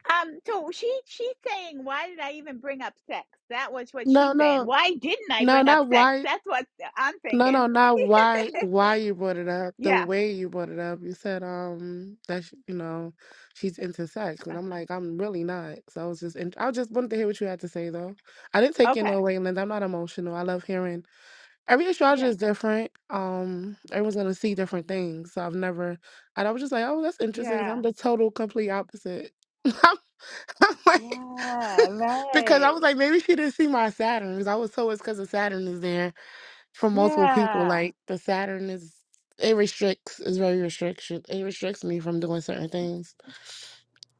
S3: um so she she's saying why did i even bring up sex that was what
S8: No,
S3: she's saying
S8: no,
S3: why didn't i
S8: no,
S3: bring up
S8: not
S3: sex
S8: why.
S3: that's what i'm
S8: No, no,
S3: thinking
S8: not why why you brought it up. The
S3: yeah
S8: way you brought it up. You said um that sh you know she's into sex, and I'm like I'm really not. So I was just in, I just wanted to hear what you had to say though. I didn't
S3: Uh,
S8: take it
S3: okay
S8: no way, Linda. I'm not emotional. I love hearing every astrologer
S3: yeah
S8: is different. Um, everyone's gonna see different things. So I've never. And I was just like, oh, that's interesting.
S3: yeah
S8: I'm the total complete opposite. I'm, I'm like
S3: Yeah,
S8: because I
S3: right.
S8: was like maybe she didn't see my Saturn 'Cause I was told it's because of Saturn is there from multiple people.
S3: Yeah,
S8: Like the Saturn is it restricts is very restriction. It restricts me from doing certain things.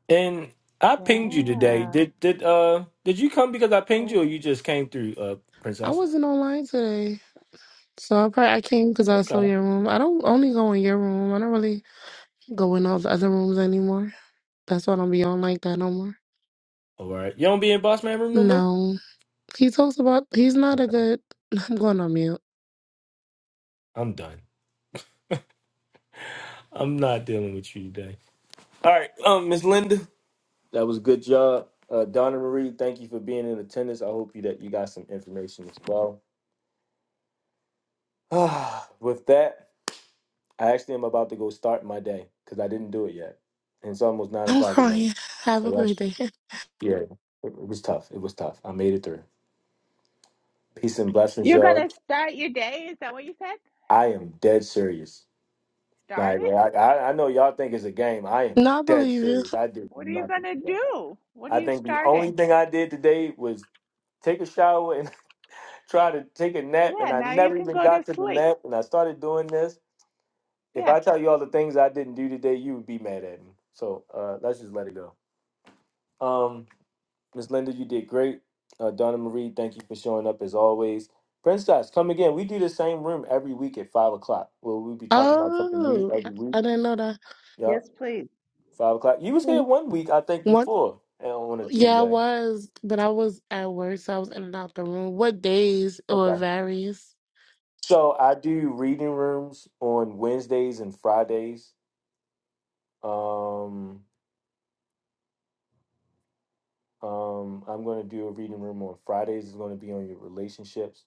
S1: And I pinged you today.
S3: yeah.
S1: Did did uh did you come because I pinged
S3: Right.
S1: you or you just came through, uh
S8: I
S1: princess?
S8: wasn't online today, so I probably I came because I
S1: Okay.
S8: saw your room. I don't only go in your room. I don't really go in all the other rooms anymore. That's why I don't be on like that no more.
S1: All right. You don't be in boss man room no more?
S8: No, he talks about he's not a good. I'm going on mute.
S1: I'm done. I'm not dealing with you today. All right, um, Miss Linda. That was a good job. Uh Donna Marie, thank you for being in attendance. I hope you that you got some information as well. Ah, With that, I actually am about to go start my day because I didn't do it yet. And it's almost nine
S8: I'm
S1: o'clock at night.
S8: crying. Have
S1: So
S8: a
S1: y'all
S8: great day.
S1: yeah, it it was tough. It was tough. I made it through. Peace and blessings,
S3: You're
S1: y'all.
S3: gonna start your day? Is that what you said?
S1: I am dead serious.
S3: Start
S1: Like
S3: it?
S1: I, I I know y'all think it's a game. I am
S8: No, I
S1: dead
S8: believe you.
S1: serious. I did
S3: What are you
S1: nothing
S3: gonna
S1: today.
S3: do? What are
S1: I
S3: you
S1: think the only
S3: starting?
S1: thing I did today was take a shower and try to take a nap, and
S3: Yeah,
S1: I
S3: now you
S1: never
S3: can
S1: even
S3: go to
S1: got to the
S3: sleep.
S1: nap. And I started doing this. If
S3: Yeah.
S1: I tell you all the things I didn't do today, you would be mad at me. So uh, let's just let it go. Um, Miss Linda, you did great. Uh, Donna Marie, thank you for showing up as always. Princess, come again. We do the same room every week at five o'clock. Where we'll be talking about something new
S8: Oh, I
S1: every week
S8: I didn't know that.
S1: Yep.
S2: Yes, please.
S1: Five o'clock. You was here
S8: One
S1: one week, I think, before and on a
S8: Yeah, I
S1: Tuesday.
S8: was, but I was at work, so I was in and out the room. What days or it
S1: Okay.
S8: varies?
S1: So I do reading rooms on Wednesdays and Fridays. Um, um, I'm going to do a reading room on Fridays. It's going to be on your relationships.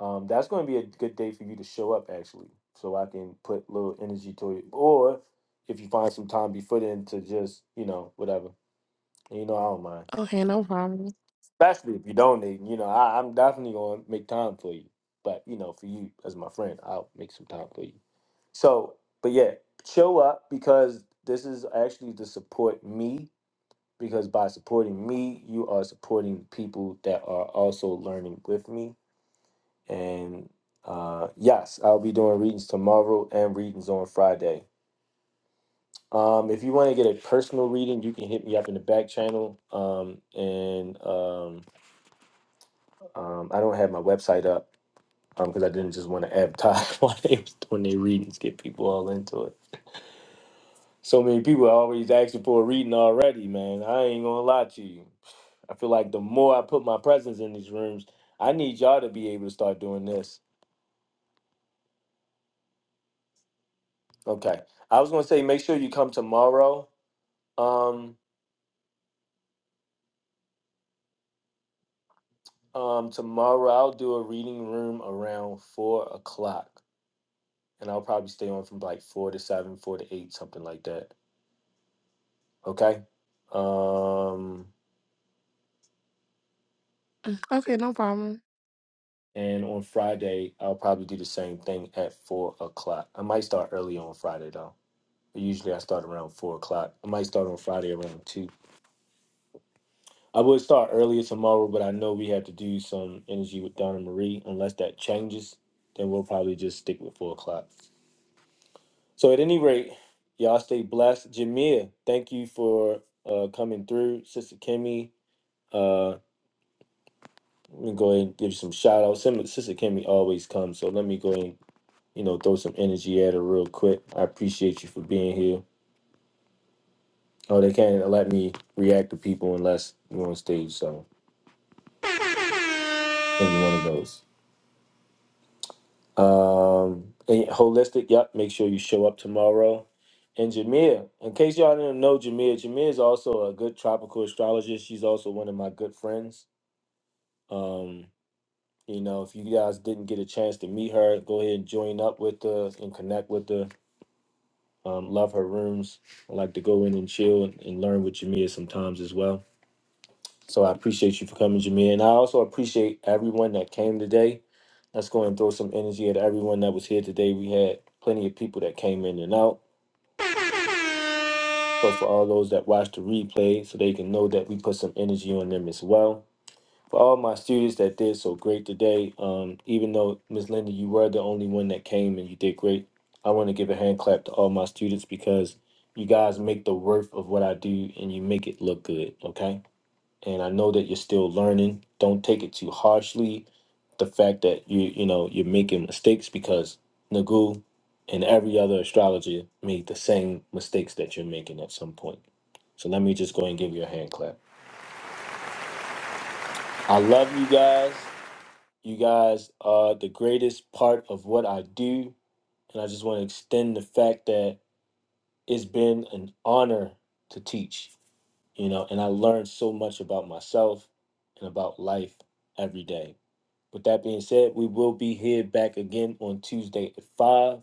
S1: Um, that's going to be a good day for you to show up, actually, so I can put little energy to it. Or if you find some time before then to just, you know, whatever. And, you know, I don't mind.
S8: Okay, no problem.
S1: especially if you are donating, You know, I, I'm definitely going to make time for you. But you know, for you as my friend, I'll make some time for you. So, but yeah, show up because this is actually to support me. Because by supporting me, you are supporting people that are also learning with me. And uh, yes, I'll be doing readings tomorrow and readings on Friday. Um, if you want to get a personal reading, you can hit me up in the back channel. Um, and um, um, I don't have my website up, because I didn't just want to advertise while they was doing their readings, get people all into it. So many people are always asking for a reading already, man. I ain't gonna lie to you. I feel like the more I put my presence in these rooms, I need y'all to be able to start doing this. Okay. I was gonna say make sure you come tomorrow. Um um tomorrow I'll do a reading room around four o'clock. And I'll probably stay on from like four to seven, four to eight, something like that. Okay? Um
S8: Okay, no problem.
S1: And on Friday, I'll probably do the same thing at four o'clock. I might start early on Friday though. Usually I start around four o'clock. I might start on Friday around two. I would start earlier tomorrow, but I know we have to do some energy with Donna Marie. Unless that changes, then we'll probably just stick with four o'clock. So at any rate, y'all stay blessed. Jamia, thank you for uh, coming through. Sister Kimmy, uh, let me go ahead and give you some shout outs. Sister Kimmy always comes, so let me go ahead and you know, throw some energy at it real quick. I appreciate you for being here. Oh, they can't let me react to people unless you're on stage, so any one of those. Um, and holistic, yep. Make sure you show up tomorrow. And Jameer, in case y'all didn't know Jameer, Jameer is also a good tropical astrologist. She's also one of my good friends. Um, you know, if you guys didn't get a chance to meet her, go ahead and join up with her and connect with her. Um, love her rooms. I like to go in and chill and, and learn with Jameer sometimes as well. So I appreciate you for coming, Jameer. And I also appreciate everyone that came today. Let's go and throw some energy at everyone that was here today. We had plenty of people that came in and out. But for all those that watched the replay, so they can know that we put some energy on them as well. For all my students that did so great today, um, even though Miss Linda, you were the only one that came and you did great, I want to give a hand clap to all my students because you guys make the worth of what I do and you make it look good. Okay. and I know that you're still learning. Don't take it too harshly. The fact that you you know you're making mistakes because Nagu and every other astrologer made the same mistakes that you're making at some point. So let me just go and give you a hand clap. I love you guys. You guys are the greatest part of what I do, and I just want to extend the fact that it's been an honor to teach. You know, and I learned so much about myself and about life every day. With that being said, we will be here back again on Tuesday at 5.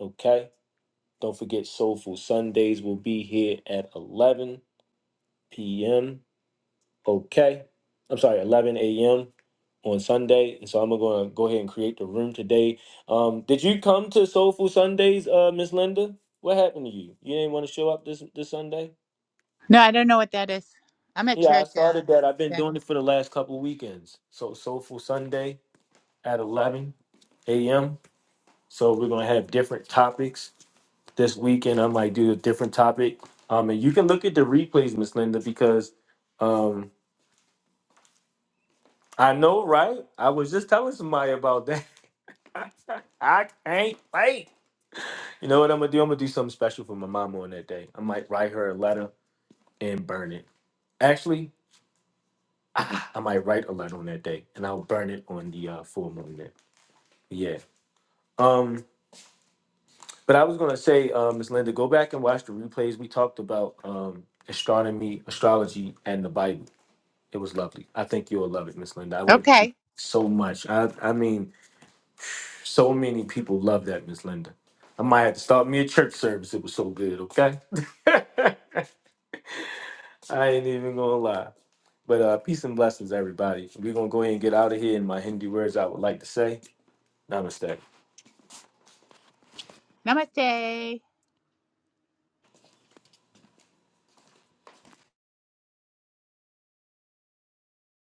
S1: Okay. Don't forget, Soulful Sundays will be here at 11 p.m. Okay. I'm sorry, 11 a.m. on Sunday. And so I'm going to go ahead and create the room today. Um, did you come to Soulful Sundays, uh, Miss Linda? What happened to you? You didn't want to show up this, this Sunday?
S3: No, I don't know what that is. I'm at
S1: Yeah, I
S3: church now.
S1: started that. I've been doing it for the last couple weekends. So, Soulful Sunday at 11 a.m. So we're gonna have different topics this weekend. I might do a different topic. Um, and you can look at the replays, Miss Linda, because um, I know, right? I was just telling somebody about that. I can't wait. You know what I'm gonna do? I'm gonna do something special for my mama on that day. I might write her a letter and burn it. Actually, ah, I might write a letter on that day, and I'll burn it on the uh, full moon. Day. Yeah. Um. But I was gonna say, um, Ms. Linda, go back and watch the replays. We talked about um, astronomy, astrology, and the Bible. It was lovely. I think you'll love it, Miss Linda. I went through
S3: Okay.
S1: so much. I, I mean, so many people love that, Miss Linda. I might have to start me a church service. It was so good. Okay, I ain't even gonna lie. But uh, peace and blessings, everybody. We're gonna go ahead and get out of here. In my Hindi words, I would like to say, Namaste.
S3: Namaste.